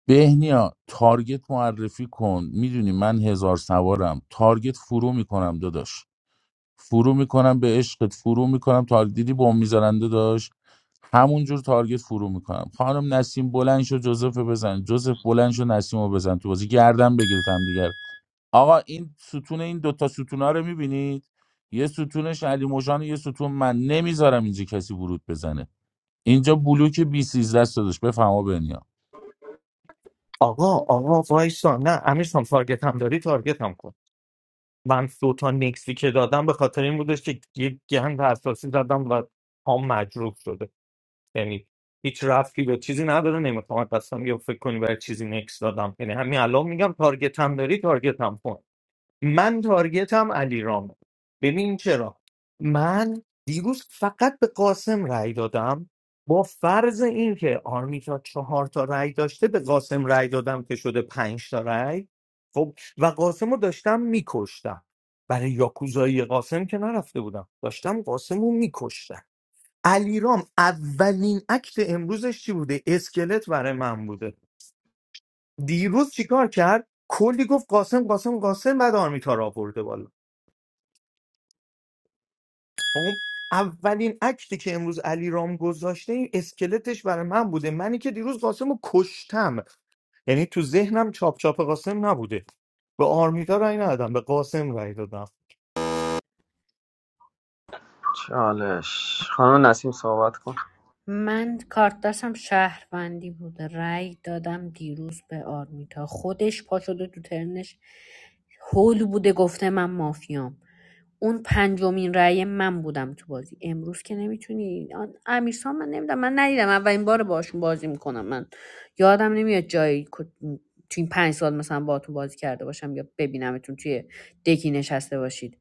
بهنیا تارگت معرفی کن میدونی من هزار سوارم تارگت فرو میکنم داداش فرو میکنم به عشقت فرو میکنم تارگت دیدی بم میذارنده داشت همونجور تارگت فرو میکنم خانم نسیم بلند شو جوزف بزن جوزف بلند شو نسیم رو بزن تو بازی گردن بگیرید هم دیگر آقا این ستون این دوتا ستون ها رو میبینید یه ستونش علی موجان یه ستون من نمیذارم اینجا کسی ورود بزنه اینجا بلوک بی 13 داداش بفهمو بنیا
آقا آقا وایسا نه امیرسان تارگت هم داری تارگت هم کن من دو تا نکسی که دادم به خاطر این بودش که یک گند اساسی زدم و هم مجروب شده یعنی هیچ رفتی به چیزی نداره نمیخوام قسم یا فکر کنی برای چیزی نکس دادم یعنی همین الان میگم تارگت هم داری تارگت هم کن من تارگتم علیرامه ببین چرا من دیروز فقط به قاسم رأی دادم با فرض اینکه آرمیتا چهار تا رأی داشته به قاسم رأی دادم که شده پنج تا رأی خب و قاسم رو داشتم میکشتم برای یاکوزایی قاسم که نرفته بودم داشتم قاسم رو میکشتم علیرام اولین اکت امروزش چی بوده اسکلت برای من بوده دیروز چیکار کرد کلی گفت قاسم قاسم قاسم بعد آرمیتا را برده بالا خب اولین اکتی که امروز علی رام گذاشته این اسکلتش برای من بوده منی که دیروز قاسم رو کشتم یعنی تو ذهنم چاپ چاپ قاسم نبوده به آرمیتا رای ندادم به قاسم رای دادم
چالش خانم نسیم صحبت کن
من کارت دستم شهروندی بوده رأی دادم دیروز به آرمیتا خودش پا شده تو ترنش هول بوده گفته من مافیام اون پنجمین رأی من بودم تو بازی امروز که نمیتونی امیرسان من نمیدونم من ندیدم اولین بار باشون بازی میکنم من یادم نمیاد جایی که تو این پنج سال مثلا باهاتون بازی کرده باشم یا ببینمتون توی دکی نشسته باشید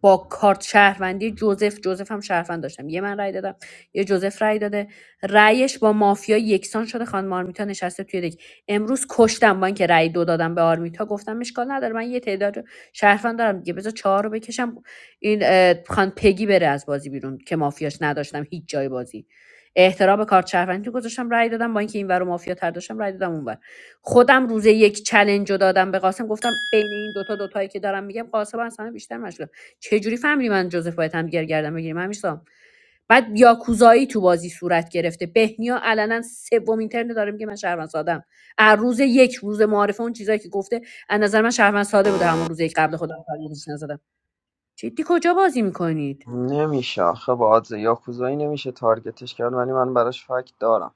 با کارت شهروندی جوزف جوزف هم شهروند داشتم یه من رأی دادم یه جوزف رأی داده رأیش با مافیا یکسان شده خانم آرمیتا نشسته توی دک امروز کشتم با اینکه رأی دو دادم به آرمیتا گفتم اشکال نداره من یه تعداد شهروند دارم دیگه بذار چهار رو بکشم این اه، خان پگی بره از بازی بیرون که مافیاش نداشتم هیچ جای بازی احترام به کارت شهروندی گذاشتم رأی دادم با اینکه این ور مافیا تر داشتم رأی دادم اونور خودم روز یک چلنج رو دادم به قاسم گفتم بین این دوتا دوتایی که دارم میگم قاسم اصلا بیشتر مشغول چجوری فهمیدی من جوزف باید هم دیگر گردم بگیریم همیشا بعد یاکوزایی تو بازی صورت گرفته بهنیا علنا سومین اینترنت داره میگه من شهروند سادم از روز یک روز معارفه اون چیزایی که گفته از نظر من شهروند ساده بوده همون روز یک قبل خودم تاریخش نزدم جدی کجا بازی میکنید
خودش فکت دارم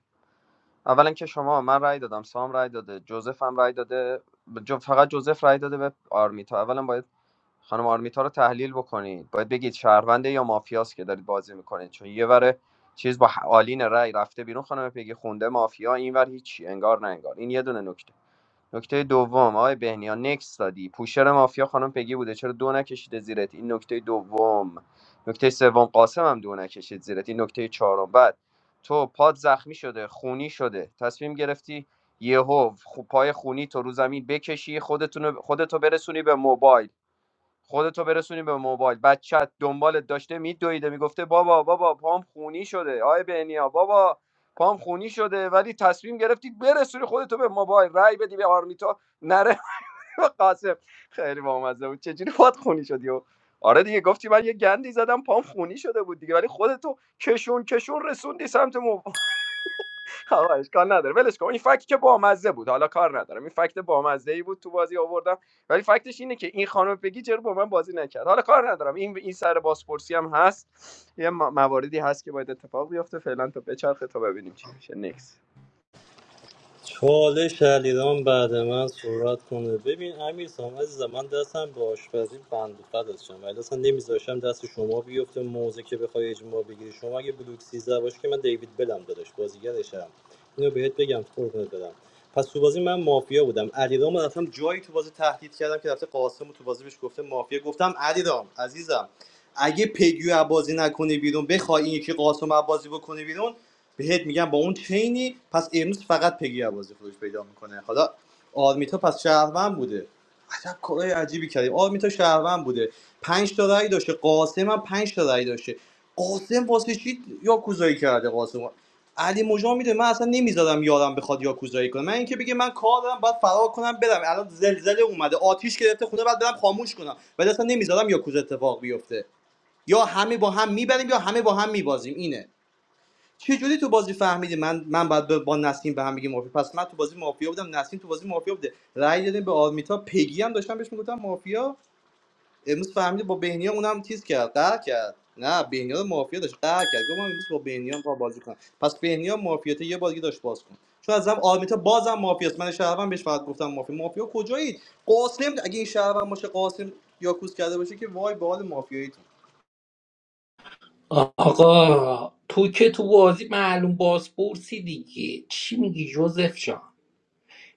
اولا که شما من رأی دادم سام رأی داده جوزف هم رأی داده جو فقط جوزف رأی داده به آرمیتا اولا باید خانم پرونده یا مافر چیز بالین رأی رفته مافیا اینور هیچ انگار نه انگار این یه دونه نکته نکته دوم آقای بهنیا نکس دادی پوشر مافیا خانم پگی بوده چرا دو نکشیده زیرت این نکته دوم نکته سوم قاسم هم دو نکشید زیرت این نکته چهارم بعد تو پاد زخمی شده خونی شده تصمیم گرفتی یهو خو- پای خونی تو رو زمین بکشی خودتونو خودتو برسونی به موبایل خودتو برسونی به موبایل بچت دنبالت داشته میدویده میگفته بابا بابا پام خونی شده آی بهنیا بابا پام خونی شده ولی تصمیم گرفتی برسونی خودتو به موبایل رای بدی به آرمیتا نره به قاسم خیلی بامزه بود چجوری پات خونی شدی و آره دیگه گفتی من یه گندی زدم پام خونی شده بود دیگه ولی خودتو کشون کشون رسوندی سمت خب اشکال نداره ولش کن این فکت که بامزه بود حالا کار ندارم این فکت بامزه ای بود تو بازی آوردم ولی فکتش اینه که این خانم بگی چرا با من بازی نکرد حالا کار ندارم این این سر بازپرسی هم هست یه مواردی هست که باید اتفاق بیفته فعلا تا بچرخه تا ببینیم چی میشه نکس
چالش علیرام بعد من صحبت کنه ببین امیر سام عزیزم من دستم به آشپزی بند فد شم ولی اصلا نمیذاشتم دست شما بیفته موزه که بخوای اجماع بگیری شما اگه بلوک 13 باشی که من دیوید بلم داداش بازیگرشم اینو بهت بگم قربونت بدم پس تو بازی من مافیا بودم علیرام رو رفتم جایی تو بازی تهدید کردم که رفته قاسم رو تو بازی بهش گفته مافیا گفتم علیرام عزیزم اگه پیگیو بازی نکنه بیرون بخوای این یکی قاسم بازی بکنه بیرون بهت میگم با اون چینی پس امروز فقط پگی عبازی خودش پیدا میکنه حالا آرمیتا پس شهروند بوده عجب کارهای عجیبی کردیم آرمیتا شهروند بوده پنج تا رأی داشته قاسم هم پنج تا رأی داشته قاسم واسه چی یا کوزایی کرده قاسم علی مجا میده من اصلا نمیذارم یارم بخواد یا کوزایی کنه من اینکه بگه من کار دارم باید فرار کنم برم الان زلزله اومده آتیش گرفته خونه بعد برم خاموش کنم ولی اصلا نمیذارم یا کوز اتفاق بیفته یا همه با هم میبریم یا همه با هم میبازیم اینه چه جوری تو بازی فهمیدی من من بعد با نسیم به هم میگه مافیا پس من تو بازی مافیا بودم نسیم تو بازی مافیا بوده رأی دادیم به آرمیتا پگی هم داشتم بهش میگفتم مافیا امروز فهمیده با بهنیا اونم تیز کرد قهر کرد نه بهنیا رو مافیا داشت قهر کرد گفتم امروز با بهنیا با بازی کنم پس بهنیا مافیات یه بازی داشت باز کن چون ازم آرمیتا بازم مافیاست من شهروند بهش فقط گفتم مافیا مافیا کجایید قاسم اگه این شهروند باشه قاسم یاکوس کرده باشه که وای به حال مافیایی
آقا تو که تو بازی معلوم بازپرسی دیگه چی میگی جوزف جان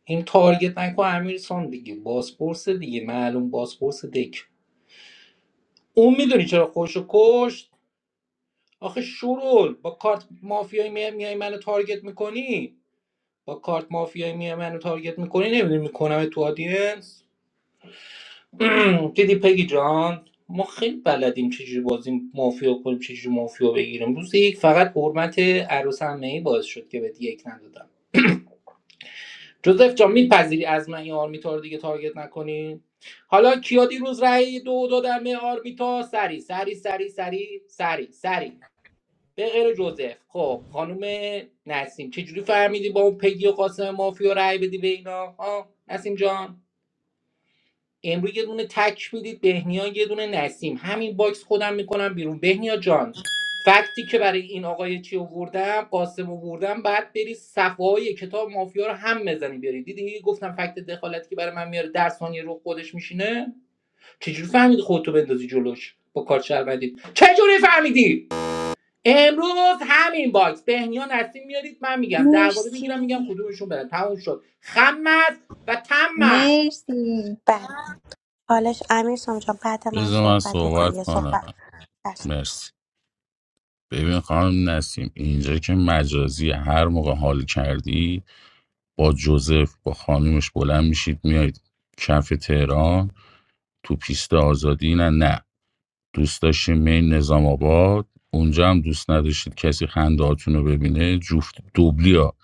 این تارگت نکو امیرسان دیگه بازپرس دیگه معلوم بازپرس دک اون میدونی چرا خوشو کشت آخه شورول با کارت مافیایی می- میای منو تارگت میکنی با کارت مافیایی میای منو تارگت میکنی نمیدونی میکنم تو آدینس دیدی پگی جان ما خیلی بلدیم چجوری بازی مافیا کنیم چجوری مافیا بگیریم روز یک فقط حرمت عروس همه ای باعث شد که بهت یک ندادم جوزف جان میپذیری از من این آرمیتا رو دیگه تارگت نکنی حالا کیا دیروز رأی دو دادن به آرمیتا سری سری سری سری سری سری به غیر جوزف خب خانم نسیم چجوری فهمیدی با اون پگی و قاسم مافیا رأی بدی به اینا ها نسیم جان امروز یه دونه تک میدید بهنیا یه دونه نسیم همین باکس خودم میکنم بیرون بهنیا جان فکتی که برای این آقای چی آوردم قاسم آوردم بعد بری صفحه های کتاب مافیا رو هم بزنی بیاری دیدی گفتم فکت دخالتی که برای من میاره در ثانیه رو خودش میشینه چجوری فهمیدی خودتو بندازی جلوش با کارت شربندی چجوری فهمیدی امروز همین باکس بهنیا نسیم میارید من میگم درباره میگیرم
مرسی
میگم کدومشون برن تموم شد خمس و تمه
مرسی
بله حالش امیر سام جان بعد من
بذار من
صحبت میکنی
صحبت
یه
کنم
صحبت چشم.
مرسی ببین خانم نسیم اینجا که مجازی هر موقع حال کردی با جوزف با خانومش بلند میشید میایید کف تهران تو پیست آزادی نه نه دوست داشتیم مین نظام آباد اونجا هم دوست نداشتید کسی خندهاتون رو ببینه جفت دوبلیا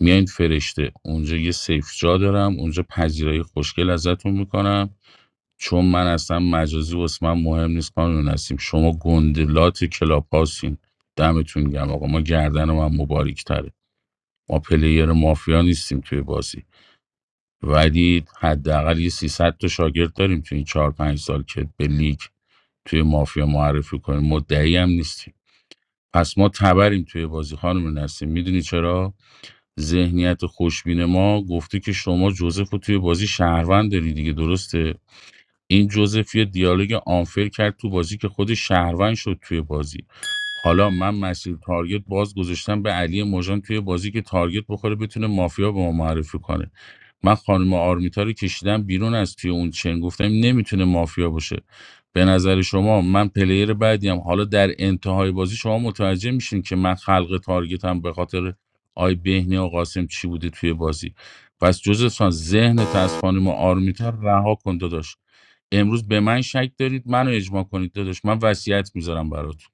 میایین فرشته اونجا یه سیف جا دارم اونجا پذیرایی خوشگل ازتون میکنم چون من اصلا مجازی واسه من مهم نیست قانون هستیم شما گندلات کلاب هاستین دمتون گم آقا ما گردن من مبارک تره ما پلیر مافیا نیستیم توی بازی ولی حداقل یه 300 تا شاگرد داریم توی این 4 5 سال که به لیگ توی مافیا معرفی کنیم مدعی هم نیستیم پس ما تبریم توی بازی خانم نسیم میدونی چرا ذهنیت خوشبین ما گفته که شما جوزف رو توی بازی شهروند داری دیگه درسته این جوزف یه دیالوگ آنفر کرد تو بازی که خود شهروند شد توی بازی حالا من مسیر تارگت باز گذاشتم به علی مژان توی بازی که تارگت بخوره بتونه مافیا به ما معرفی کنه من خانم آرمیتا رو کشیدم بیرون از توی اون چن گفتم نمیتونه مافیا باشه به نظر شما من پلیر بعدیم حالا در انتهای بازی شما متوجه میشین که من خلق تارگتم به خاطر آی بهنی و قاسم چی بوده توی بازی پس جوزف سان ذهن از خانم آرمیتا رها کن داداش امروز به من شک دارید منو اجماع کنید داداش من وصیت میذارم براتون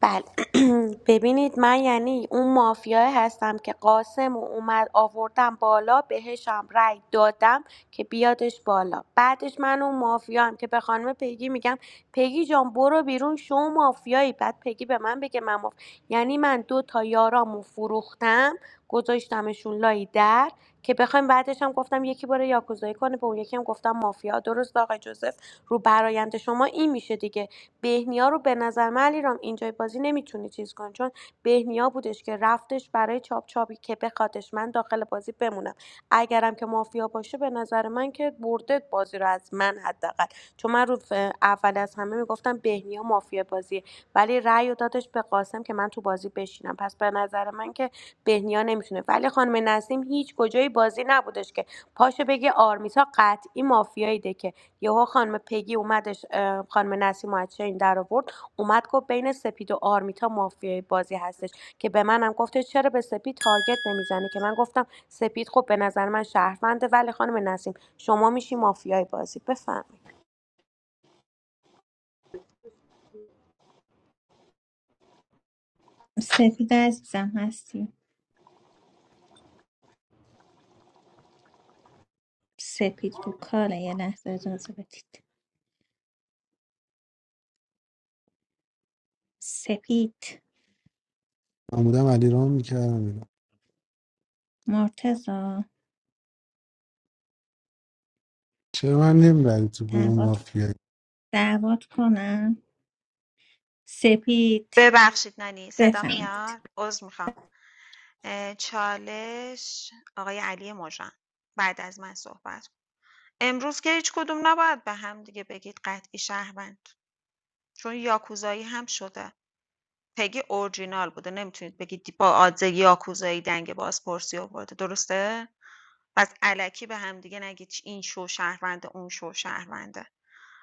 بله ببینید من یعنی اون مافیای هستم که قاسم و اومد آوردم بالا بهشم رأی دادم که بیادش بالا بعدش من اون مافیا هم که به خانم پیگی میگم پیگی جان برو بیرون شو مافیایی بعد پیگی به من بگه من ماف... یعنی من دو تا یارامو فروختم گذاشتمشون لای در که بخوایم بعدش هم گفتم یکی باره یاکوزایی کنه به اون یکی هم گفتم مافیا درست آقای جوزف رو برایند شما این میشه دیگه بهنیا رو به نظر من علیرام اینجای بازی نمیتونی چیز کنی چون بهنیا بودش که رفتش برای چاپ چاپی که بخوادش من داخل بازی بمونم اگرم که مافیا باشه به نظر من که برده بازی رو از من حداقل چون من رو ف- اول از همه میگفتم بهنیا مافیا بازیه ولی رأی رو دادش به قاسم که من تو بازی بشینم پس به نظر من که بهنیا نمیتونه ولی خانم نسیم هیچ کجای بازی نبودش که پاشو بگه آرمیتا قطعی مافیایی ده که یهو خانم پگی اومدش اه، خانم نسیم از چین در آورد اومد گفت بین سپید و آرمیتا مافیای بازی هستش که به منم گفته چرا به سپید تارگت نمیزنه که من گفتم سپید خب به نظر من شهرونده ولی خانم نسیم شما میشی مافیای بازی بفهمید
سپید عزیزم هستی سپید رو کاله یه لحظه اجازه بدید سپید
من بودم علیرام میکردم اینا
مرتزا
چرا من نمیبری تو گروه
دعوت
مافیا
دعوت کنم سپید
ببخشید نانی صدا
بفهمید
میاد عذر میخوام چالش آقای علی مژان بعد از من صحبت کن. امروز که هیچ کدوم نباید به هم دیگه بگید قطعی شهروند چون یاکوزایی هم شده پگی اورجینال بوده نمیتونید بگید با آدز یاکوزایی دنگ بازپرسی آورده درسته پس الکی به هم دیگه نگید این شو شهرونده اون شو شهرونده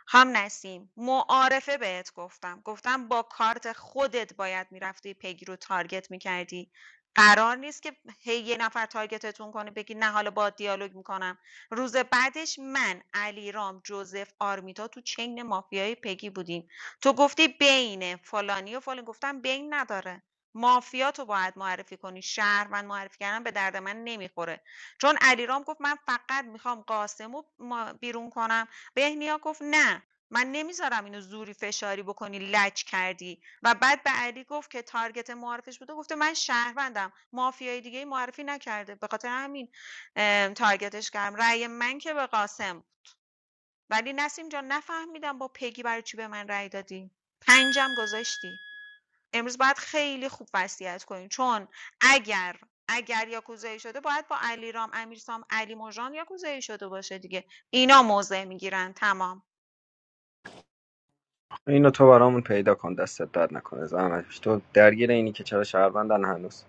هم نسیم معارفه بهت گفتم گفتم با کارت خودت باید میرفتی پگی رو تارگت میکردی قرار نیست که هی یه نفر تارگتتون کنه بگی نه حالا با دیالوگ میکنم روز بعدش من علیرام، رام جوزف آرمیتا تو چین مافیای پیگی بودیم تو گفتی بین فلانی و فلان گفتم بین نداره مافیا تو باید معرفی کنی شهروند معرفی کردن به درد من نمیخوره چون علیرام گفت من فقط میخوام قاسمو بیرون کنم بهنیا گفت نه من نمیذارم اینو زوری فشاری بکنی لج کردی و بعد به علی گفت که تارگت معرفش بوده گفته من شهروندم مافیای دیگه معرفی نکرده به خاطر همین ام، تارگتش کردم رأی من که به قاسم ولی نسیم جان نفهمیدم با پگی برای چی به من رأی دادی پنجم گذاشتی امروز باید خیلی خوب وصیت کنیم چون اگر اگر یاکوزایی شده باید با علیرام امیرسام علی مژان یاکوزایی شده باشه دیگه اینا موضع میگیرن تمام
اینو تو برامون پیدا کن دستت درد نکنه زحمتش تو درگیر اینی که چرا شهروندن هنوز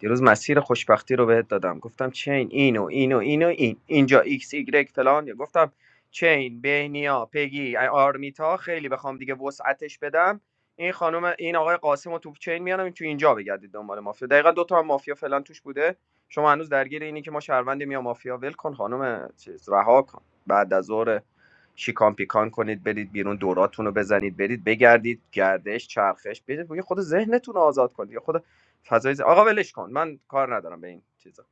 دیروز مسیر خوشبختی رو بهت دادم گفتم چین اینو اینو اینو این اینجا ایکس ایگرگ فلان گفتم چین بینیا پگی آرمیتا خیلی بخوام دیگه وسعتش بدم این خانم این آقای قاسم رو تو چین میانم این تو اینجا بگردید دنبال مافیا دقیقا دو تا هم مافیا فلان توش بوده شما هنوز درگیر اینی که ما شهروندیم یا مافیا ول کن خانم چیز رها کن بعد از ظهر شیکان پیکان کنید برید بیرون دوراتون رو بزنید برید بگردید گردش چرخش برید خود ذهنتون رو آزاد کنید خود فضای ز- آقا ولش کن من کار ندارم به این چیزا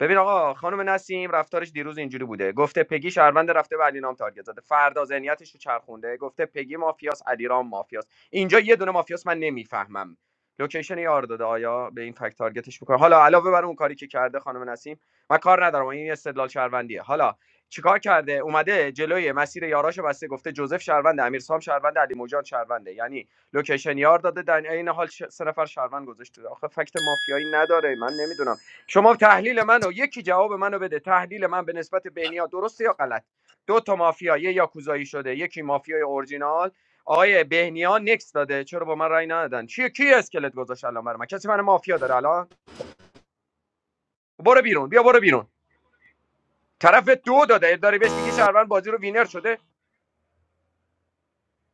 ببین آقا خانم نسیم رفتارش دیروز اینجوری بوده گفته پگی شهروند رفته به علی نام تارگت زده فردا ذهنیتش رو چرخونده گفته پگی مافیاس علیرام مافیاس اینجا یه دونه مافیاس من نمیفهمم لوکیشن یار داده آیا به این فکت تارگتش میکنه حالا علاوه بر اون کاری که کرده خانم نسیم من کار ندارم این استدلال شهروندیه حالا چیکار کرده اومده جلوی مسیر یاراشو بسته گفته جوزف شهروند امیرسام شهروند علی موجان شهرونده یعنی لوکیشن یار داده در عین حال ش... سه نفر شهروند گذاشته آخه فکت مافیایی نداره من نمیدونم شما تحلیل منو یکی جواب منو بده تحلیل من به نسبت بهنیا درسته یا غلط دو تا مافیا یه یاکوزایی شده یکی مافیای اورجینال آقای بهنیا نکس داده چرا با من رای ندادن چیه کی اسکلت گذاشت الان برای من کسی من مافیا داره الان برو بیرون بیا برو بیرون طرف دو داده داری بهش میگی شهروند بازی رو وینر شده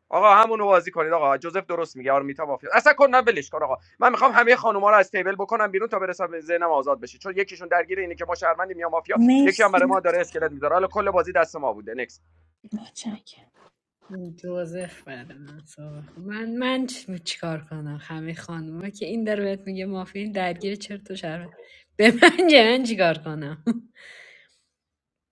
آقا همونو بازی کنید آقا جوزف درست میگه آرمیتا مافیا اصلا کن نه ولش کن آقا من میخوام همه خانوما رو از تیبل بکنم بیرون تا برسم به ذهنم آزاد بشه چون یکیشون درگیر اینه که ما شهروندیم یا مافیا یکی هم
مرسی
برای ما داره اسکلت میذاره حالا کل بازی دست ما بوده نکس
متشکرم
جوزف بعد من صحبت کن. من من چ- چیکار کنم همه خانوما که این داره بهت میگه مافین درگیر چرت و شرمه به من چه من چیکار کنم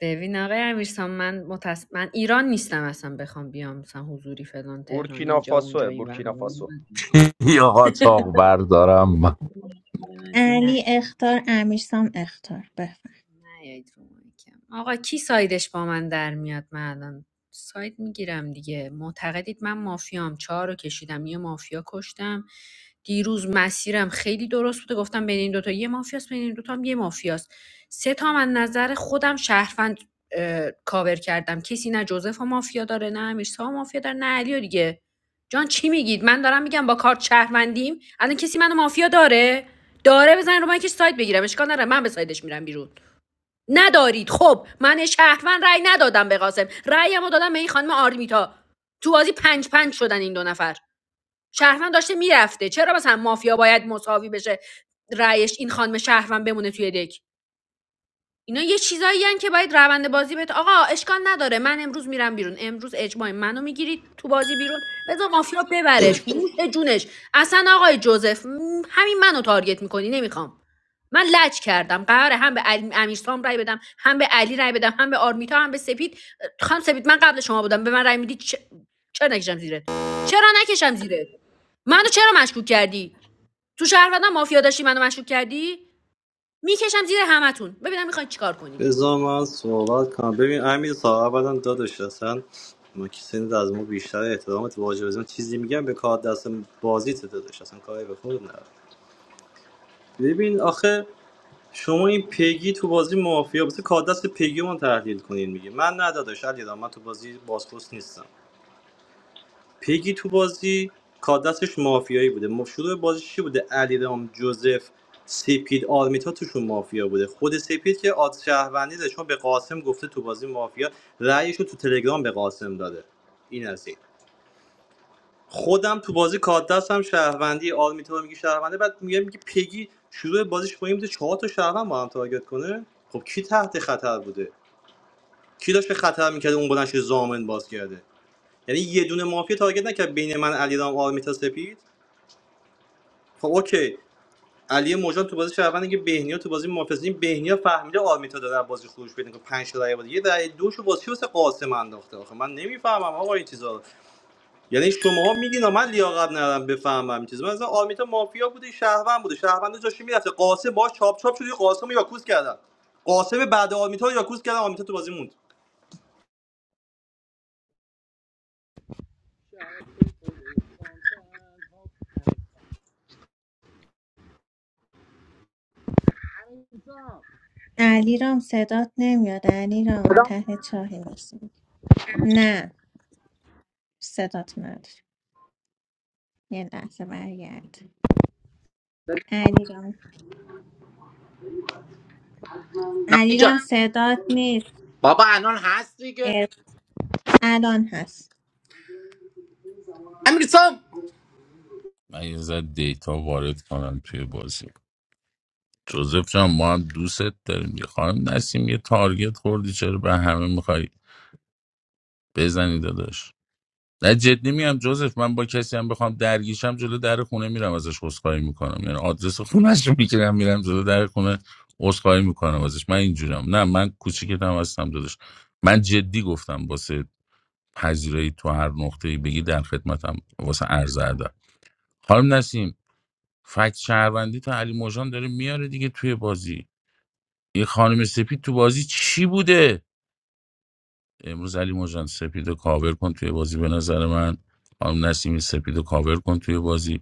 ببین آقای امیرسان من متس... من ایران نیستم اصلا بخوام بیام مثلا حضوری فلان تهران
بورکینا
اینجا اونجا
فاسو
این ور
بورکینا
اون
فاسو
یا قاچاق بردارم من
ور.
علی اختار امیرسام اختار بفهم
نیایید رو مایکم آقا کی سایدش با من در میاد من الان ساید میگیرم دیگه معتقدید من مافیام چهار رو کشیدم یه مافیا کشتم دیروز مسیرم خیلی درست بوده گفتم بین این دوتا یه مافیاست بین این دوتا هم یه مافیاست سه تا من نظر خودم شهروند اه، کاور کردم کسی نه جوزف و مافیا داره نه امیرسا مافیا داره نه علی و دیگه جان چی میگید من دارم میگم با کارت شهروندیم الان کسی منو مافیا داره داره بزن رو من که سایت بگیرم اشکال نداره من به سایدش میرم بیرون ندارید خب من شهروند رأی ندادم به قاسم رأیمو دادم به این خانم آرمیتا تو بازی پنج پنج شدن این دو نفر شهروند داشته میرفته چرا مثلا مافیا باید مساوی بشه رأیش این خانم شهروند بمونه توی دک اینا یه چیزایی هن که باید روند بازی بهت آقا اشکال نداره من امروز میرم بیرون امروز اجماع منو میگیرید تو بازی بیرون بذار مافیا ببرش نوش جونش اصلا آقای جوزف م، همین منو تارگت میکنی نمیخوام من لج کردم قراره هم به علی امیرسام رای بدم هم به علی رای بدم هم به آرمیتا هم به سپید خانم سپید من قبل شما بودم به من رای میدی چ- چرا نکشم زیرت چرا نکشم زیرت منو چرا مشکوک کردی تو شهروندان مافیا داشتی منو مشکوک کردی میکشم زیر همتون ببینم میخواین چیکار کنید
بذار من صحبت کنم ببین امیر صاحب اولا داداش اصلا ما که سنید از ما بیشتر احترامت واجب از من چیزی میگم به کار دست بازیت داداش اصلا کاری به خود نداره ببین آخه شما این پگی تو بازی مافیا واسه کار دست پگی رو من تحلیل کنین میگه من نه داداش علی من تو بازی بازپرس نیستم پیگی تو بازی کادستش مافیایی بوده ما- شروع بازی چی بوده علیرام جوزف سپید آرمیتا توشون مافیا بوده خود سپید که آد شهروندی داره چون به قاسم گفته تو بازی مافیا رأیش رو تو تلگرام به قاسم داده این از این خودم تو بازی کادست هم شهروندی آرمیتا رو میگی شهرونده بعد میگه میگه پیگی شروع بازیش با این بوده چهار تا شهروند با هم تارگت کنه خب کی تحت خطر بوده کی داشته خطر میکرده اون بلنش زامن باز کرده یعنی یه دونه مافیا تارگت نکرد بین من علیرام آرمیتا سپید خب اوکی علی موجان تو بازی شهروند که بهنیا تو بازی محافظه بهنیا فهمیده آرمیتا داره از بازی خروج پیدا کنه 5 رای بود یه رای دوشو واسه واسه قاسم انداخته آخه من نمیفهمم آقا این چیزا رو یعنی شماها میگین من لیاقت ندارم بفهمم این چیزا من مثلا آرمیتا مافیا بوده شهروند بوده شهروند جاش میرفته قاسم باش چاپ چاپ شد یه قاسم رو یاکوس کردن قاسم بعد آرمیتا رو یاکوس کردن آرمیتا تو بازی موند
علی رام صدات نمیاد علی رام ته چاهی بسیم نه صدات نداره یه لحظه برگرد علی رام علی رام صدات نیست
بابا الان هست
اه،
دیگه
الان هست
امیرسام
من یه ذره دیتا وارد کنم توی بازی جوزف جان ما هم دوستت داریم یه خانم نسیم یه تارگت خوردی چرا به همه میخوای بزنی داداش نه جدی میام جوزف من با کسی هم بخوام درگیشم جلو در خونه میرم ازش عذرخواهی میکنم یعنی آدرس خونهش رو میگیرم میرم جلو در خونه عذرخواهی میکنم ازش من اینجورم نه من کوچیکتم هستم داداش من جدی گفتم واسه پذیرایی تو هر نقطه‌ای بگی در خدمتم واسه عرض ادب خانم نسیم فکت شهروندی تا علی موجان داره میاره دیگه توی بازی یه خانم سپید تو بازی چی بوده امروز علی موجان سپید رو کاور کن توی بازی به نظر من خانم نسیم سپید رو کاور کن توی بازی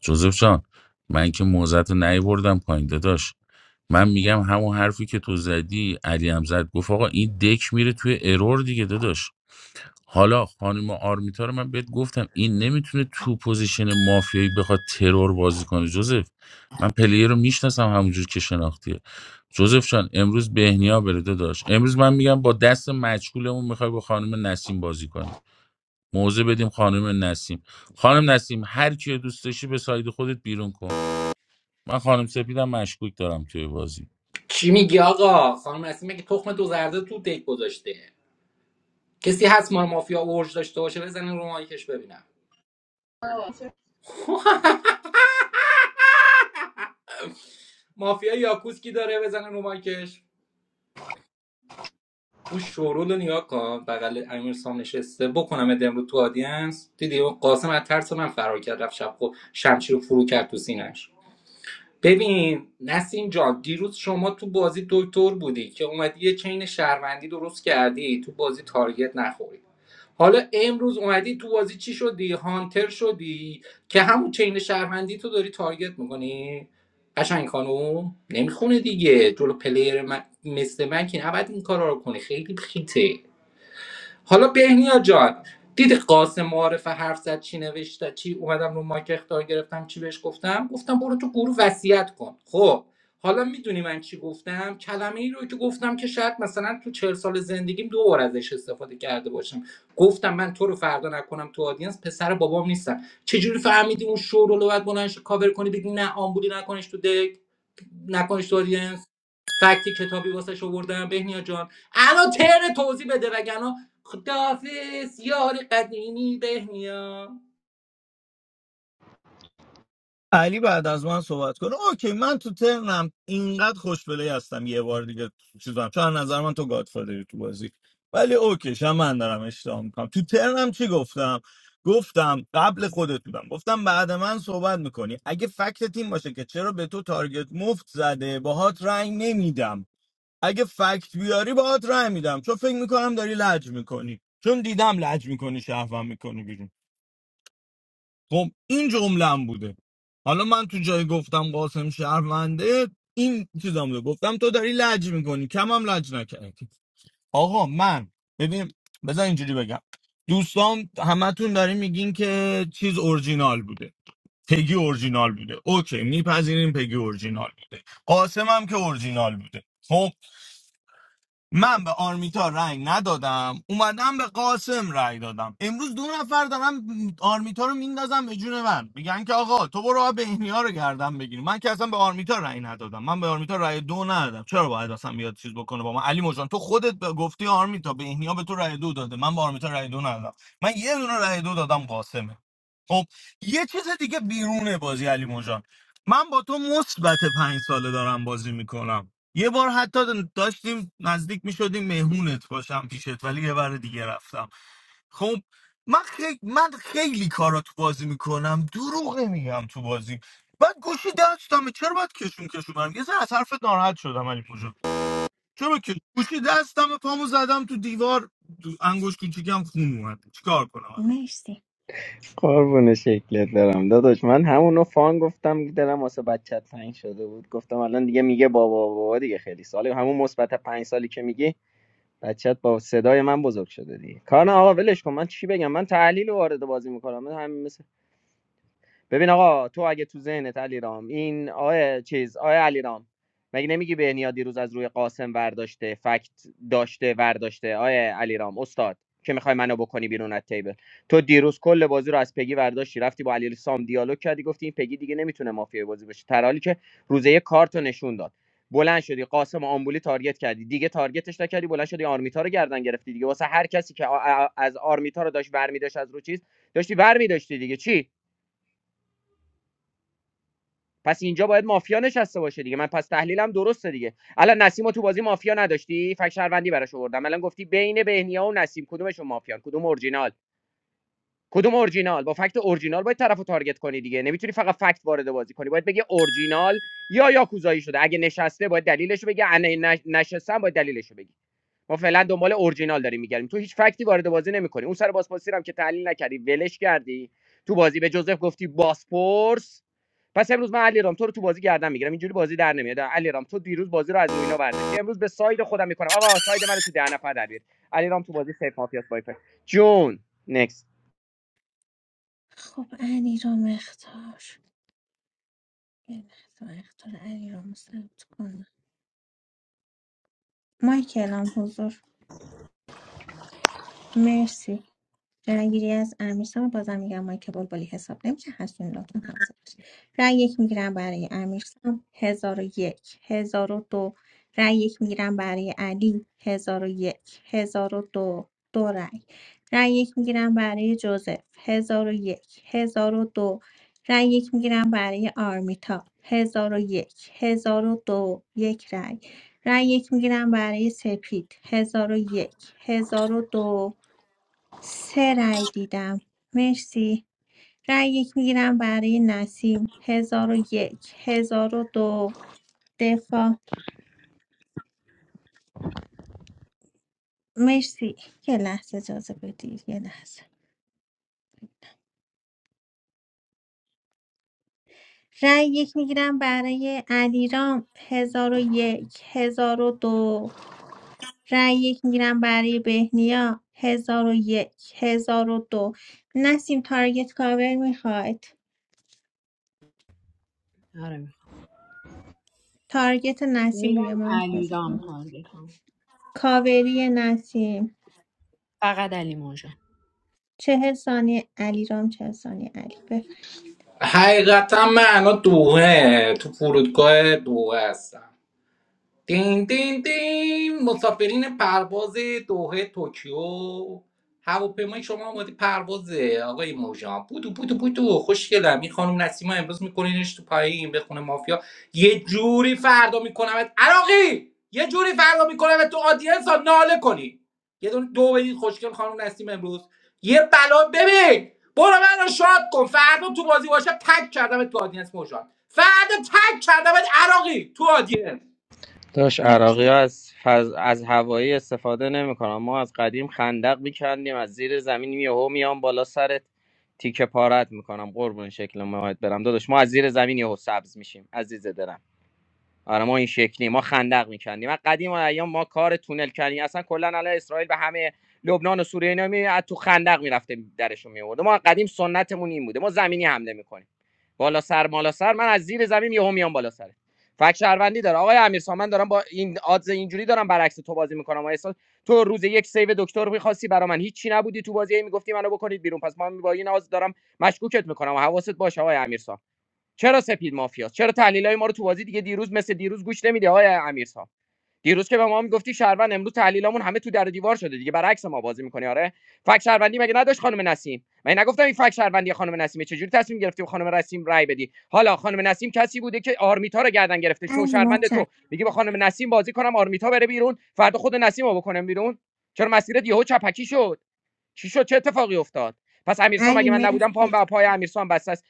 جوزف جان من که موزت رو نیوردم پایین داداش من میگم همون حرفی که تو زدی علی هم زد گفت آقا این دک میره توی ارور دیگه داداش حالا خانم آرمیتا رو من بهت گفتم این نمیتونه تو پوزیشن مافیایی بخواد ترور بازی کنه جوزف من پلیر رو میشناسم همونجور که شناختیه جوزف جان امروز بهنیا بره داشت امروز من میگم با دست مجهولمون میخوای با خانم نسیم بازی کنی موضع بدیم خانم نسیم خانم نسیم هر کیو دوست داشتی به ساید خودت بیرون کن من خانم سپیدم مشکوک دارم توی بازی
چی میگی آقا خانم نسیم مگه تخم دو زرده تو دیک گذاشته کسی هست ما رو مافیا اورج داشته باشه بزنین رو مایکش ببینم مافیا یاکوس کی داره بزنه رو مایکش اون شورول رو نگاه کن بغل امیرسام نشسته بکنم امروز تو آدینس دیدی اون قاسم از ترس من فرار کرد رفت شب خود شمشیر رو فرو کرد تو سینش ببین نسیم جان دیروز شما تو بازی دکتر بودی که اومدی یه چین شهروندی درست کردی تو بازی تارگت نخوری حالا امروز اومدی تو بازی چی شدی هانتر شدی که همون چین شهروندی تو داری تارگت میکنی قشنگ خانوم نمیخونه دیگه جلو پلیر من- مثل من که نباید این کارا رو کنی خیلی خیته حالا بهنیا جان دیدی قاسم معارف حرف زد چی نوشته چی اومدم رو مایک اختار گرفتم چی بهش گفتم گفتم برو تو گروه وصیت کن خب حالا میدونی من چی گفتم کلمه ای رو که گفتم که شاید مثلا تو چهل سال زندگیم دو بار ازش استفاده کرده باشم گفتم من تو رو فردا نکنم تو آدینس پسر بابام نیستم چجوری فهمیدی اون شور رو باید بلندش کاور کنی بگی نه آمبولی نکنش تو دک نکنش تو آدینس فکتی کتابی واسه شو بردم بهنیا جان الان تر توضیح بده وگرنه خداحافظ یار قدیمی بهنیا
علی بعد از من صحبت کنه اوکی من تو ترنم اینقدر خوشبلی هستم یه بار دیگه چیزم چون از نظر من تو گادفادری تو بازی ولی اوکیش هم من دارم اشتباه میکنم تو ترنم چی گفتم گفتم قبل خودت بودم گفتم بعد من صحبت میکنی اگه فکت تیم باشه که چرا به تو تارگت مفت زده باهات رنگ نمیدم اگه فکت بیاری باهات رنگ میدم چون فکر میکنم داری لج میکنی چون دیدم لج میکنی شهروند میکنی خب این جملم بوده حالا من تو جای گفتم قاسم شهرونده این چیزام رو گفتم تو داری لج میکنی کمم لج نکردی آقا من ببین بذار اینجوری بگم دوستان همتون دارین میگین که چیز اورجینال بوده پگی اورجینال بوده اوکی میپذیریم پگی اورجینال بوده قاسم هم که اورجینال بوده خب من به آرمیتا رأی ندادم اومدم به قاسم رأی دادم امروز دو نفر دارم آرمیتا رو میندازم به جون من میگن که آقا تو برو بهنیا رو گردن بگیری من که اصلا به آرمیتا رأی ندادم من به آرمیتا رأی دو ندادم چرا باید اصلا بیاد چیز بکنه با من علی مجان تو خودت به- گفتی آرمیتا بهنیا به تو رأی دو داده من به آرمیتا رأی دو ندادم من یه دونه رأی دو دادم قاسمه خب یه چیز دیگه بیرونه بازی علی مجان من با تو مثبت پنج ساله دارم بازی میکنم یه بار حتی داشتیم نزدیک می شدیم مهمونت باشم پیشت ولی یه بار دیگه رفتم خب من, خیلی من خیلی کارا تو بازی میکنم دروغ میگم تو بازی بعد گوشی دستم چرا باید کشون کشون برم یه ذره از حرفت ناراحت شدم علی پوجا چرا که گوشی دستم پامو زدم تو دیوار دو- انگوش کوچیکم خون اومد چیکار کنم
مرسی
قربون شکلت برم داداش من همونو فان گفتم دلم واسه بچت تنگ شده بود گفتم الان دیگه میگه بابا بابا دیگه خیلی ساله همون مثبت پنج سالی که میگی بچت با صدای من بزرگ شده دیگه کار نه آقا ولش کن من چی بگم من تحلیل وارد بازی میکنم من همین ببین آقا تو اگه تو ذهنت علیرام این آه چیز آه علیرام مگه نمیگی بهنیا دیروز از روی قاسم ورداشته فکت داشته ورداشته آه علیرام استاد که میخوای منو بکنی بیرون از تیبل تو دیروز کل بازی رو از پگی ورداشتی رفتی با علی سام دیالوگ کردی گفتی این پگی دیگه نمیتونه مافیای بازی باشه در حالی که روزه یه کارت رو نشون داد بلند شدی قاسم و آمبولی تارگت کردی دیگه تارگتش نکردی بلند شدی آرمیتا رو گردن گرفتی دیگه واسه هر کسی که از آرمیتا رو داشت برمی داشت از رو چیز داشتی برمی داشتی دیگه چی پس اینجا باید مافیا نشسته باشه دیگه من پس تحلیلم درسته دیگه الان نسیم تو بازی مافیا نداشتی فک شهروندی براش آوردم الان گفتی بین بهنیا و نسیم کدومشون مافیان کدوم اورجینال کدوم اورجینال با فکت اورجینال باید طرفو تارگت کنی دیگه نمیتونی فقط فکت وارد بازی کنی باید بگی اورجینال یا یاکوزایی شده اگه نشسته باید دلیلش بگی اگه نشستم باید دلیلش بگی ما فعلا دنبال اورجینال داریم میگردیم تو هیچ فکتی وارد بازی نمیکنی اون سر بازپرسی رو هم که تحلیل نکردی ولش کردی تو بازی به جوزف گفتی باسپورس پس امروز من علیرام تو رو تو بازی گردن میگیرم اینجوری بازی در نمیاد علیرام تو دیروز بازی رو از روی اینا برداشتی امروز به ساید خودم میکنم آقا ساید من تو ده نفر در بیار علیرام تو بازی سیف مافیاس وایفر جون نکست.
خب علی رام اختار یه لحظه من اختار علی رام ثبت کنم مایکل هم حضور مرسی رأیگیری از امیرسام بازم میگم مایک بلبلی حساب نمیشه هستون لطفا حواستون باشه رأی یک میگیرم برای امیرسام هزار و یک هزار و دو رأی یک میگیرم برای علی هزار و یک هزار و دو دو رأی رأی یک میگیرم برای جوزف هزار و یک هزار و دو رأی یک میگیرم برای آرمیتا هزار و یک هزار و دو یک رأی رأی یک میگیرم برای سپید هزار و یک هزار و دو سه رأی دیدم مرسی رأی یک میگیرم برای نسیم هزار و یک هزار و دو دفاع مرسی یه لحظه اجازه بدید یه لحظه رأی یک میگیرم برای علیرام هزار و یک هزار و دو رأی یک میگیرم برای بهنیا هزار و یک هزار و دو نسیم تارگت کاور میخواید
آره می‌خوام.
تارگت نسیم
میرم
روی مایک
علیرام
بزن
تارگت هم
کاوری نسیم
فقط علی موجان
چهل ثانیه علی رام چهل ثانیه علی بفرم
حقیقتا من الان دوهه تو فرودگاه دوهه هستم دین دین دین مسافرین پرواز دوحه توکیو هواپیمای شما آماده پروازه آقای موژان بودو بودو بودو خوشگلم این خانم نسیما امروز میکنینش تو پایین به خونه مافیا یه جوری فردا میکنمت عراقی یه جوری فردا میکنمت تو آدینس ها ناله کنی یه دونه دو بدید خوشگل خانم نسیم امروز یه بلا ببین برو من رو شاد کن فردا تو بازی باشه تک کردمت تو آدینس موجان فردا تک کردمت عراقی تو آدینس
داش
مرسی
عراقی ها از, فض... از هوایی استفاده نمیکنن ما از قدیم خندق میکندیم از زیر زمین یهو میام بالا سرت تیکه پارت میکنم قربون شکل ماهت برم داداش ما از زیر زمین یهو سبز میشیم عزیز دلم آره ما این شکلی ما خندق میکندیم از قدیم ایام ما کار تونل کردیم اصلا کلا الان اسرائیل به همه لبنان و سوریه اینا می از تو خندق میرفته درشون میورده ما از قدیم سنتمون این بوده ما زمینی حمله میکنیم بالا سر بالا سر من از زیر زمین یهو میام بالا سر فک شهروندی داره آقای امیر من دارم با این آدز اینجوری دارم برعکس تو بازی میکنم و احساس تو روز یک سیو دکتر میخواستی برا من هیچی نبودی تو بازی هی میگفتی منو بکنید بیرون پس من با این آدز دارم مشکوکت میکنم و حواست باشه آقای امیر چرا سپید مافیاست چرا تحلیلای ما رو تو بازی دیگه دیروز مثل دیروز گوش نمیدی آقای امیر دیروز که به ما میگفتی شهروند امروز تحلیلامون همه تو در و دیوار شده دیگه برعکس ما بازی میکنی آره فک شهروندی مگه نداشت خانم نسیم من نگفتم این فک شهروندی خانم نسیمه چجوری تصمیم گرفتی به خانم نسیم رای بدی حالا خانم نسیم کسی بوده که آرمیتا رو گردن گرفته شو
علی
شهروند تو
متشکرم
میگی به خانم نسیم بازی کنم آرمیتا بره بیرون فردا خود نسیم رو بکنم بیرون چرا مسیرت یهو چپکی شد چی شد چه اتفاقی افتاد پس امیرسام
علی
اگه من
مر-
نبودم پام به پای امیرسام بسته است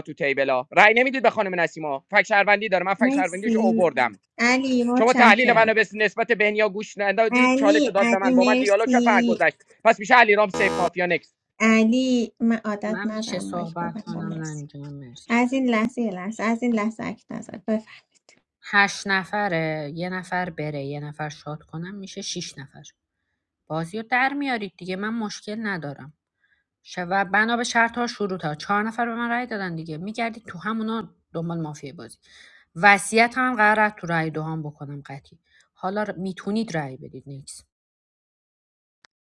تو تیبلا رای نمیدید به خانم نسیما فک شهروندی داره من فک شهروندیش
مرسی
آوردم
علی
شما تحلیل منو
متشکرم
به نسبت بهنیا گوش ندادید چالش رو
علی
داد به
علی
من با من دیالوگ کرد پر
مرسی
گذشت پس میشه علیرام سیف مافیا نکست.
علی من عادت
من میشه
ندارم مایک
صحبت
ببندم
کنم
مرسی
نانجام مرسی
از این لحظه یه لحظه از این لحظه اک نظر بفرم
هشت نفره یه نفر بره یه نفر شاد کنم میشه شیش نفر بازی رو در میارید دیگه من مشکل ندارم ش- و بنا به شرط ها شروط ها چهار نفر به من رأی دادن دیگه میگردید تو همونا دنبال مافیای بازی وصیت هم قرار تو رأی دوهام بکنم قطعی حالا ر- میتونید رأی بدید نیکس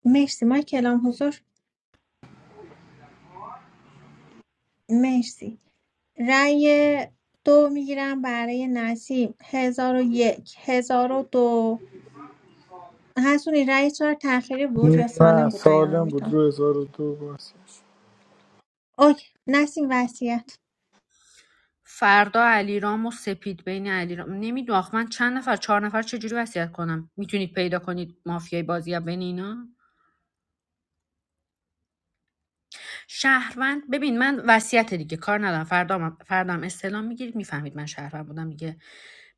مرسی مایک کلام حضور مرسی رأی دو میگیرم برای نسیم هزار و یک هزار و دو حسونی رأی چهار تأخیری بود یا
نه
سالم بود رأی
سالم
آرمیتا
بود رو 1002 باز
اوکی نسیم وصیت
فردا علیرام و سپید بین علیرام نمیدونم آخ من چند نفر چهار نفر چجوری وصیت کنم میتونید پیدا کنید مافیای بازی بین اینا شهروند ببین من وصیت دیگه کار ندارم فردام فردام استلام میگیرید میفهمید من شهروند بودم دیگه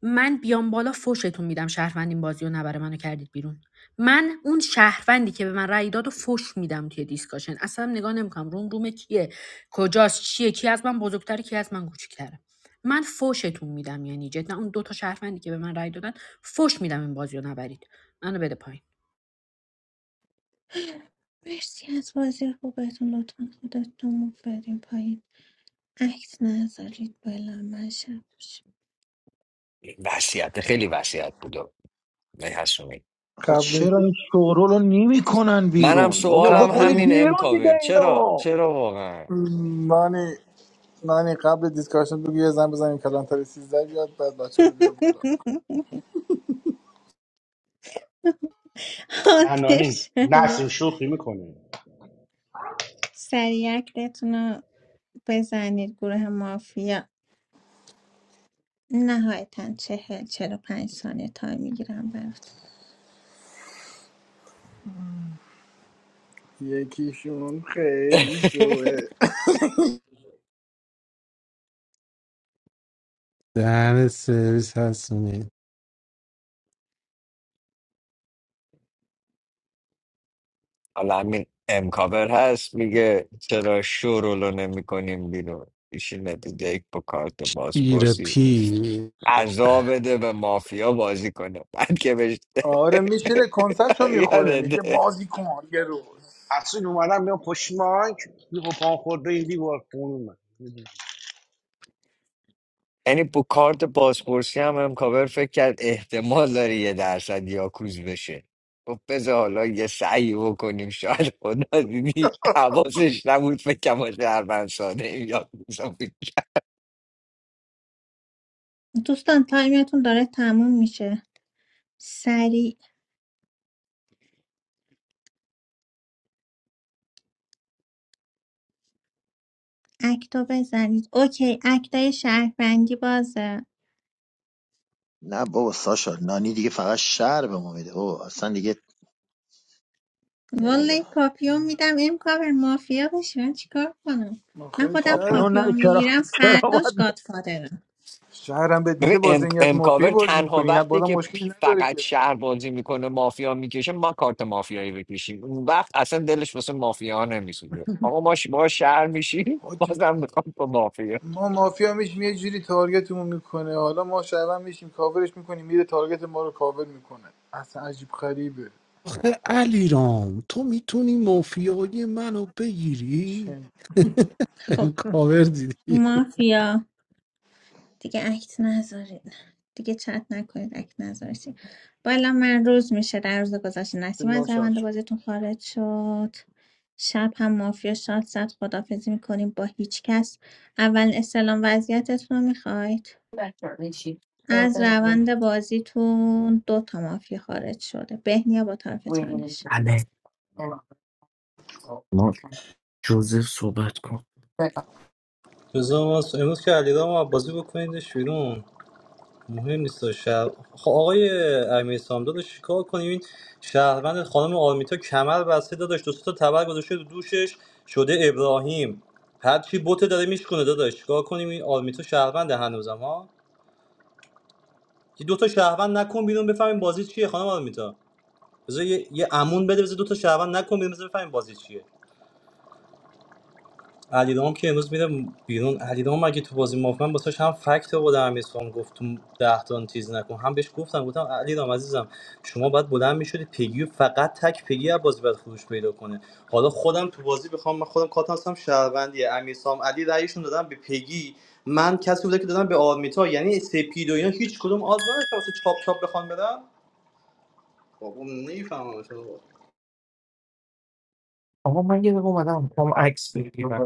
من بیام بالا فوشتون میدم شهروند این بازی نبره منو کردید بیرون من اون شهروندی که به من رأی داد و فوش میدم توی دیسکاشن اصلا نگاه نمیکنم روم روم کیه کجاست چیه کی از من بزرگتره کی از من کوچیکتره من فوشتون میدم یعنی جدا اون دو تا شهروندی که به من رأی دادن فوش میدم این بازیو رو نبرید منو بده پایین
مرسی از بازی خوبتون لطفا خودتون رو بریم پایین عکس نذارید بلا من شب بشه.
وصیت خیلی وصیت بود و آقای حسونی
آخه
قبل این
چرا این شورو رو نمی کنن
منم
بیرون بابا
سوالم
قبل
بکنید
همین
این
بیرون دیگه
امکاور چرا
اینو
چرا واقعا
نانی نانی قبل دیسکاشن بگو یه زن بزنیم کلانتری 13 بیاد بعد بچه رو بیاد بالا
هانتر
ننانی
شاید
نسیم شوخی میکنه
سریع اکتتون رو بزنید گروه مافیا نهایتا چهل چهل و پنج ثانیه تایم میگیرم براتون
یکیشون خیلی شوه
دهن سرویس هستونی
حالا همین امکاور هست میگه چرا شورولو نمی کنیم بیرون ایشی نتیجه یک با کارت
شیر
بازپرسی
پی
ارزا بده به مافیا بازی کنه بعد که بهش
آره میشینه کنسرشو میخوره میگه
یادته
بازی کن یه روز
اصلا اومدم میام پشت مایک دیگو پان خورده این دیوار خون اومد
یعنی با کارت بازپرسی هم امکاور فکر کرد احتمال داره یه درصد یاکوز بشه خب بذار حالا یه سعی بکنیم شاید خدا دیدی حواسش نبود فکر ما شهروند ساده ایم، یاکوز هم بود.
دوستان تایمتون داره تموم میشه سریع اکتا بزنید اوکی اکتای شهروندی بازه
نه بابا ساشا نانی دیگه فقط شهر به ما میده بابا اصلا دیگه
والا
نمیدونم
پاپیون میدم این کار مافیا بشه من چیکار کنم من
آخه
خودم
شهر
پاپیون
پاپیون
نه
میگیرم
کرا
فرداش گادفادرم
شهرم بهت
ببین
میده
ام...
بازی نیت مافی
امکاور
بازی
تنها
میکنی یه
وقتی
بادم
که
مشکلی
پی-
نداره
فقط شهر بازی میکنه مافیا میکشه ما کارت مافیایی بکشیم اون وقت اصلا دلش واسه مافیا نمیسوزه آقا ما ش- ما شهر میشیم
که
بازم میخوام با مافیا
ما مافیا میشیم یه جوری تارگتمون میکنه حالا ما شبم میشیم کاورش میکنیم میره تارگت ما رو کاور میکنه اصلا عجیب خریبه
آخه علیرام تو میتونی مافیای منو بگیری
چه
خب
امکاور دیدی
مافیا دیگه اکت نذارید دیگه چت نکنید اکت نذارید بالا من روز میشه در روز گذشته نسیم از
ناشاد
روند
شد
بازیتون خارج شد شب هم مافیا شاد زد خدافزی میکنیم با هیچ کس اول اسلام وضعیتتون رو میخواید از روند بازیتون دو تا مافیا خارج شده بهنیا با طرف چالش
الان؟ نه.
بزا واسه امروز که علیرام بازی بکنیدش بیرون مهم نیست شهر خب آقای امیر سامداد چیکار کنیم این شهروند خانم آرمیتا کمر بسته داداش دو سه تا تبر گذاشته رو دوشش شده ابراهیم هرچی بوته داره میشکنه داداش چیکار کنیم این آرمیتا شهروند هنوزم ها یه دو تا شهروند نکن بیرون بفهمیم بازی چیه خانم آرمیتا بذار یه, یه امون بده بذار دو تا شهروند نکن بیرون بذار بفهمیم بازی چیه علیرام که امروز میره بیرون علیرام مگه تو بازی مافیا من واسش هم فکت آوردم امیر خان گفت تو ده تا تیز نکن هم بهش گفتم گفتم علیرام عزیزم شما باید بلند میشدی پیگی فقط تک پیگی از بازی باید خروج پیدا کنه حالا خودم تو بازی بخوام من خودم کاتم هستم شهروندی امیر سام علی رأیشون دادم به پیگی من کسی بوده که دادم به آرمیتا یعنی سپید و اینا هیچ کدوم آز نداشت واسه چاپ چاپ بخوام بدم بابا نمیفهمم چرا.
آقا من یه دقیقه اومدم میخوام عکس بگیرم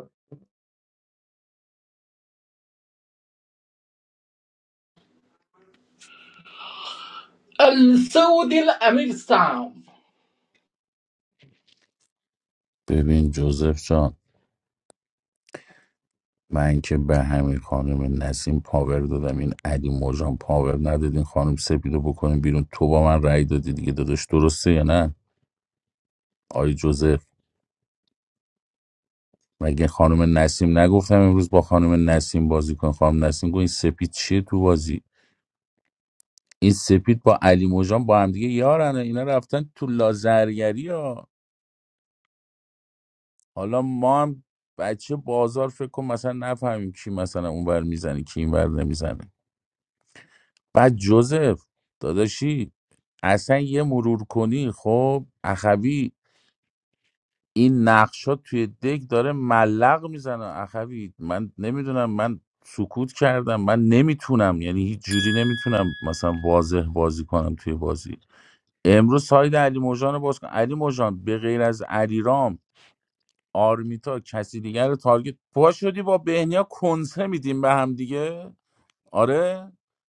السود الامیر سام
ببین جوزف جان من که به همین خانم نسیم پاور دادم این علی موجان پاور نداد این خانم سپیدو بکنیم بیرون تو با من رأی دادی دیگه داداش درسته یا نه آی جوزف مگه خانم نسیم نگفتم امروز با خانم نسیم بازی کن خانم نسیم گفت این سپید چیه تو بازی این سپید با علی موجان با هم دیگه یارن اینا رفتن تو لازرگری ها حالا ما هم بچه بازار فکر کن مثلا نفهمیم کی مثلا اونور میزنه کی اینور نمیزنه بعد جوزف داداشی اصلا یه مرور کنی خب اخوی این نقشا توی دک داره ملق میزنه اخوی من نمیدونم من سکوت کردم من نمیتونم یعنی هیچ جوری نمیتونم مثلا واضح بازی کنم توی بازی امروز ساید علی موجان رو باز کن علی موجان به غیر از علیرام آرمیتا کسی دیگر رو تارگت پا شدی با بهنیا کنسه میدیم به هم دیگه آره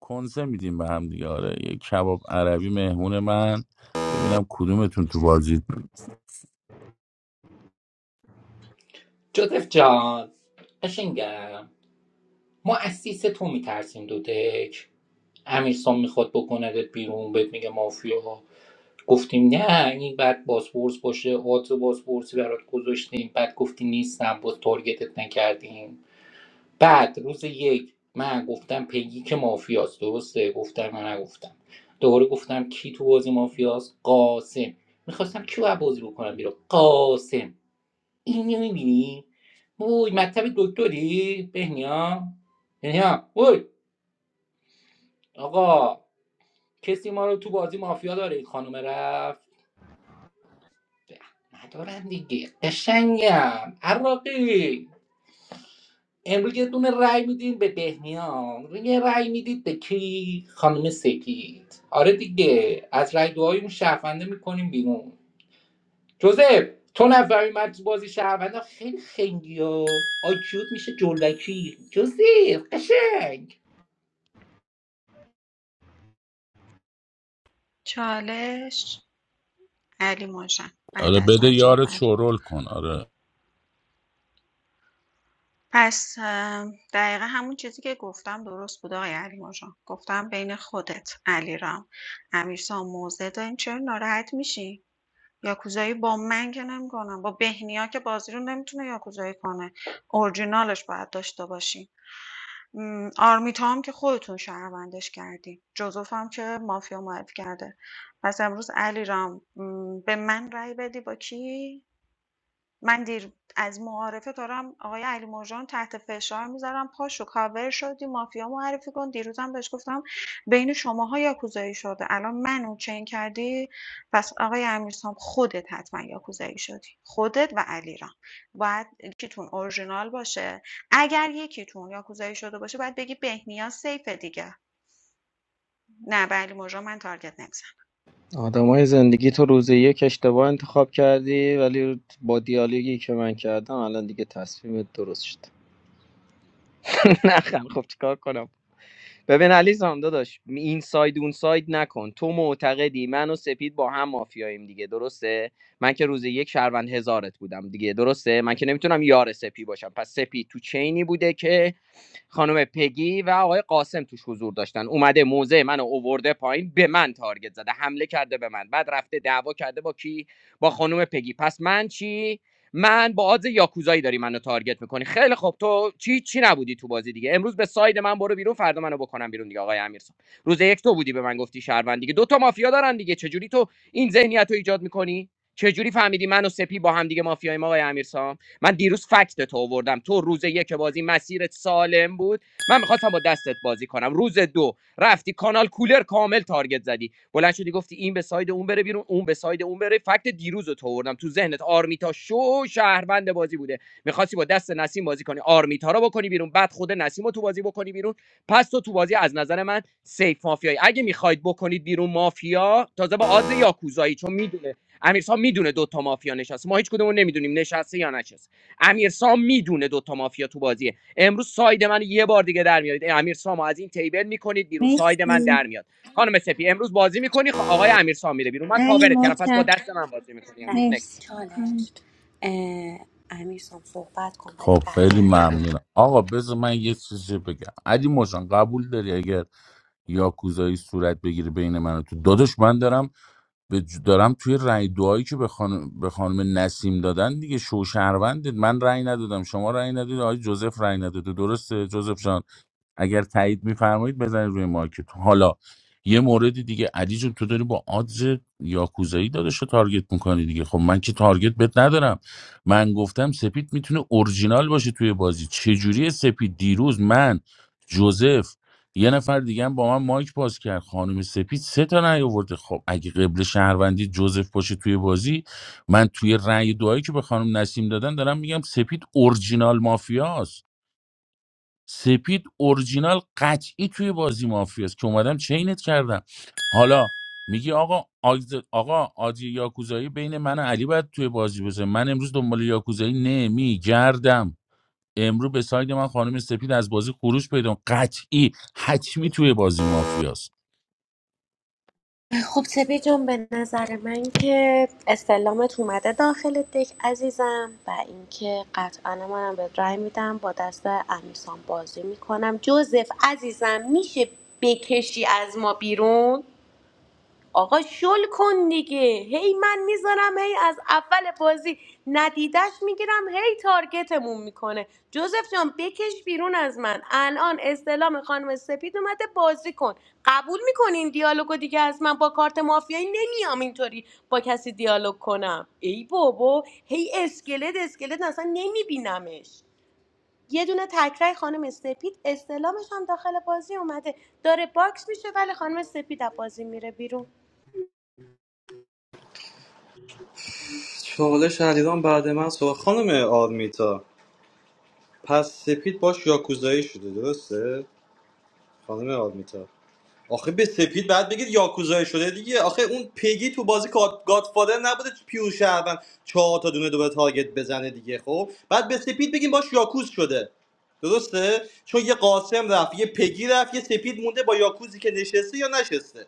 کنسه میدیم به هم دیگه آره یه کباب عربی مهمون من ببینم کدومتون تو بازی
جوزف جان قشنگم ما از سیس تو میترسیم دو دک امیرسام میخواد بکندت بیرون بهت میگه مافیا گفتیم نه این بعد بازپرس باشه آدز بازپرسی برات گذاشتیم بعد گفتی نیستم باز تارگتت نکردیم بعد روز یک من گفتم پیگی که مافیاست درسته گفتم من نگفتم دوباره گفتم کی تو بازی مافیاست قاسم میخواستم کیو از بازی بکنم بیرون قاسم اینو میبینی وای مطب دکتری بهنیا بهنیا وای آقا کسی ما رو تو بازی مافیا داره این خانم رفت ندارم دیگه قشنگم عراقی امروز یه دونه رأی میدین به بهنیا یه رأی میدید به کی خانم سپید آره دیگه از رأی دعای اون شهرونده میکنیم بیرون جوزف تو نفهمی من تو بازی شهروندم خیلی خنگی ها آیکیوت میشه جلوکی جوزف قشنگ
چالش علی مژان بعد
آره
از
بده
من
یارت
صحبت
شورول کن آره
پس ام، دقیقا همون چیزی که گفتم درست بود آقای علی مژان گفتم بین خودت علیرام امیرسام موضع داریم چرا ناراحت میشی یاکوزایی با من که نمی‌کنم با بهنیا که بازی رو نمیتونه یاکوزایی کنه اورجینالش باید داشته باشیم آرمیتا هم که خودتون شهروندش کردی جوزف هم که مافیا معرفی کرده پس امروز علی رام به من رأی بدی با کی من دیر از معارفه دارم آقای علی مرجان تحت فشار میذارم پاشو کاور شدی مافیا معرفی کن دیروزم بهش گفتم بین شماها یاکوزایی شده الان منو چین کردی پس آقای امیرسام خودت حتما یاکوزایی شدی خودت و علیرام باید یکیتون اورجینال باشه اگر یکیتون یاکوزایی شده باشه باید بگی بهنیا سیفه دیگه نه به علی مرجان من تارگت
آدمای زندگی تو روز یک اشتباه انتخاب کردی ولی با دیالوگی که من کردم الان دیگه تصمیمت درست شد نه خیلی، خب چیکار کنم ببین علی زان داداش این ساید اون ساید نکن تو معتقدی من و سپید با هم مافیاییم دیگه درسته من که روز یک شهروند هزارت بودم دیگه درسته من که نمیتونم یار سپی باشم پس سپی تو چینی بوده که خانم پگی و آقای قاسم توش حضور داشتن اومده موزه منو اوورده پایین به من تارگت زده حمله کرده به من بعد رفته دعوا کرده با کی با خانم پگی پس من چی من با آدز یاکوزایی داری منو تارگت میکنی خیلی خب تو چی چی نبودی تو بازی دیگه امروز به ساید من برو بیرون فردا منو بکنم بیرون دیگه آقای امیرسان روز یک تو بودی به من گفتی شهروند دیگه دو تا مافیا دارن دیگه چجوری تو این ذهنیت رو ایجاد میکنی چجوری فهمیدی من و سپی با هم دیگه مافیاییم آقای امیرسام من دیروز فکت تو آوردم تو روز یک بازی مسیرت سالم بود من میخواستم با دستت بازی کنم روز دو رفتی کانال کولر کامل تارگت زدی بلند شدی گفتی این به ساید اون بره بیرون اون به ساید اون بره فکت دیروز رو تو آوردم تو ذهنت آرمیتا شو شهروند بازی بوده میخواستی با دست نسیم بازی کنی آرمیتا رو بکنی بیرون بعد خود نسیم رو تو بازی بکنی بیرون پس تو تو بازی از نظر من سیف مافیایی اگه میخواید بکنید بیرون مافیا تازه با آدز یاکوزایی چون میدونه امیرسام میدونه دوتا مافیا نشسته ما هیچ کدومون نمیدونیم نشسته یا نشسته امیرسام میدونه دوتا مافیا تو بازیه امروز ساید من یه بار دیگه در میارید امیرسامو از این تیبل میکنید بیرون ساید من
مرسی
در میاد خانم سپی امروز بازی میکنی خ... آقای امیرسام میره بیرون من
علی
کاورت کردم پس با
مطلق
دست من بازی میکنی
بله
امروز نکس
مرسی کام
چالش
تو.
اه، امیر سام صحبت کن برای
خب خیلی
بقیه
ممنونم آقا بذار من یه چیزی بگم علی مجان قبول داری اگر یاکوزایی صورت بگیره بین من و تو داداش من دارم به ج- دارم توی رأی دعایی که به خانم, به خانم نسیم دادن دیگه شوشهروندت من رأی ندادم شما رأی ندادید آقای جوزف رأی نداده درسته جوزف جان اگر تایید میفرمایید بزنید روی مارکت حالا یه مورد دیگه علی جون تو داری با آدز یاکوزایی دادش رو تارگت میکنی دیگه خب من که تارگت بت ندارم من گفتم سپید میتونه اورجینال باشه توی بازی چجوری سپید دیروز من جوزف یه نفر دیگه هم با من مایک باز کرد خانم سپید سه تا نیاورده خب اگه قبل شهروندی جوزف باشه توی بازی من توی رأی دعایی که به خانم نسیم دادن دارم میگم سپید اورجینال مافیاست سپید اورجینال قطعی توی بازی مافیاست که اومدم چینت کردم حالا میگی آقا آگز... آقا آجی یاکوزایی بین من و علی باید توی بازی بزنه من امروز دنبال یاکوزایی نمیگردم امروز به ساید من خانم سپید از بازی خروج پیدا کرد قطعی حتمی توی بازی مافیاست
خب سپی جان به نظر من که استلامت اومده داخل دک عزیزم و اینکه قطعا منم به رای میدم با دست امیسان بازی میکنم جوزف عزیزم میشه بکشی از ما بیرون آقا شل کن دیگه هی من میذارم هی از اول بازی ندیدش میگیرم هی تارگتمون میکنه جوزف جان بکش بیرون از من الان استلام خانم سپید اومده بازی کن قبول میکنین دیالوگو دیگه از من با کارت مافیایی نمیام اینطوری با کسی دیالوگ کنم ای بابا هی اسکلت اسکلت اصلا نمیبینمش یه دونه تکرای خانم سپید استلامش هم داخل بازی اومده داره باکس میشه ولی خانم سپید از بازی میره بیرون
چالش علیرام بعد من سوال خانم آرمیتا پس سپید باش یاکوزایی شده درسته خانم آرمیتا آخه به سپید بعد بگید یاکوزایی شده دیگه آخه اون پیگی تو بازی گاد گادفادر نبوده پیور شهروند چهار تا دونه دوباره تارگت بزنه دیگه خب بعد به سپید بگیم باش یاکوز شده درسته چون یه قاسم رفت یه پگی رفت یه سپید مونده با یاکوزی که نشسته یا نشسته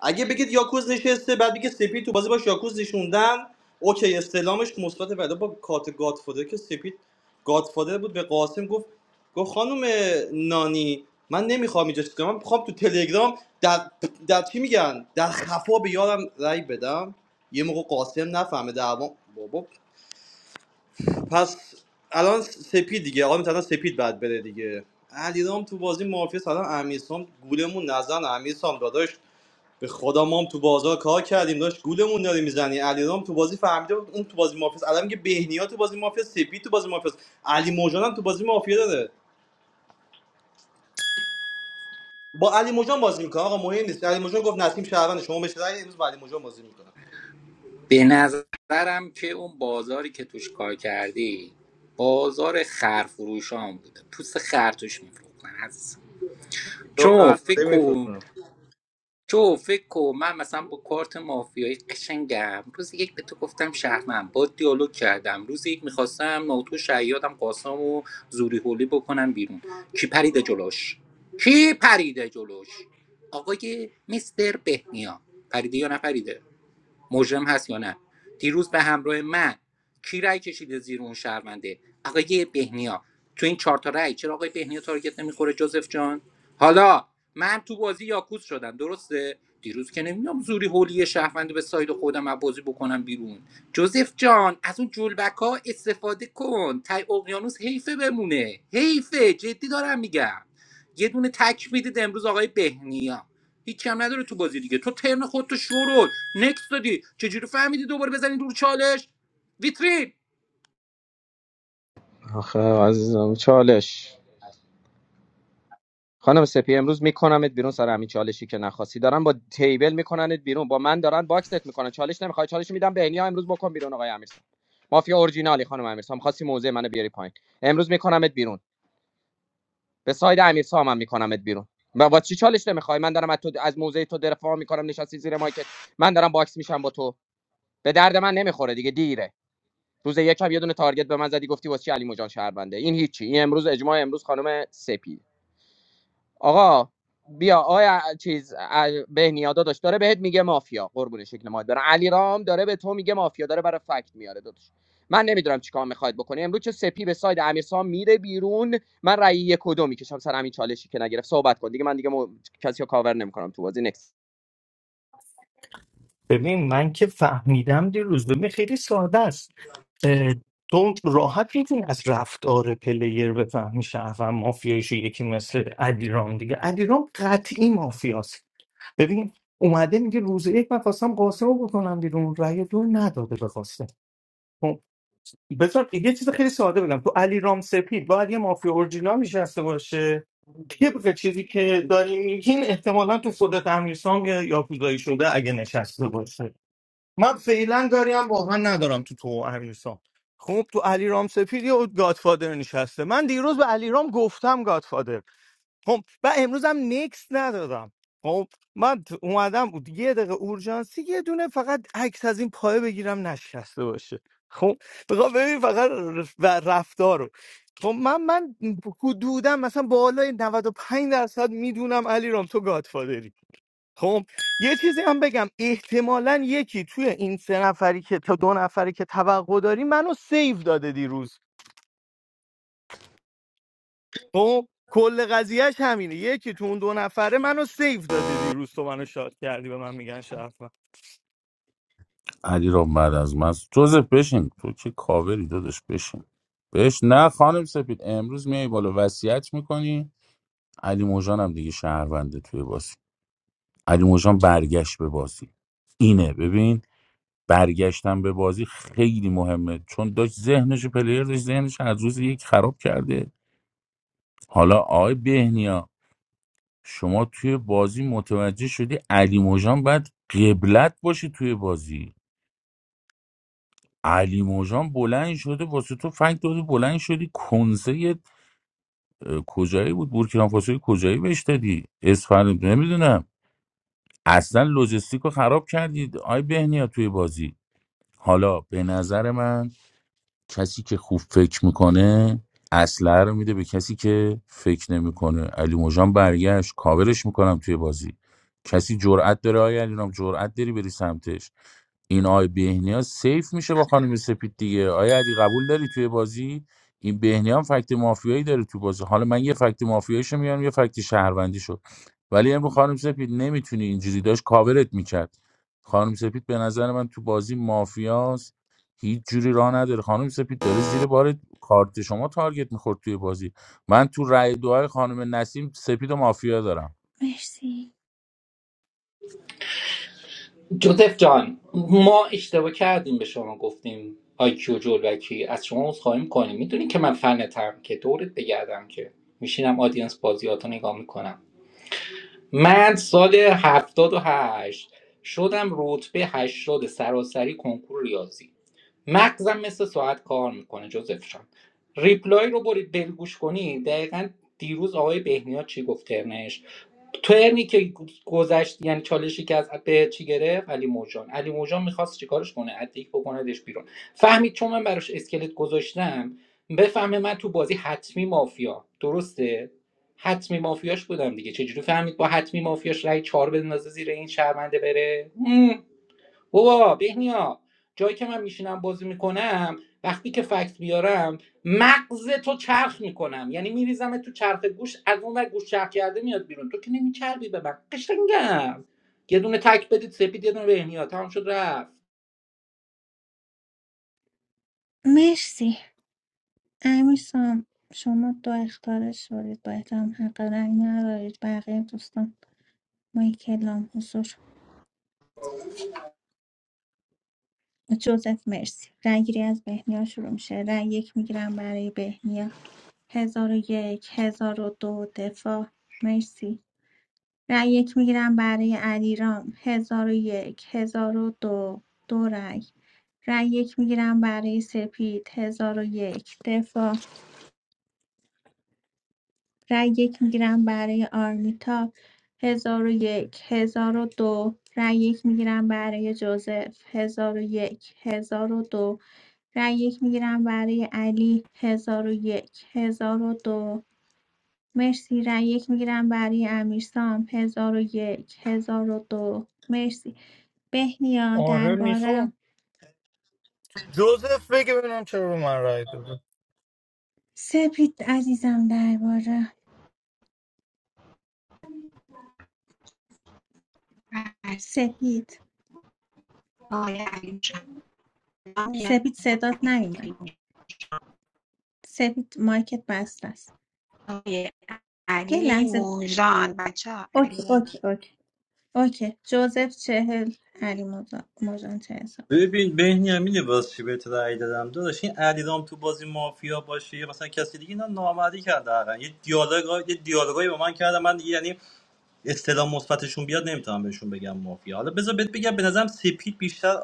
اگه بگید یاکوز نشسته بعد بگید سپید تو بازی باش یاکوز نشوندن اوکی استلامش مثبت بعدا با کارت گادفادر که سپید گادفادر بود به قاسم گفت گفت خانم نانی من نمیخوام اینجا چیز کنم من میخوام تو تلگرام در در چی میگن در خفا به یارم رأی بدم یه موقع قاسم نفهمه دعوام بابا پس الان سپید دیگه آقا مثلا سپید بعد بره دیگه علیرام تو بازی مافیا سلام امیرسام گولمون نزن امیرسام داداش به خدا ما هم تو بازار کار کردیم داشت گولمون داره میزنی علیرام تو بازی فهمیده بود اون تو بازی مافیاس الان میگه بهنیا تو بازی مافیا سپی تو بازی مافیاس علی موجان هم تو بازی مافیا داره با علی موجان بازی میکنه آقا مهم نیست علی موجان گفت نسیم شهروند شما بشه رأی امروز با علی موجان بازی میکنه
به نظرم که اون بازاری که توش کار کردی بازار خرفروشان بوده پوست خر توش میفروختن عزیزم
تو
چون
قرارداد
فکر کن
میفروختن
تو فکر کن من مثلا با کارت مافیایی قشنگم روز یک به تو گفتم شهرمن با دیالوگ کردم روز یک میخواستم ناتو شیادم قاسم و زوری هولی بکنم بیرون کی پریده جلوش کی پریده جلوش آقای مستر بهنیا پریده یا نپریده مجرم هست یا نه دیروز به همراه من کی رای کشیده زیر اون شهرونده آقای بهنیا تو این چهار تا رأی چرا آقای بهنیا تارگت نمیخوره جوزف جان حالا من تو بازی یاکوس شدم درسته دیروز که نمیدونم زوری هولی شهروند به ساید خودم از بازی بکنم بیرون جوزف جان از اون جلبک ها استفاده کن تای اقیانوس حیفه بمونه حیفه جدی دارم میگم یه دونه تک میدید امروز آقای بهنیا هیچ کم نداره تو بازی دیگه تو ترن خودتو شورول نکس دادی چجوری فهمیدی دوباره بزنی دور چالش ویترین
آخه عزیزم چالش خانم سپی امروز میکنمت بیرون سر همین چالشی که نخواستی دارن با تیبل میکننت بیرون با من دارن باکست میکنن چالش نمیخوای چالش میدم به اینیا امروز بکن بیرون آقای امیرسان مافیا اورجینالی خانم امیرسام خواستی موزه منو بیاری پایین امروز میکنمت بیرون به ساید امیرسام هم میکنمت بیرون با, با چی چالش نمیخوای من دارم از تو از موزه تو دفاع میکنم نشستی زیر مایکت من دارم باکس میشم با تو به درد من نمیخوره دیگه دیره روز یک هم یه دونه تارگت به من زدی گفتی واسه چی علی مجان شهربنده این هیچی این امروز اجماع امروز خانم سپید آقا بیا آیا چیز بهنیادا داشت داره بهت میگه مافیا قربون شکل ماهت برم علی رام داره به تو میگه مافیا داره برای فکت میاره داداش من نمیدونم چیکار میخواید بکنه امروز چه سپی به ساید امیرسام میره بیرون من رأی یک و دو میکشم سر همین چالشی که نگرفت صحبت کن دیگه من دیگه م... کسی رو کاور نمیکنم تو بازی نکس
ببین من که فهمیدم دیروز ببین خیلی ساده است اه، تو راحت میتونی از رفتار پلیر بفهمی شهروند مافیایش یکی مثل علیرام دیگه علیرام قطعی مافیاست ببین اومده میگه روز یک من خواستم قاسم رو بکنم بیرون رأی دو نداده به قاسم خب، بذار یه چیز خیلی ساده بگم تو علیرام رام سپید باید یه مافیا اورجینال نشسته باشه طبق چیزی که داری میگین احتمالا تو خودت امیرسام یا یاکوزایی شده اگه نشسته باشه من فعلا کاری هم واقعا ندارم تو تو و امیرسام خب تو علیرام سپید یه گادفادر نشسته من دیروز به علیرام گفتم گادفادر خب و امروز هم نکس ندادم خب من ت- اومدم یه دقیقه اورژانسی یه دونه فقط عکس از این پایه بگیرم نشسته باشه خب بخوام ببین فقط رف- و رفتار رو خب من من حدودم مثلا بالای 95 درصد میدونم علیرام تو گادفادری خب یه چیزی هم بگم احتمالا یکی توی این سه نفری که تا دو نفری که توقع داری منو سیو داده دیروز خب کل قضیهش همینه یکی تو اون دو نفره منو سیو داده دیروز تو منو شاد کردی به من میگن شرف
علی را بعد از من جوزف بشین تو که کاوری دادش بشین بش نه خانم سپید امروز میای بالا وصیت میکنی علی موجان هم دیگه شهرونده توی بازی علی موجان برگشت به بازی اینه ببین برگشتن به بازی خیلی مهمه چون داشت ذهنش پلیر داشت ذهنش از روز یک خراب کرده حالا آقای بهنیا شما توی بازی متوجه شدی علی موجان باید قبلت باشه توی بازی علی موجان بلند شده واسه تو فنگ داده بلند شدی کنسه کجایی بود بورکینافاسوی کجایی بهش دادی اسفر نمیدونم اصلا لوجستیک رو خراب کردید آی بهنیا توی بازی حالا به نظر من کسی که خوب فکر میکنه اسلحه رو میده به کسی که فکر نمیکنه علی موجان برگشت کاورش میکنم توی بازی کسی جرأت داره آیا علی نام جرأت داری بری سمتش این آقای بهنیا سیف میشه با خانم سپید دیگه آیا علی قبول داری توی بازی این بهنیا هم فکت مافیایی داره تو بازی حالا من یه فکت مافیاییشو میارم یه فکت شهروندیشو ولی امروز خانم سپید نمیتونی اینجوری داشت کاورت میکرد خانم سپید به نظر من تو بازی مافیاست هیچ جوری راه نداره خانم سپید داره زیر بار کارت شما تارگت میخورد توی بازی من تو رأی دعای خانم نسیم سپید و مافیا دارم
مرسی
جوزف جان ما اشتباه کردیم به شما گفتیم آیکیو جلوکی از شما عذرخواهی میکنیم میدونی که من فنتم که دورت بگردم که میشینم آدینس بازیاتو نگاه میکنم من سال هفتاد و هشت شدم رتبه هشتاد سراسری کنکور ریاضی مغزم مثل ساعت کار میکنه جوزف جان ریپلای رو برید بلگوش کنی دقیقا دیروز آقای بهنیا چی گفت ترنش ترنی که گذشت یعنی چالشی که از به چی گرفت علی موجان علی موجان میخواست چیکارش کنه ادیک بکندش بیرون فهمید چون من براش اسکلت گذاشتم بفهمه من تو بازی حتمی مافیا درسته حتمی مافیاش بودم دیگه چجوری فهمید با حتمی مافیاش رای چهار بندازه زیر این شرمنده بره هم. بابا بهنیا جایی که من میشینم بازی میکنم وقتی که فکت بیارم مغز تو چرخ میکنم یعنی میریزم تو چرخ گوش از اون ور گوش چرخ کرده میاد بیرون تو که نمیچربی به من قشنگم یه دونه تک بدید سپید یه دونه بهنیا تمام شد رفت
مرسی امیرسام شما دو اختاره شدید با احترام حق رأی ندارید بقیه دوستان ما کلام حضور جوزف مرسی رأی گیری از بهنیا شروع میشه رأی یک میگیرم برای بهنیا هزار و یک هزار و دو دفاع مرسی رأی یک میگیرم برای علیرام ۱۰۰۱ ۱۰۰۲ دو دو رأی. رأی یک میگیرم برای سپید ۱۰۰۱ دفاع. رأی یک میگیرم برای آرمیتا هزار و یک هزار و دو ۱۰۰۲ یک میگیرم برای جوزف هزار و یک هزار و دو ۱۰۰۲ یک میگیرم برای علی ۱۰۰۱ دو مرسی رأی یک میگیرم برای امیرسام ۱۰۰۱ دو مرسی بهنیا
آره میخوام
درباره
جوزف بگه ببینم چرا به من رای داده
سپید عزیزم درباره
نمیزنم
سپید
آقای علی مرجان
سپید صدات نیومد سپید مایکت بسته است
آقای
یه
علی
لحظه
موژان بچه‌ها علی
اوکی اوکی
موژان
اوکی اوکی جوزف چهل علی مجا- مجان چه حسابی
ببین بهنیا میدونی باز چی بهت رأی دادم داداش این علیرام تو بازی مافیا باشه یا مثلا کسی دیگه اینا نامردی کرده حقا یه دیالوگ یه دیالوگایی با من کرده من دیگه یعنی اصطلاح مثبتشون بیاد نمیتونم بهشون بگم مافیا حالا بذار بهت بگم به نظرم سپید بیشتر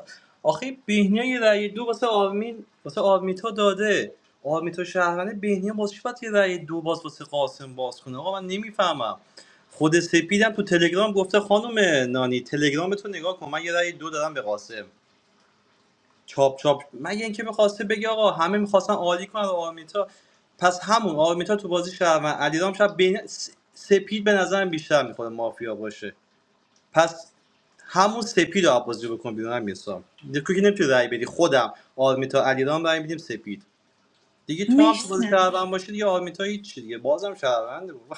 آخه بهنیا یه رأی دو واسه آرمین واسه آرمیتا داده آرمیتا شهرانه بهنیا باز چی باید یه رأی دو باز واسه قاسم باز کنه آقا من نمیفهمم خود سپیدم تو تلگرام گفته خانم نانی تلگرام تو نگاه کن من یه رأی دو دادم به قاسم چاپ چاپ مگه اینکه میخواسته بگه آقا همه میخواستن عالی کنن آرمیتا پس همون آرمیتا تو بازی شهرون علیرام شب بین س- سپید به نظرم بیشتر میخوره مافیا باشه پس همون سپید رو بازی بکن بیرون هم میسا دیگه که نمیتونی رای بدی خودم آرمیتا علیرام رای میدیم سپید دیگه تو هم تو بازی
مرسم
شهروند باشی دیگه آرمیتا هیچ دیگه بازم شهرونده بابا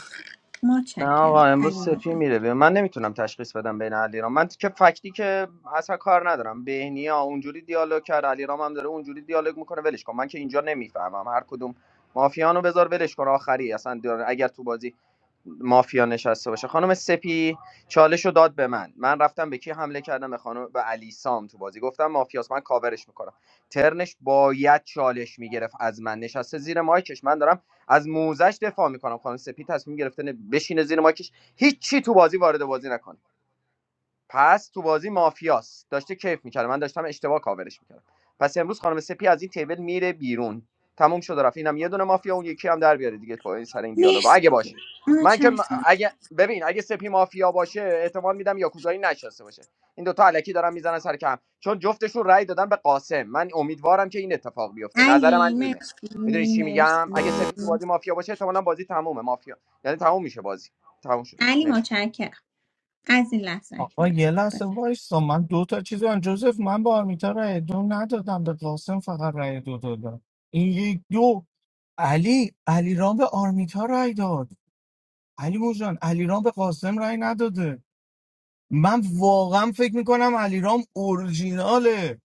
نه آقا
متشکرم
امروز
علی
سپی
مجان
میره بیرون. من نمیتونم تشخیص بدم بین علیرام من که فکتی که اصلا کار ندارم بهنیا اونجوری دیالوگ کرد علیرام هم داره اونجوری دیالوگ میکنه ولش کن من که اینجا نمیفهمم هر کدوم مافیانو بذار ولش کن آخری اصلا داره- اگر تو بازی مافیا نشسته باشه خانم سپی چالش داد به من من رفتم به کی حمله کردم به خانم به علی سام تو بازی گفتم مافیاس من کاورش میکنم ترنش باید چالش میگرفت از من نشسته زیر مایکش من دارم از موزش دفاع میکنم خانم سپید تصمیم گرفته نه- بشینه زیر ماکش هیچ چی تو بازی وارد بازی نکنه پس تو بازی مافیاست داشته کیف میکرد من داشتم اشتباه کاورش میکردم پس امروز خانم سپی از این تیبل میره بیرون تموم شد و رفت اینم یه دونه مافیا اون یکی هم در بیاره دیگه با این سر این دیالوگا
مرسی
اگه باشه من که م-
متشکرم
اگه ببین اگه سپی مافیا باشه احتمال میدم یاکوزایی نشسته باشه این دوتا الکی دارن میزنن سر کم چون جفتشون رأی دادن به قاسم من امیدوارم که این اتفاق بیفته نظر من
علی
اینه
مرسی
میدونی چی میگم
مرسی
اگه سپی تو بازی مافیا باشه احتمالاً بازی تمومه مافیا یعنی تموم میشه بازی تموم شد
علی
نه
متشکرم از این لحظه
آقا
اکنون
یه لحظه
بفرم.
وایسا من دو تا چیز دارم جوزف من با آرمیتا رای دو ندادم به قاسم فقط رای دو دادم این یک دو علی علی رام به آرمیتا رای داد علی موجان علیرام به قاسم رأی نداده من واقعا فکر میکنم علیرام اورجیناله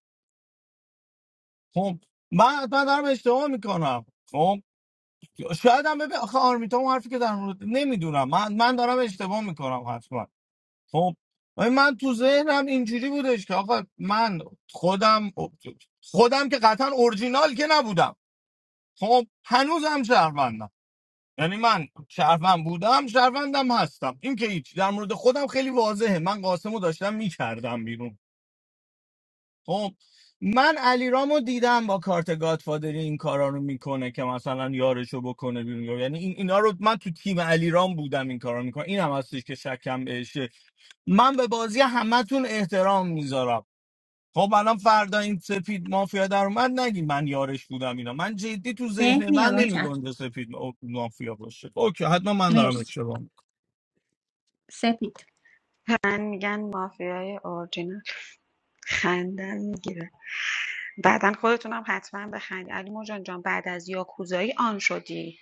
خب من حتما دارم اشتباه میکنم خب شاید هم ببین آخه آرمیتا اون حرفی که در مورد نمیدونم من من دارم اشتباه میکنم حتما خب ولی من تو ذهنم اینجوری بودش که آقا من خودم خودم که قطعا اورجینال که نبودم خب هنوزم شهروندم یعنی من شهروند بودم شهروندم هستم این که هیچ در مورد خودم خیلی واضحه من قاسمو داشتم میکردم بیرون خب من علیرامو دیدم با کارت گادفادری این کارا رو میکنه که مثلا یارشو بکنه بیرون یعنی این اینا رو من تو تیم علیرام بودم این کارا میکنه این هم هستش که شکم بهشه من به بازی همتون احترام میذارم خب الان فردا این سپید مافیا در اومد نگی من یارش بودم اینا من جدی تو ذهن
بهنیا
من
متشکرم
نمیگنجه سپید ما- مافیا باشه اوکی حتما من دارم
مرسی
اشتباه می‌کنم.
سپید
میگن مافیای اورجینال خندم میگیره بعدا خودتونم حتما بخندید علی موژان جان بعد از یاکوزایی آن شدی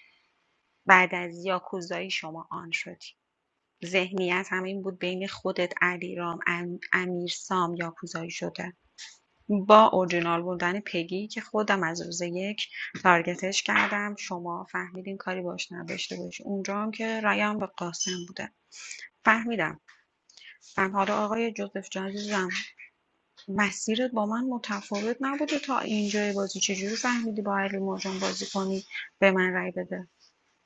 بعد از یاکوزایی شما آن شدی ذهنیت هم این بود بین خودت علیرام ام، امیر سام یاکوزایی شده با اورجینال بودن پگی که خودم از روز یک تارگتش کردم شما فهمیدین کاری باش نداشته باشی اونجا هم که رایم به قاسم بوده فهمیدم و حالا آقای جوزف جان عزیزم مسیرت با من متفاوت نبوده تا اینجای بازی چجوری فهمیدی با علی مرجان بازی کنی به من رأی بده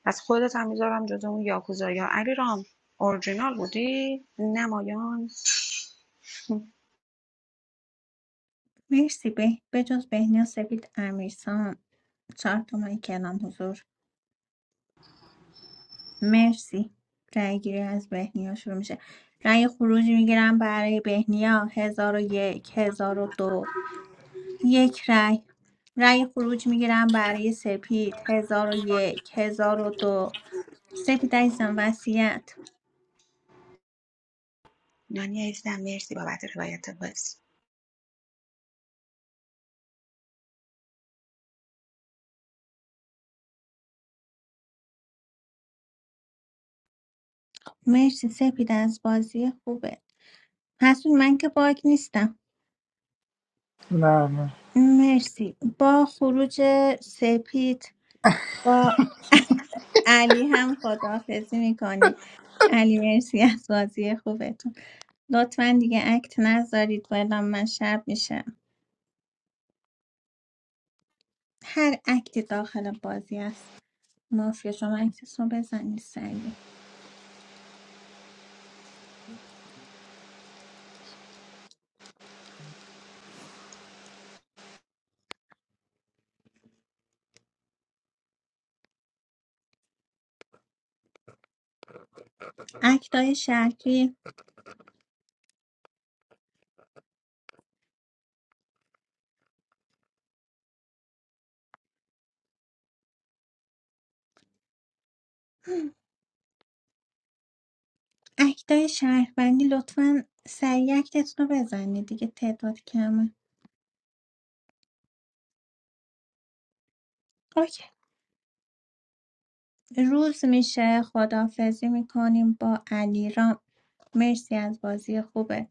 پس خودت هم میذارم جز اون یاکوزا یا علی رام اورجینال بودی نمایان
مرسی به بجز بهنیا سپید امیرسام چهار تومن کلام حضور مرسی رأی گیری از بهنیا شروع میشه رأی خروج میگیرم برای بهنیا هزار و یک هزار و دو یک رأی رأی خروج میگیرم برای سپید هزار و یک هزار و دو سپید عزیزم وسیعت
دنیا عزیزم مرسی بابت روایت بازی
مرسی سپید از بازی خوبه حسون من که باگ نیستم
نه نه
مرسی با خروج سپید با علی هم خداحافظی میکنیم علی مرسی از بازی خوبتون لطفا دیگه اکت نذارید و اعلام من شب میشه هر اکتی داخل بازی است مافیا شما اکتتون رو بزنید سریع اکتای شهری اکتای شهروندی لطفا سریع اکتتون رو بزنید دیگه تعداد کمه اوکی روز میشه خداحافظی میکنیم با علی رام مرسی از بازی خوبت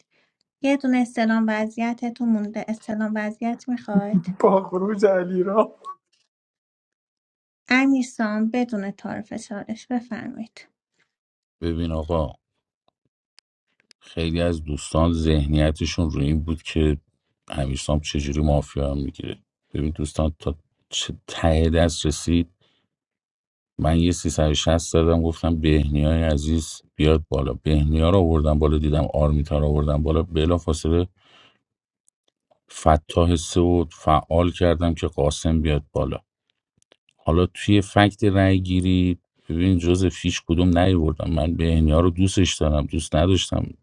یه دونه استلام وضعیتتون مونده استلام وضعیت میخواید
با خروج علی
امیرسام بدون تعارف چالش بفرمایید
ببین آقا خیلی از دوستان ذهنیتشون روی این بود که امیرسام چجوری مافیا هم میگیره ببین دوستان تا چه ته دست رسید من یه 360 دادم گفتم بهنیای عزیز بیاد بالا بهنیا رو آوردم بالا دیدم آرمیتا رو آوردم بالا بلا فاصله فتاح سه و فعال کردم که قاسم بیاد بالا حالا توی فکت رای گیری ببین جز فیش کدوم نیوردم من به اینیا رو دوستش دارم دوست نداشتم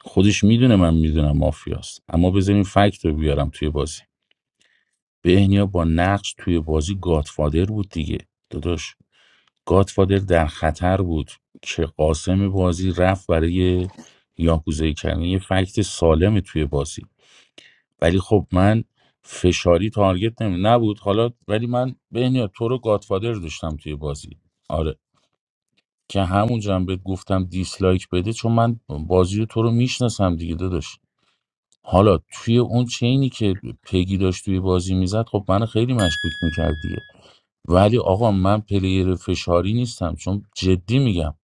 خودش میدونه من میدونم مافیاست اما بذارین فکت رو بیارم توی بازی بهنیا با نقش توی بازی گادفادر بود دیگه داداش گادفادر در خطر بود که قاسم بازی رفت برای یاکوزایی کردن یه فکت سالمه توی بازی ولی خب من فشاری تارگت نمی نبود حالا ولی من بهنیا تو رو گادفادر داشتم توی بازی آره که همونجا هم بهت گفتم دیسلایک بده چون من بازی تو رو میشناسم دیگه داداش حالا توی اون چینی که پگی داشت توی بازی میزد خب من خیلی مشکوک میکرد دیگه ولی آقا من پلیر فشاری نیستم چون جدی میگم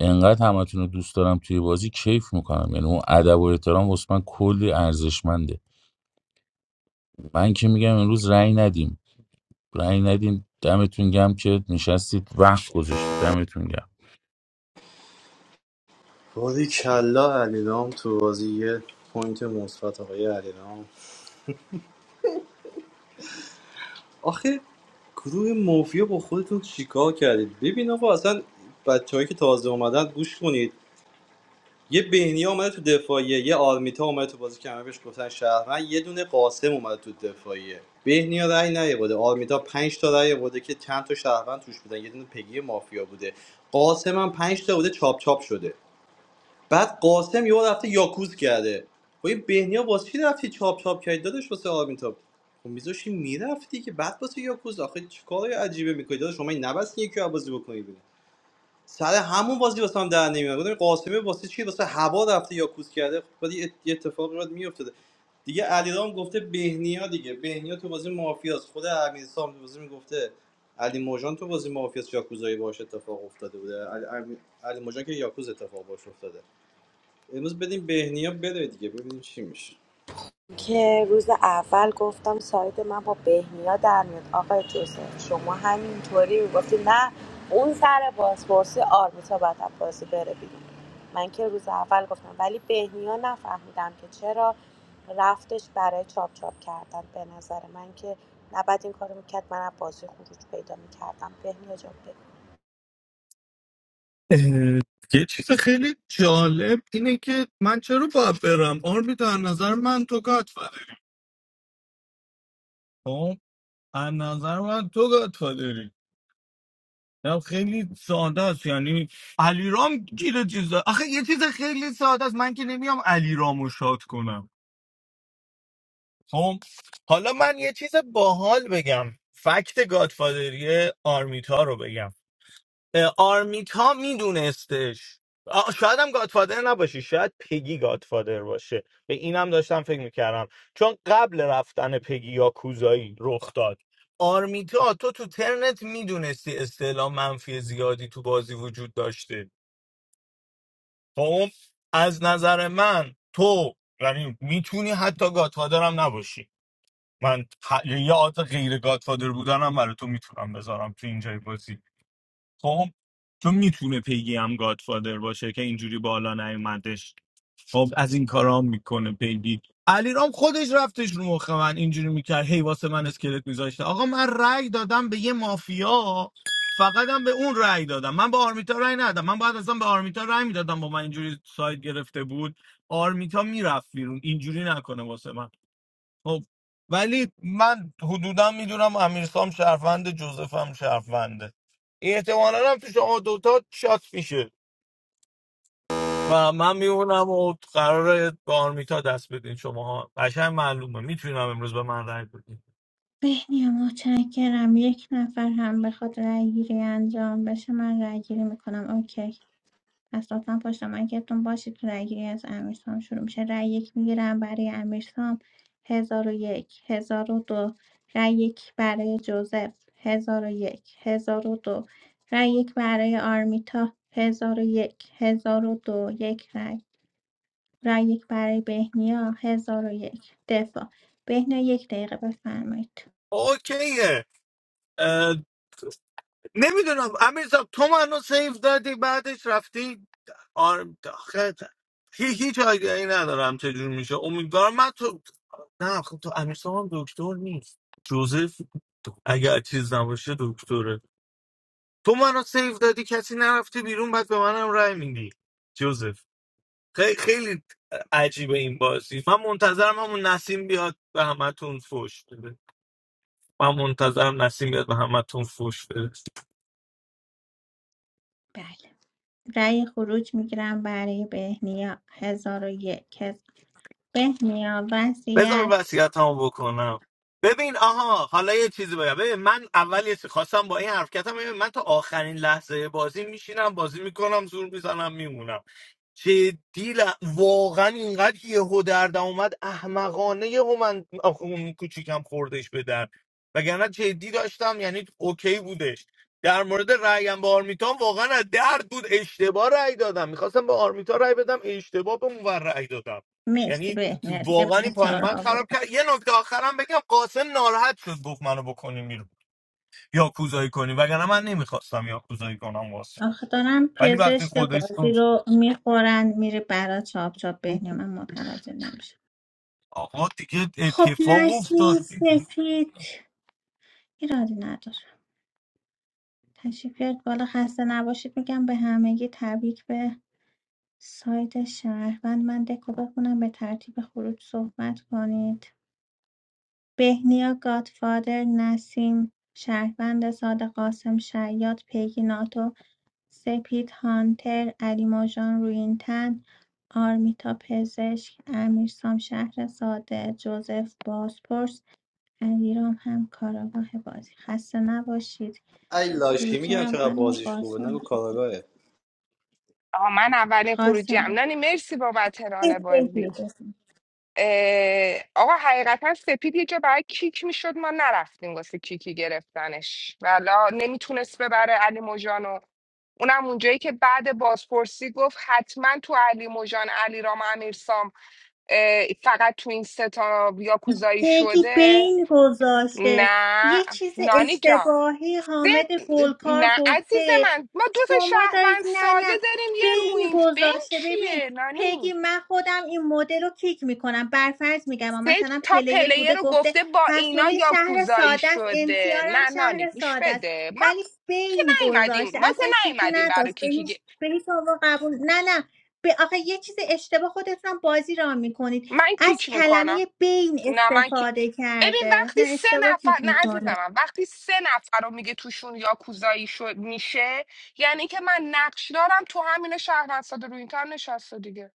انقدر همتون رو دوست دارم توی بازی کیف میکنم یعنی اون ادب و احترام واسه من کلی ارزشمنده من که میگم امروز رأی ندیم رأی ندیم دمتون گم که نشستید وقت گذاشتید دمتون گم
بازی کلا علیرام تو بازی یه پوینت مثبت آقای علیرام آخه گروه مافیا با خودتون چیکار کردید ببین آقا اصلا بچههایی که تازه اومدن گوش کنید یه بهنیا اومده تو دفاعیه یه آرمیتا اومده تو بازی که همه بهش گفتن شهرمن یه دونه قاسم اومده تو دفاعیه بهنیا رأی نیاورده آرمیتا پنج تا رأی آورده که چند تا شهروند توش بودن یه دونه پگی مافیا بوده قاسم هم 5 تا بوده چاپ چاپ شده بعد قاسم یهو رفته یاکوز کرده خب این بهنیا واسه چی رفتی چاپ چاپ کردی داداش واسه آرمیتا خب میذاشی میرفتی که بعد واسه یاکوز آخه چه کارای عجیبه میکنی داداش شما این نبستی یکی رو بازی بکنی بیرون. سر همون بازی واسه هم در نمیاد گفتم قاسمی واسه چی واسه هوا رفته یا کوس کرده خب بعد یه یه اتفاقی بعد میافتاده دیگه علیرام گفته بهنیا دیگه بهنیا تو بازی مافیاس خود امیرسام تو بازی میگفته علی موجان تو بازی مافیاس یاکوزایی باش اتفاق افتاده بوده علی, امی- علی موجان که یاکوز اتفاق باش افتاده امروز بدیم بهنیا بره دیگه ببینیم چی میشه
که روز اول گفتم سایت من با بهنیا در میاد آقای جوزف شما همینطوری گفتی نه اون سر بازپرسی آرمیتا باید از بازی بره بیرون من که روز اول گفتم ولی بهنیا نفهمیدم که چرا رفتش برای چاپ چاپ کردن به نظر من که نباید این کارو میکرد من از بازی خروج پیدا میکردم بهنیا جان بگو.
اه، یه چیز خیلی جالب اینه که من چرا باید برم آرمی در نظر من تو گاد خب از نظر من تو گادفادری نه خیلی ساده است یعنی علیرام گیر چیزا آخه یه چیز خیلی ساده است من که نمیام علیرامو شاد کنم خب حالا من یه چیز باحال بگم فکت گادفادری آرمیتا رو بگم اه، آرمیتا میدونستش آ، شاید هم گادفادر نباشه شاید پگی گادفادر باشه به اینم داشتم فکر میکردم چون قبل رفتن پگی یا کوزایی رخ داد آرمیتا تو تو ترنت میدونستی اصطلاح منفی زیادی تو بازی وجود داشته خب از نظر من تو یعنی میتونی حتی گادفادر هم نباشی من ح- یه یه آت غیر گادفادر بودنم برای تو میتونم بذارم تو اینجای بازی خب تو میتونه پیگی هم گادفادر باشه که اینجوری بالا نیومدش خب از این کارام میکنه پیگی علیرام خودش رفتش رو مخ من اینجوری میکرد هی واسه من اسکلت میذاشته آقا من رأی دادم به یه مافیا فقط هم به اون رأی دادم من به آرمیتا رأی ندادم من بعد اصلا به آرمیتا رأی میدادم با من اینجوری ساید گرفته بود آرمیتا میرفت بیرون اینجوری نکنه واسه من خب ولی من حدودا میدونم امیرسام شرفنده جوزفم شرفنده احتمالا هم توش شما دوتا شات میشه و من میمونم و قراره به آرمیتا دست بدین شما ها قشنگ معلومه میتونم امروز به من رای بدین
بهنیا متشکرم یک نفر هم بخواد رأیگیری انجام بشه من رأیگیری میکنم اوکی پس لطفا پشت مایکتون باشید تو رأیگیری از امیرسام شروع میشه رای یک میگیرم برای امیرسام هزار و یک هزار و دو رای یک برای جوزف هزار و یک هزار و دو رای یک برای آرمیتا هزار و یک هزار و دو یک رای رای یک برای بهنیا هزار و یک دفاع بهنیا یک دقیقه بفرمایید
اوکیه نمیدونم امیرزا تو منو سیف دادی بعدش رفتی آر... آخه هی- هیچ آگهی ندارم چجور میشه امیدوارم من تو نه خب تو امیرزا هم دکتر نیست جوزف اگر چیز نباشه دکتره تو منو سیف دادی کسی نرفته بیرون بعد به منم رای میدی جوزف خیلی خیلی عجیبه این بازی من منتظرم همون نسیم بیاد به همتون فوش بده من منتظرم نسیم بیاد به همتون فوش بده
بله رای خروج میگیرم برای بهنیا هزار و یک هزار. بهنیا
بذار
وصیت
وصیتمو بکنم ببین آها حالا یه چیزی بگم ببین من اول یه چیز خواستم با این حرکتم ببین من تا آخرین لحظه بازی میشینم بازی میکنم زور میزنم میمونم جدی ل- واقعا اینقدر یهو دردم اومد احمقانه یهو من آخ، اون کوچیکم خوردش به در وگرنه جدی داشتم یعنی اوکی بودش در مورد رأیم به آرمیتان واقعا از درد بود اشتباه رأی دادم میخواستم به آرمیتا رأی بدم اشتباه به اونور رأی دادم
مرسی
یعنی تو
بهنیا دیگه
واقعا این
بچه
پای
ها رو
من خراب
آوردن
کرد یه نکته آخرم بگم قاسم ناراحت شد گفت منو بکنیم بیرون یا کوزایی کنیم وگرنه من نمیخواستم یا کوزایی کنم قاسم
آخه دارم
ولی وقتی
پزشک
خودش
بازی
گفت
رو میخورن میره برا چاپ چاپ بهنیا من متوجه نمیشه
آقا دیگه
خب
اتفاق
نسیم
افتاد
سپید ایرادی نداره تشریف بیارید بالا خسته نباشید میگم به همگی تبریک به سایت شهروند من دکو بخونم به ترتیب خروج صحبت کنید بهنیا گادفادر نسیم شهروند ساده قاسم شیاد پیگی ناتو سپید هانتر، علی ماژان رویینتن، آرمیتا پزشک، امیرسام شهر ساده، جوزف بازپرس، علیرام هم کاراگاه بازی خسته نباشید
ای لاشی
خروجی
میگم چقدر
اولمو
بازیش خوبه
قاسم
نگو
بفرم.
کاراگاهه
آه من اولین خروجی
قاسم
هم نانی مرسی بابت ران بازی
بفرم
اه، آقا حقیقتا سپید یه جا برای کیک میشد ما نرفتیم واسه کیکی گرفتنش ولا نمیتونست ببره علی موجانو اونم اونجایی که بعد بازپرسی گفت حتما تو علی موجان علی رام امیرسام اه، فقط تو این سه تا یاکوزایی
پیگی
شده
بین گذاشته
نه
یه چیز
نانی جان
اشتباهی حامد
ده-
فولکار
نه عزیز
گفته
من ما دو تا
شما دارید
شهروند
نه
ساده
نه
داریم یه
بین
روینت بین
گذاشته ببین
چیه نانی
پیگی من خودم این مدل رو کیک میکنم برفرض میگم
سه
مثلا
تا
پلیر
پلیر
بوده
رو
گفته
گفته با اینا
حسونی شهر
یاکوزایی
ساده است
شده
امسیارم
نه نانی
شهر
گوش
ساده است
بده ما
ولی
که
بین
نیومدیم
گذاشته
ما که
اصلا کیکی
نیومدیم برای
نداشت به
کیکی
هیچ
گه-
به هیچ عنوان قبول نه نه به آخه یه چیز اشتباه خودتونم بازی را میکنید
من
از
کیک میکنم
کلمه بین
نه من کی...
استفاده
ببین
کرده نه
وقتی سه
اشتباه
نفر
تیک
نه عزیز
می‌کنه
من وقتی سه نفر رو میگه توشون یاکوزایی شد میشه یعنی که من نقش دارم تو همین شهروند ساده روینتم نشسته دیگه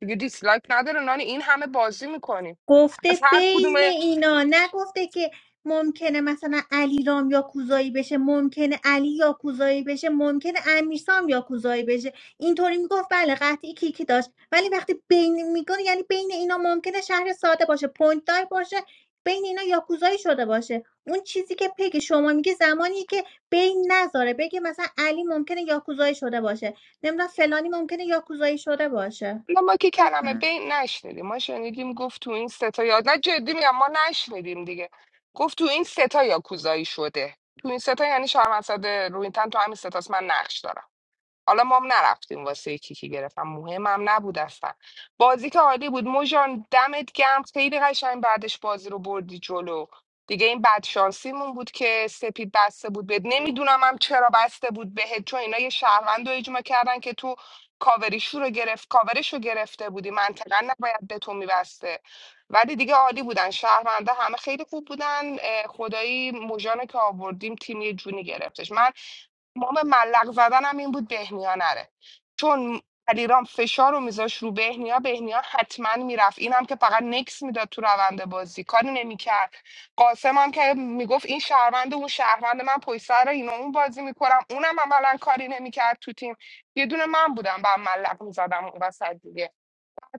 دیگه دیسلایک نداره نانی این همه بازی میکنیم
گفته
از هر
بین
کدومه
اینا نگفته که ممکنه مثلا علی رام یا کوزایی بشه ممکنه علی یا کوزایی بشه ممکنه امیرسام یا کوزایی بشه اینطوری میگفت بله قطعی کیکی داشت ولی وقتی بین میگه یعنی بین اینا ممکنه شهر ساده باشه پوینت دار باشه بین اینا یاکوزایی شده باشه اون چیزی که پگ شما میگه زمانی که بین نذاره بگه مثلا علی ممکنه یاکوزایی شده باشه نمیدونم فلانی ممکنه یاکوزایی شده باشه
نه ما که کلمه
بفهم
بین نشنیدیم ما شنیدیم گفت تو این ستا یا نه جدی میگم ما نشنیدیم دیگه گفت تو این ستا یا کوزایی شده تو این ستا یعنی شهروند ساده روینتن تو همین ستاست من نقش دارم حالا ما هم نرفتیم واسه کیکی گرفتم مهمم نبود اصلا بازی که عالی بود موجان دمت گرم خیلی قشنگ بعدش بازی رو بردی جلو دیگه این بدشانسیمون بود که سپید بسته بود بهت نمیدونم هم چرا بسته بود بهت چون اینا یه شهروند رو اجماع کردن که تو کاوریشو رو گرفت کاورش رو گرفته بودی منطقا نباید به تو میبسته ولی دیگه عالی بودن شهرونده همه خیلی خوب بودن اه، خدایی موژان که آوردیم تیم یه جونی گرفتش من تمام ملق زدنم این بود بهنیا نره چون علیرام فشار رو میذاش رو بهنیا بهنیا حتما میرفت اینم که فقط نکس میداد تو روند بازی کاری نمیکرد قاسم هم که میگفت این شهروند اون شهروند من پویسر اینو اون بازی میکنم اونم عملا کاری نمیکرد تو تیم یه دونه من بودم با ملق میزدم اون وسط دیگه.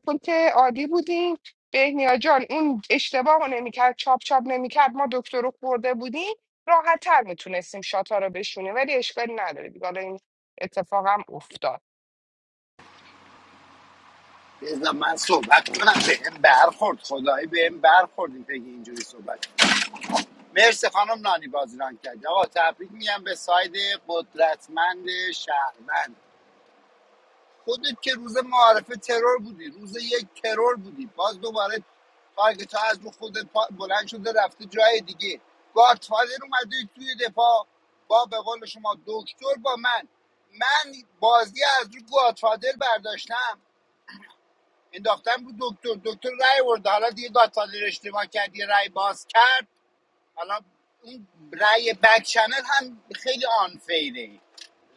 چون که عالی بودیم بهنیا جان اون اشتباه رو نمیکرد چاپ چاپ نمیکرد ما دکتر رو خورده بودیم راحت تر میتونستیم شاتا رو بشونیم ولی اشکالی نداره دیگه حالا این اتفاقم افتاد
بذار من صحبت کنم بهم برخورد خدایی بهم برخورد این پگی اینجوری صحبت مرسی خانم نانی بازیران کرد. آقا تبریک میگم به ساید قدرتمند شهروند خودت که روز معارفه ترور بودی روز یک ترور بودی باز دوباره تارگت ها از رو خودت پا- بلند شده رفته جای دیگه گادفادر اومده توی دفاع با به قول شما دکتر با من من بازی از رو گادفادر برداشتم انداختم رو دکتر دکتر رای ورد حالا دیگه گادفادر اشتباه کرد یه رای باز کرد حالا اون رأی بک چنل هم خیلی آنفیره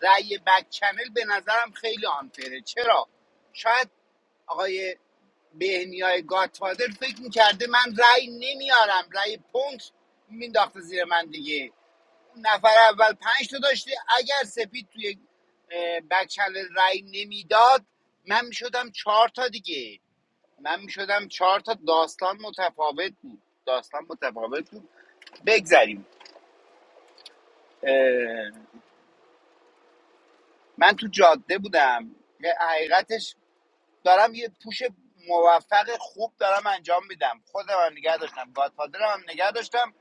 رأی بک چنل به نظرم خیلی آنفیره چرا شاید آقای بهنیای گاتفادر فکر میکرده من رأی نمیارم رأی پونت مینداخته زیر من دیگه نفر اول پنج تا داشته اگر سپید توی اه، بک چنل رأی نمیداد من میشدم چهار تا دیگه من میشدم چهار تا داستان متفاوت بود داستان متفاوت بود بگذریم من تو جاده بودم یه حقیقتش دارم یه پوش موفق خوب دارم انجام میدم خودم هم نگه داشتم گادفادرم هم نگه داشتم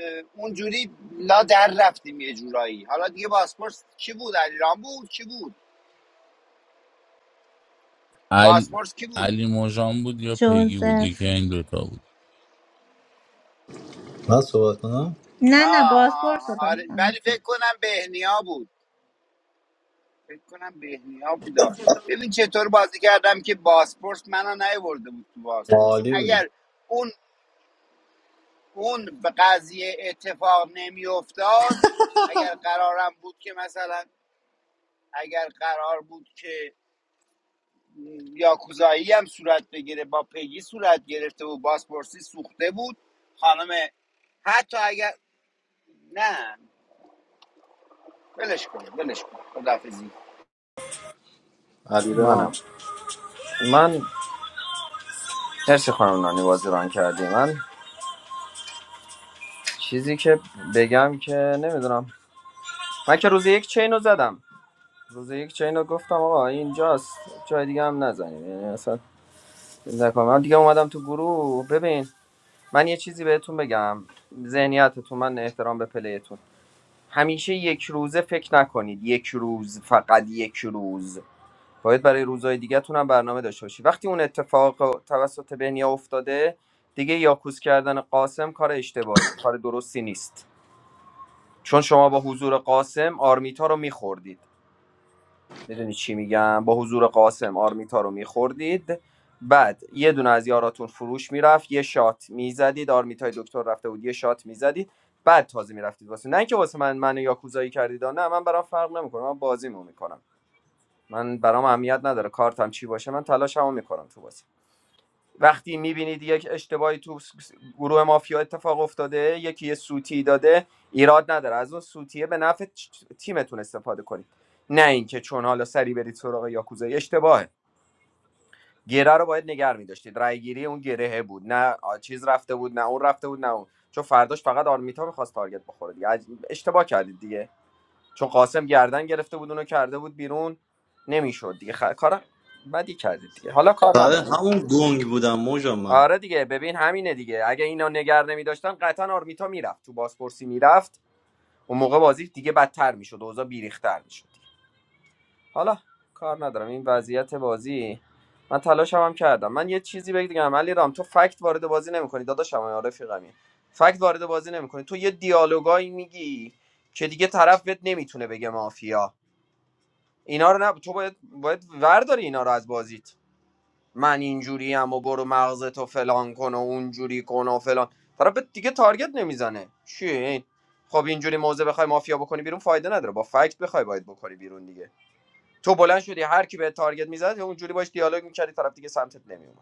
اه، اونجوری لا در رفتیم یه جورایی حالا دیگه باسپورس کی بود علیرام بود کی بود
عل...
باسپورس کی بود
علی موجان بود یا پگی بود
جوزف
یکی این دوتا بود
من صحبت کنم
نه نه
آه آه
بازپرس رو
آه. آره
داشتم
ولی فکر کنم بهنیا بود فکر کنم بهنیا بودا ببین چطور بازی کردم که باسپورس منو نیورده بود تو باسپورسی
عالی بودی
اگر اون اون به قضیه اتفاق نمیافتاد اگر قرارم بود که مثلا اگر قرار بود که م، یاکوزایی هم صورت بگیره با پیگی صورت گرفته بود بازپرسی سوخته بود خانم حتی اگر نه بلش کن ولش کن خداحافظی
منم
علیرام
من مرسی خانم نانی بازی ران کردی من چیزی که بگم که نمیدونم من که روز یک چین رو زدم روز یک چین رو گفتم آقا اینجاست جای دیگه هم نزنیم یعنی اصلا چیز نکنم من دیگه اومدم تو گروه ببین من یه چیزی بهتون بگم ذهنیتتون من احترام به پلیتون همیشه یک روزه فکر نکنید یک روز فقط یک روز باید برای روزهای دیگه‌تون هم برنامه داشته باشی وقتی اون اتفاق توسط بنیا افتاده دیگه یاکوس کردن قاسم کار اشتباهیه کار درستی نیست چون شما با حضور قاسم آرمیتا رو میخوردید میدونی چی میگم با حضور قاسم آرمیتا رو میخوردید بعد یه دونه از یاراتون فروش میرفت یه شات میزدید آرمیتای دکتر رفته بود یه شات میزدید بعد تازه میرفتید واسه نه اینکه واسه من منو یاکوزایی کردید نه من برام فرق نمیکنه من بازیمو میکنم من برام اهمیت نداره کارتم چی باشه من تلاشمو میکنم تو بازی وقتی میبینید یک اشتباهی تو گروه مافیا اتفاق افتاده یکی یه سوتی داده ایراد نداره از اون سوتیه به نفع تیمتون استفاده کنید نه اینکه چون حالا سری برید سراغ یاکوزای اشتباهه گره رو باید نگر میداشتید رایگیری اون گرهه بود نه چیز رفته بود نه اون رفته بود نه اون چون فرداش فقط آرمیتا میخواست تارگت بخوره دیگه اشتباه کردید دیگه چون قاسم گردن گرفته بود اونو کرده بود بیرون نمیشد دیگه خ... کار بدی کردید دیگه حالا کار
سر
ندارم
همون گنگ بودم موجان من
آره دیگه ببین همینه دیگه اگه اینا نگر نمیداشتن قطعا آرمیتا میرفت تو بازپرسی میرفت اون موقع بازی دیگه بدتر میشد اوضاع بیریختر میشد حالا کار ندارم این وضعیت بازی من تلاشم هم کردم من یه چیزی بگم دیگه رام تو فکت وارد بازی نمیکنی داداشم یا رفیقمی فکت وارد بازی نمیکنی تو یه دیالوگایی میگی که دیگه طرف بهت نمیتونه بگه مافیا اینا رو نه تو باید باید ورداری اینا رو از بازیت من اینجوری و برو مغزت و فلان کن و اونجوری کن و فلان طرف به دیگه تارگت نمیزنه چیه این خب اینجوری موزه بخوای مافیا بکنی بیرون فایده نداره با فکت بخوای باید بکنی بیرون دیگه تو بلند شدی هر کی به تارگت میزد اونجوری باش دیالوگ میکردی طرف دیگه سمتت نمیومد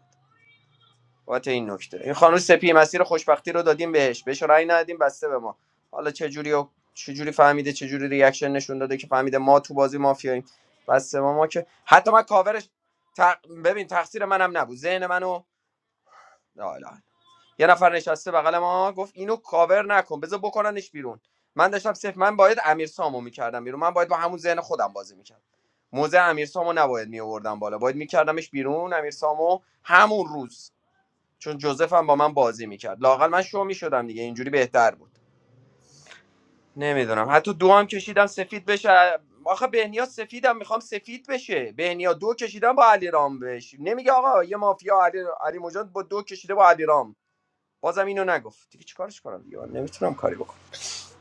بابت این نکته این خانم سپی مسیر خوشبختی رو دادیم بهش بهش رأی ندادیم بسته به ما حالا چه جوری و چه جوری فهمیده چه جوری ریاکشن نشون داده که فهمیده ما تو بازی مافیاییم بسته به ما که حتی من کاورش تق... ببین تقصیر منم نبود ذهن منو لا لا. یه نفر نشسته بغل ما گفت اینو کاور نکن بذار بکننش بیرون من داشتم صفر من باید امیر سامو می‌کردم. بیرون من باید با همون ذهن خودم بازی می‌کردم. موزه امیر سامو نباید می‌آوردم بالا باید میکردمش بیرون امیر سامو همون روز چون جوزف هم با من بازی میکرد لاقل من شو میشدم دیگه اینجوری بهتر بود نمیدونم حتی دو هم کشیدم سفید بشه آخه بهنیا سفیدم میخوام سفید بشه بهنیا دو کشیدم با علی رام بش نمیگه آقا یه مافیا علی علی مجان با دو کشیده با علی رام بازم اینو نگفت دیگه چیکارش کنم دیگه من نمیتونم کاری بکنم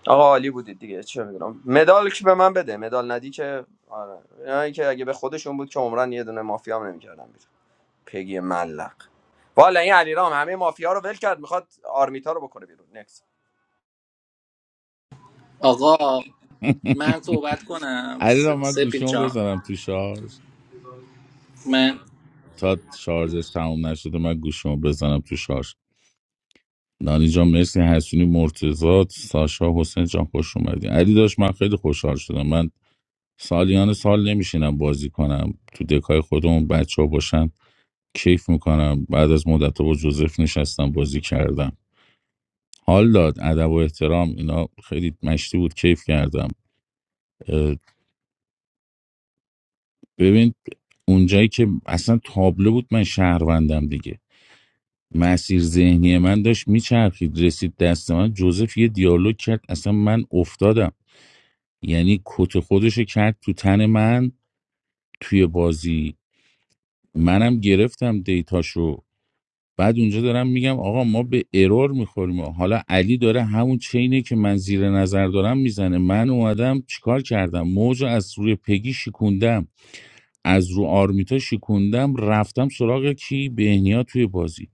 آقا عالی بودید دیگه چه میدونم مدال که به من بده مدال ندی که آره اینایی که اگه به خودشون بود که عمرن یه دونه مافیا هم نمیکردم پگی ملق والا این علیرام همه مافیا رو ول کرد میخواد آرمیتا رو بکنه بیرون نکس
آقا من صحبت کنم
علی را
س-
من
سپید
گوشیمو
جان
بزنم تو شارژ
من
تا شارژش تموم نشده من گوشیمو بزنم تو شارژ نانی جان مرسی حسونی مرتضات ساشا حسین جان خوش اومدین علی داشت من خیلی خوشحال شدم من سالیان سال نمیشینم بازی کنم تو دکای خودمون بچه ها باشن کیف میکنم بعد از مدت با جوزف نشستم بازی کردم حال داد ادب و احترام اینا خیلی مشتی بود کیف کردم ببین اونجایی که اصلا تابلو بود من شهروندم دیگه مسیر ذهنی من داشت میچرخید رسید دست من جوزف یه دیالوگ کرد اصلا من افتادم یعنی کت خودش کرد تو تن من توی بازی منم گرفتم دیتاشو بعد اونجا دارم میگم آقا ما به ارور میخوریم حالا علی داره همون چینه که من زیر نظر دارم میزنه من اومدم چیکار کردم موج از روی پگی شکوندم از رو آرمیتا شکوندم رفتم سراغ کی بهنیا توی بازی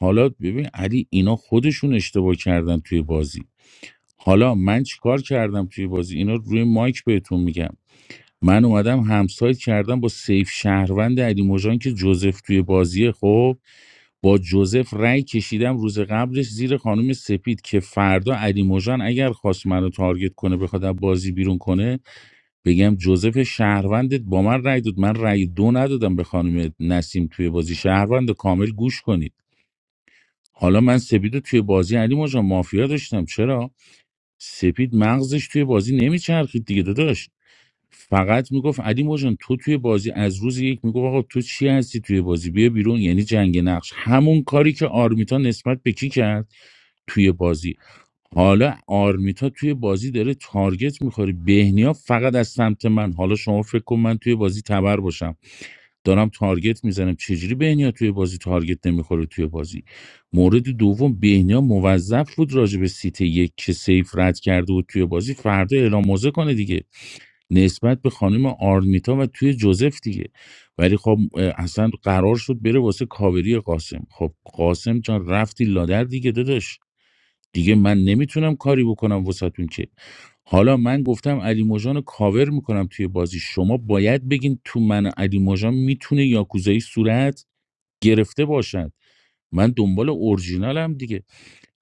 حالا ببین علی اینا خودشون اشتباه کردن توی بازی حالا من چیکار کردم توی بازی اینا روی مایک بهتون میگم من اومدم همسایت کردم با سیف شهروند علی موجان که جوزف توی بازیه خب با جوزف رأی کشیدم روز قبلش زیر خانم سپید که فردا علی موجان اگر خواست منو تارگت کنه بخواد از بازی بیرون کنه بگم جوزف شهروندت با من رأی داد من رأی دو ندادم به خانم نسیم توی بازی شهروند کامل گوش کنید حالا من سپید رو توی بازی علی ماجان مافیا داشتم چرا سپید مغزش توی بازی نمیچرخید دیگه داداش فقط میگفت علی ماجان تو توی بازی از روز یک میگفت آقا تو چی هستی توی بازی بیا بیرون یعنی جنگ نقش همون کاری که آرمیتا نسبت به کی کرد توی بازی حالا آرمیتا توی بازی داره تارگت میخوری بهنیا فقط از سمت من حالا شما فکر کن من توی بازی تبر باشم دارم تارگت میزنم چجوری بهنیا توی بازی تارگت نمیخوره توی بازی مورد دوم بهنیا موظف بود راجع به سیت یک که سیف رد کرده بود توی بازی فردا اعلام موضع کنه دیگه نسبت به خانم آرمیتا و توی جوزف دیگه ولی خب اه، اصلا قرار شد بره واسه کاوری قاسم خب قاسم جان رفتی لادر دیگه داداش دیگه من نمیتونم کاری بکنم وسطون که حالا من گفتم علی موجان رو کاور میکنم توی بازی شما باید بگین تو من و علی موجان میتونه یاکوزایی صورت گرفته باشد من دنبال اورجینالم دیگه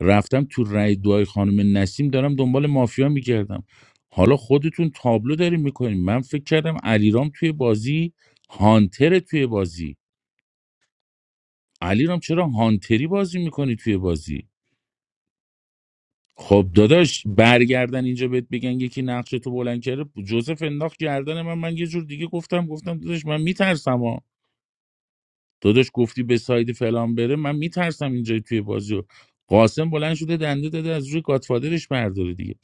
رفتم تو رای دعای خانم نسیم دارم دنبال مافیا میگردم حالا خودتون تابلو داریم میکنیم من فکر کردم علیرام توی بازی هانتره توی بازی علیرام چرا هانتری بازی میکنی توی بازی خب داداش برگردن اینجا بهت بگن یکی نقش تو بلند کرده جوزف انداخت گردن من من یه جور دیگه گفتم گفتم داداش من میترسم ها داداش گفتی به ساید فلان بره من میترسم اینجا توی بازی رو قاسم بلند شده دنده داده از روی گاتفادرش برداره دیگه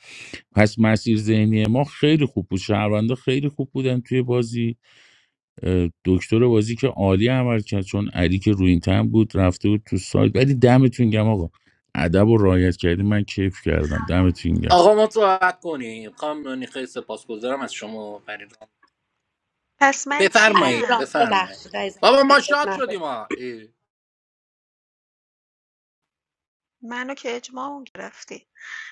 پس مسیر ذهنی ما خیلی خوب بود شهروندا خیلی خوب بودن توی بازی اه، دکتر بازی که عالی عمل کرد چون علی که روی این تن بود رفته بود تو سایت ولی دمتون گم آقا ادب و رعایت کردی من کیف کردم دمتون گم
آقا ما صحبت کنیم خانم نیخه سپاسگزارم از شما فرید
پس من
علی
بفرمایید
رام
چیم؟
بفرمایید
ببخشید عزیزم
بابا ما
خیرت
شاد شدیم
نداد
ما
منو که اجماع گرفتی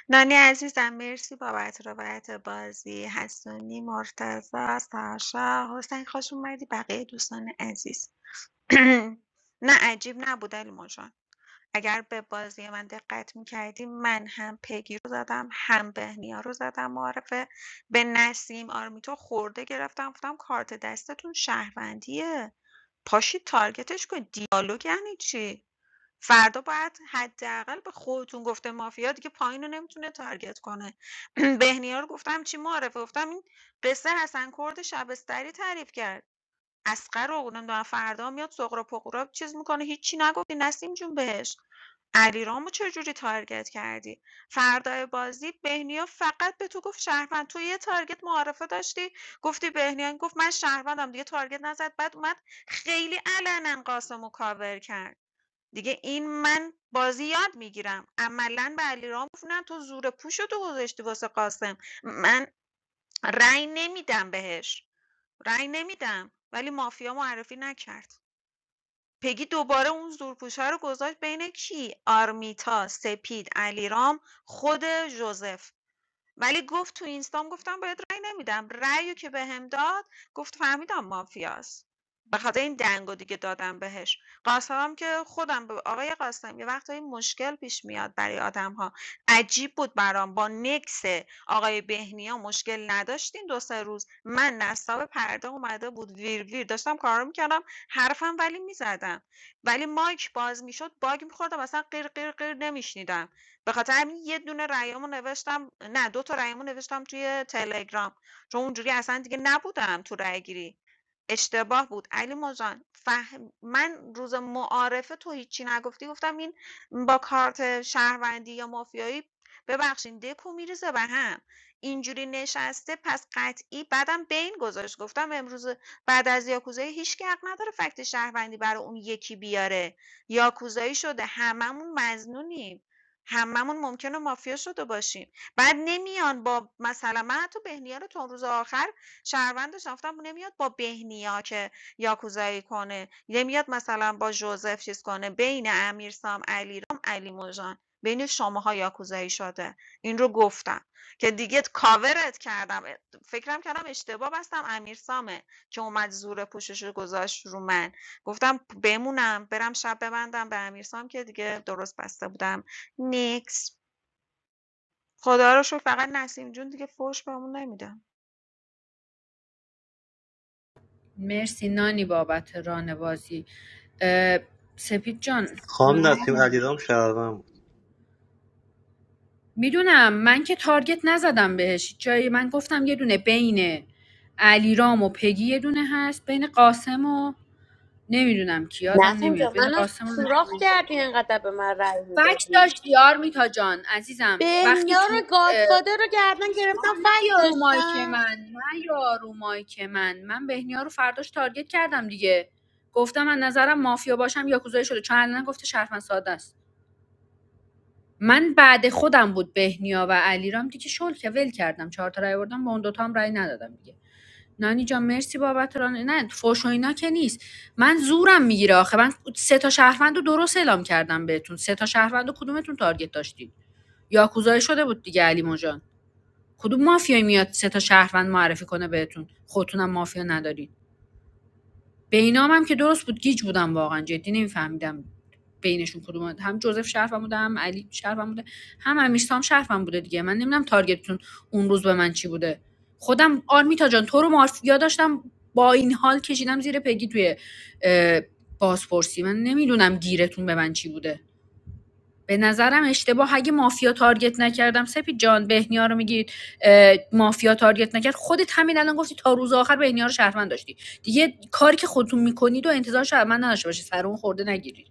نانی عزیزم مرسی بابت روایت بازی حسونی مرتضی ساشا حسین خوش اومدی بقیه دوستان عزیز نه عجیب نبود علیمو جان اگر به بازی من دقت میکردی من هم پگی رو زدم هم بهنیا رو زدم معرفه به نسیم آرمیتو خورده گرفتم گفتم کارت دستتون شهروندیه پاشید تارگتش کن دیالوگ یعنی چی فردا باید حداقل به خودتون گفته مافیا دیگه پایین رو نمیتونه تارگت کنه بهنیا رو گفتم چی معرفه گفتم این قصه حسن کرد شبستری تعریف کرد اسقر رو نمیدونم فردا میاد سغرا پقرا چیز میکنه هیچی نگفتی نسیم جون بهش علیرامو چه جوری تارگت کردی فردای بازی بهنیا فقط به تو گفت شهروند تو یه تارگت معارفه داشتی گفتی بهنیا گفت من شهروندم دیگه تارگت نزد بعد اومد خیلی علنا قاسمو کاور کرد دیگه این من بازی یاد میگیرم عملا به علیرام گفتم تو زور پوشتو گذاشتی واسه قاسم من رأی نمیدم بهش رأی نمیدم ولی مافیا معرفی نکرد پگی دوباره اون زورپوشه رو گذاشت بین کی آرمیتا سپید علیرام خود جوزف ولی گفت تو اینستام گفتم باید رأی نمیدم رأیو که بهم داد گفت فهمیدم مافیاست به خاطر این دنگو دیگه دادم بهش قاسمم که خودم به آقای قاسم یه وقتایی مشکل پیش میاد برای آدم عجیب بود برام با نکس آقای بهنیا مشکل نداشتیم دو سه روز من نصاب پرده اومده بود ویر ویر داشتم کار میکردم حرفم ولی میزدم ولی مایک باز میشد باگ میخوردم اصلا قیر قیر قیر نمیشنیدم به‌خاطر همین یه دونه رأیامو نوشتم نه دو تا رأیمو نوشتم توی تلگرام چون اونجوری اصلا دیگه نبودم تو رأی‌گیری. اشتباه بود علی جان فهم من روز معارفه تو هیچی نگفتی گفتم این با کارت شهروندی یا مافیایی ببخشین دکو میریزه به هم اینجوری نشسته پس قطعی بعدم بین گذاشت گفتم امروز بعد از یاکوزایی هیچ کی حق نداره فکت شهروندی برای اون یکی بیاره یاکوزایی شده هممون مزنونیم هممون ممکنه مافیا شده باشیم بعد نمیان با مثلا من حتی بهنیا رو تا روز آخر شهروندش رفتم نمیاد با بهنیا که یاکوزایی کنه نمیاد مثلا با جوزف چیز کنه بین امیرسام علیرام علی موجان بین شماها یاکوزایی شده این رو گفتم که دیگه کاورت کردم فکرم کردم اشتباه بستم امیرسامه که اومد زور پوشش رو گذاشت رو من گفتم بمونم برم شب ببندم به امیرسام که دیگه درست بسته بودم نیکس خدا رو شکر فقط نسیم جون دیگه فوش بهمون نمیده
مرسی نانی بابت رانوازی اه، سپید جان
خانم نسیم علیرام شهروند بود.
میدونم من که تارگت نزدم بهش جایی من گفتم یه دونه بین علیرام و پگی یه دونه هست بین قاسم و نمیدونم کی یادم
نسیم
نمیاد
جان
بین
منو
قاسم و
سوراخ کردی انقدر به من رأی
فکت
میدادی
داشت یار میتا جان عزیزم وقتی
بنیار
تو
گادفادر رو گردن
آقا
گرفتم
نه
فکر
رو مایک
داشتم
من نه رو مایک من من بهنیا رو فرداش تارگت کردم دیگه گفتم من نظرم مافیا باشم یا کوزای شده چون الان گفته شرفن ساده است من بعد خودم بود بهنیا و علیرام دیگه شل که ول کردم چهار تا رای بردم با اون دوتا هم رای ندادم دیگه نانی جان مرسی بابت ران نه فوش و اینا که نیست من زورم میگیره آخه من سه تا شهروند رو درست اعلام کردم بهتون سه تا شهروند رو کدومتون تارگت داشتید یاکوزایی شده بود دیگه علی کدوم مافیایی میاد سه تا شهروند معرفی کنه بهتون خودتونم مافیا ندارین بینام هم که درست بود گیج بودم واقعا جدی نمیفهمیدم بینشون کدوم هم جوزف شرفم بوده هم علی شرفم بوده هم امیرسام شرفم بوده دیگه من نمیدونم تارگتتون اون روز به من چی بوده خودم آرمیتا جان تو رو مافیا داشتم با این حال کشیدم زیر پگی توی بازپرسی من نمیدونم گیرتون به من چی بوده به نظرم اشتباه اگه مافیا تارگت نکردم سپید جان بهنیا رو میگید مافیا تارگت نکرد خودت همین الان گفتی تا روز آخر بهنیا رو شهروند داشتی دیگه کاری که خودتون میکنید و انتظار شهروند نداشته باشید سر اون خورده نگیرید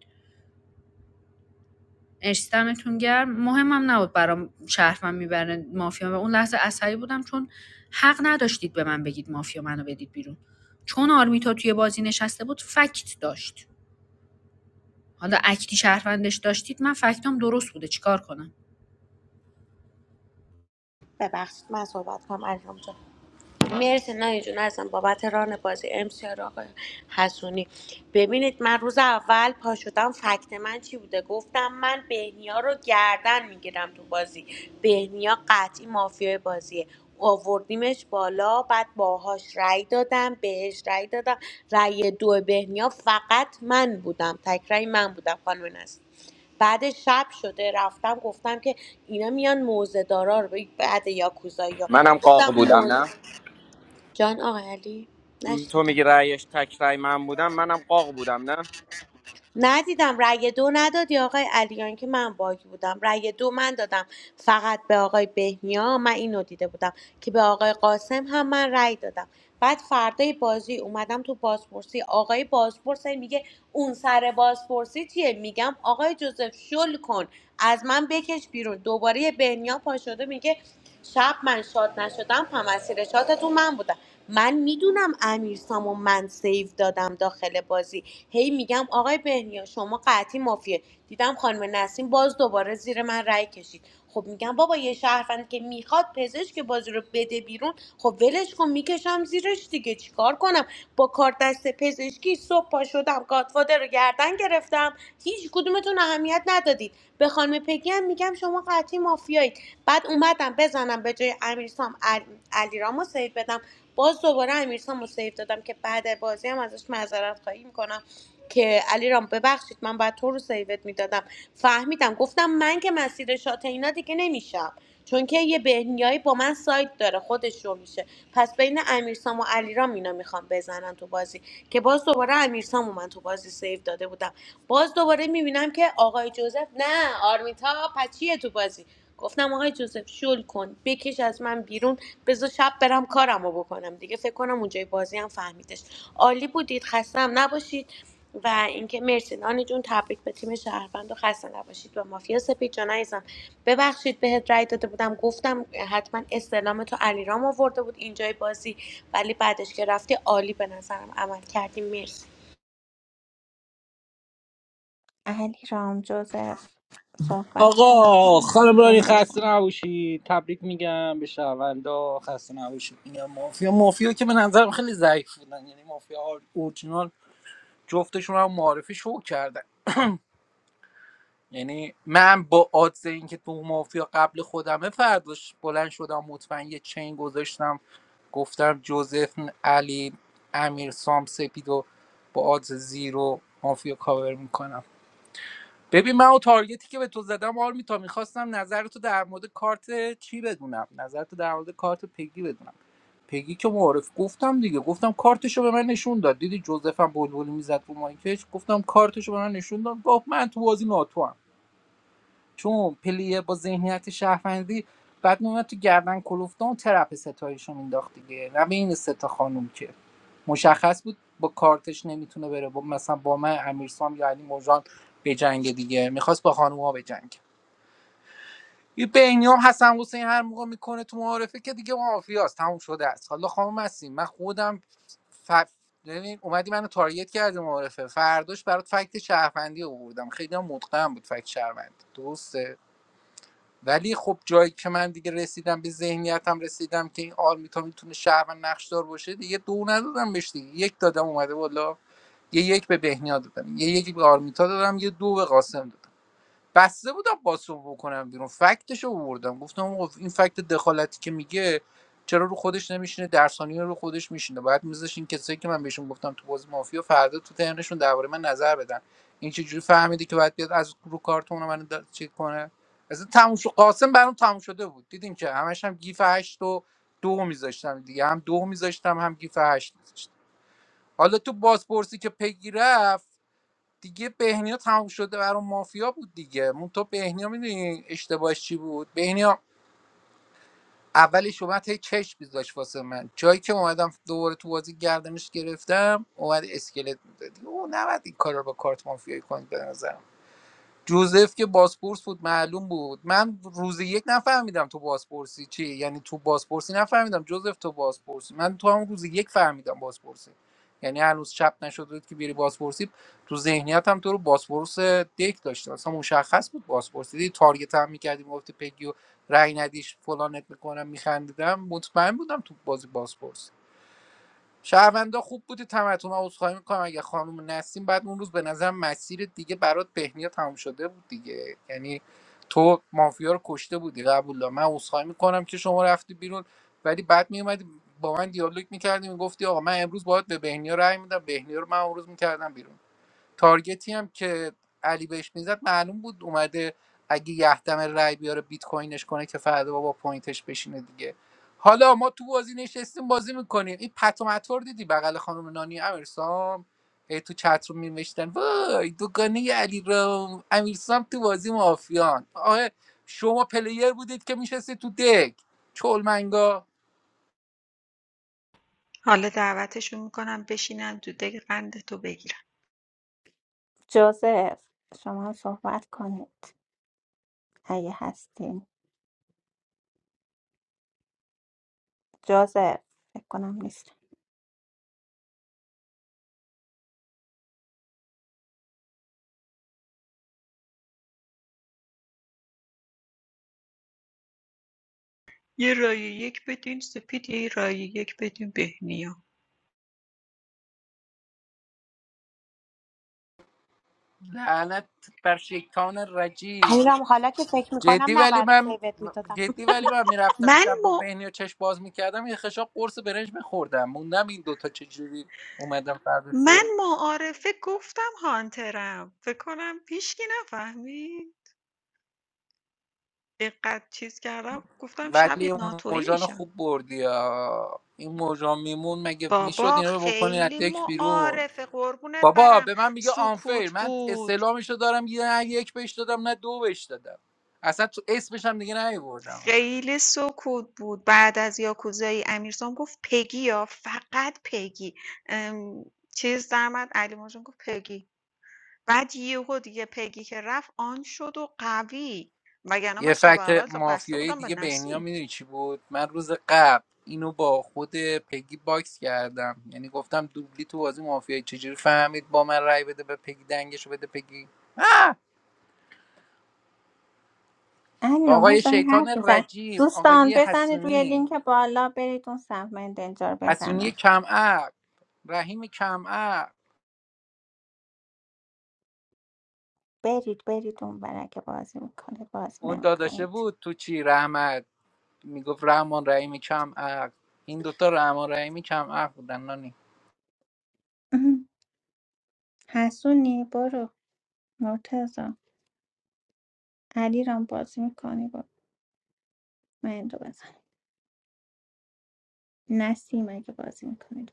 اشتمتون گرم مهمم نبود برام شهروند میبرن مافیا و اون لحظه عصبی بودم چون حق نداشتید به من بگید مافیا منو بدید بیرون چون آرمیتا توی بازی نشسته بود فکت داشت حالا اکتی شهروندش داشتید من فکتام درست بوده چیکار کنم
ببخشید من صحبت کنم انجام جان. مرسی نه جون عزیزم بابت ران بازی ام سی آقای حسونی ببینید من روز اول پا شدم فکت من چی بوده گفتم من بهنیا رو گردن میگیرم تو بازی بهنیا قطعی مافیای بازیه آوردیمش بالا بعد باهاش رأی دادم بهش رأی دادم رأی دو بهنیا فقط من بودم تک رأی من بودم خانم نسل بعد شب شده رفتم گفتم که اینا میان موزه دارا رو بعد یاکوزایی ها
منم قاق بودم
گفتم
نه
جان آقای علی
تو
نشنیدم
میگی رأیش تک رأی من بودم منم قاق بودم نه
ندیدم رأی دو ندادی آقای علیان که من باگ بودم رأی دو من دادم فقط به آقای بهنیا من اینو دیده بودم که به آقای قاسم هم من رأی دادم بعد فردای بازی اومدم تو بازپرسی آقای بازپرس میگه اون سر بازپرسی چیه میگم آقای جوزف شل کن از من بکش بیرون دوباره بهنیا پا شده میگه شب من شاد نشدم هم از شاتتون من بودم من میدونم امیر من سیو دادم داخل بازی هی میگم آقای بهنیا شما قطعی مافیه دیدم خانم نسیم باز دوباره زیر من رأی کشید خب میگم بابا یه شهروند که میخواد پزشک بازی رو بده بیرون خب ولش کن میکشم زیرش دیگه چیکار کنم با کار دست پزشکی صبح پا شدم گاتفادر رو گردن گرفتم هیچ کدومتون اهمیت ندادید به خانم پگی هم میگم شما قطعی مافیایید بعد اومدم بزنم به جای امیرسام عل- علیرامو سیو بدم باز دوباره امیرسام رو سیو دادم که بعد بازی هم ازش معذرت خواهی میکنم که علیرام رام ببخشید من باید تو رو سیوت میدادم فهمیدم گفتم من که مسیر شات اینا دیگه نمیشم چون که یه بهنیایی با من سایت داره خودش رو میشه پس بین امیرسام و علیرام اینا میخوام بزنن تو بازی که باز دوباره امیرسام و من تو بازی سیو داده بودم باز دوباره میبینم که آقای جوزف نه آرمیتا پچیه تو بازی گفتم آقای جوزف شل کن بکش از من بیرون بذار شب برم کارم رو بکنم دیگه فکر کنم اونجای بازی هم فهمیدش عالی بودید خستم نباشید و اینکه مرسی نانی جون تبریک به تیم شهروند و خسته نباشید و مافیا سپید جان عزیزم ببخشید بهت رای داده بودم گفتم حتما استلام تو علیرام آورده بود اینجای بازی ولی بعدش که رفتی عالی به نظرم عمل کردی مرسی
علی رام جوزف صحبت کنید
آقا
من
خانم
میخوام
رانی
روم
خسته
بزنم
نباشید تبریک میگم به شهروندا خسته نباشید میگم مافیا مافیا که به نظرم خیلی ضعیف بودن یعنی مافیا اورجینال جفتشون هم معرفی شو کردن یعنی من با آدز اینکه تو مافیا قبل خودمه فرداش بلند شدم مطمئن یه چین گذاشتم گفتم جوزف علی امیر سام سپید و با آدز زیرو مافیا کاور میکنم ببین من و تارگتی که به تو زدم آرمی تا میخواستم نظرتو در مورد کارت چی بدونم نظرتو در مورد کارت پگی بدونم پگی که معرف گفتم دیگه گفتم کارتشو به من نشون داد دیدی جوزفم بلبلی میزد رو مایکش گفتم کارتشو به من نشون داد گفت من تو بازی ناتوام چون پلیه با ذهنیت شهروندی بعد میومد تو گردن کلوفتان و ترپ ستایش رو مینداخت دیگه نه به این ستا خانوم که مشخص بود با کارتش نمیتونه بره با مثلا با من امیرسام یا علی مرجان به جنگ دیگه میخواست با خانوما به جنگ یه بینی حسن حسین هر موقع میکنه تو معارفه که دیگه مافیاست تموم شده است حالا خانم هستیم من خودم ف... ببین اومدی منو تارگت کردی معارفه فرداش برات فکت شهروندی آوردم خیلی هم متقن بود فکت شهروندی درسته ولی خب جایی که من دیگه رسیدم به ذهنیتم رسیدم که این آرمیتا میتونه شهروند نقشدار باشه دیگه دو ندادم بهش دیگه یک دادم اومده بالا یه یک به بهنیا دادم یه یک به آرمیتا دادم یه دو به قاسم دادم بسته بودم باسو بکنم بیرون فکتش رو آوردم گفتم آقا این فکت دخالتی که میگه چرا رو خودش نمیشینه درسانی رو خودش میشینه باید میذاش این کسایی که من بهشون گفتم تو بازی مافیا فردا تو ترنشون درباره من نظر بدن این چجوری فهمیدی که باید بیاد از رو کارتون من دا- چیز کنه اصلا تموم شد قاسم برام تموم شده بود دیدین که همش هم گیف هشت و دو میذاشتم دیگه هم دو میذاشتم هم گیف هشت میذاشتم حالا تو بازپرسی که پیگیره دیگه بهنیا تموم شده برای مافیا بود دیگه مون تو بهنیا میدونی اشتباهش چی بود بهنیا اولش اومد هی چش میذاش واسه من جایی که اومدم دوباره تو بازی گردنش گرفتم اومد اسکلت میداد او نباید این کار رو با کارت مافیایی کنید به نظرم. جوزف که بازپرس بود معلوم بود من روز یک نفهمیدم تو بازپرسی چی یعنی تو بازپرسی نفهمیدم جوزف تو بازپرسی من تو همون روز یک فهمیدم بازپرسی یعنی هنوز چپ نشده بود که بیری بازپرسی تو ذهنیت تو رو بازپرس دک داشته اصلا مشخص بود بازپرسی دیدی تارگت هم میکردیم گفتی پگی رای ندیش فلانت میکنم میخندیدم مطمئن بودم تو بازی بازپرسی شهروندا خوب بودی تمتون من عذرخواهی میکنم اگه خانم نسیم بعد اون روز به نظر مسیر دیگه برات بهنیا تموم شده بود دیگه یعنی تو مافیا رو کشته بودی قبول دارم من عذرخواهی میکنم که شما رفتی بیرون ولی بعد میومدی با من دیالوگ میکردی میگفتی آقا من امروز باید به بهنیا رأی میدم بهنیا رو من امروز میکردم بیرون تارگتی هم که علی بهش میزد معلوم بود اومده اگه یهدم رای بیاره بیت کوینش کنه که فردا با پوینتش بشینه دیگه حالا ما تو بازی نشستیم بازی میکنیم این پتومتور دیدی بغل خانم نانی امیرسام ای تو چت رو میمشتن وای دوگانه علی رام امیرسام تو بازی مافیان آه شما پلیر بودید که میشستید تو دک چلمنگا
حالا دعوتشون میکنم بشینن دودک قند تو بگیرن
جوزف شما هم صحبت کنید اگه هستین جوزف فکر کنم نیست
یه رای یک بدین سپید یه رای یک بدین بهنیا
لعنت بر شیطان رجی
علیرام حالا که فکر میکنم
جدی ولی
نباید
من
سیوت میدادم
جدی ولی من میرفتم
من
شب با
ما
بهنی و چشم باز میکردم یه خشاب قرص برنج میخوردم موندم این دوتا چجوری اومدم فردا
من
صبح
معارفه گفتم هانترم فکر کنم پیشکی نفهمی اینقدر چیز کردم گفتم شب یه
ولی اون
ناتویی
موجان
میشم
خوب بردی ها. این موجان میمون مگه میشد
بابا
اینا رو بکنی از
خیلی
دک بیرون
معارفه قربونت
بابا
برم
به من میگه آنفیر
سکوت
من
بود
استعلامش رو دارم یه نه یک بهش دادم نه دو بهش دادم اصلا تو اسمش هم دیگه نیوردم
خیلی سکوت بود. بعد از یاکوزای امیرسام گفت پگی ها فقط پگی. ام، چیز در اومد علی ماژان گفت پگی. بعد یهو دیگه پگی که رفت آن شد و قوی. وگرنه
یه
من شب
فکت
اول تا بسته
مافیایی
بودم به
دیگه بهنیا
نسیم.
میدونی چی بود من روز قبل اینو با خود پگی باکس کردم یعنی گفتم دوبلی تو بازی مافیایی چجوری فهمید با من رای بده به پگی دنگشو بده پگی اه!
علی رام
آقای
باز داری
شیطان
حرف بزن
رجیم
دوستان
آقای
بزنید روی
حسونی
لینک بالا برید اون سمت من دنجا رو
حسونی
بزنم
کمعق رحیم کمعق
برید برید اون برا که بازی میکنید بازی
اون داداشه
نمیکنید
بود تو چی رحمت میگفت رحمان رحیم کمعق این دوتا رحمان رحیم کمعق بودن
حسونی برو مرتزا علی رام بازی میکنی برو من Nasty makeup was included.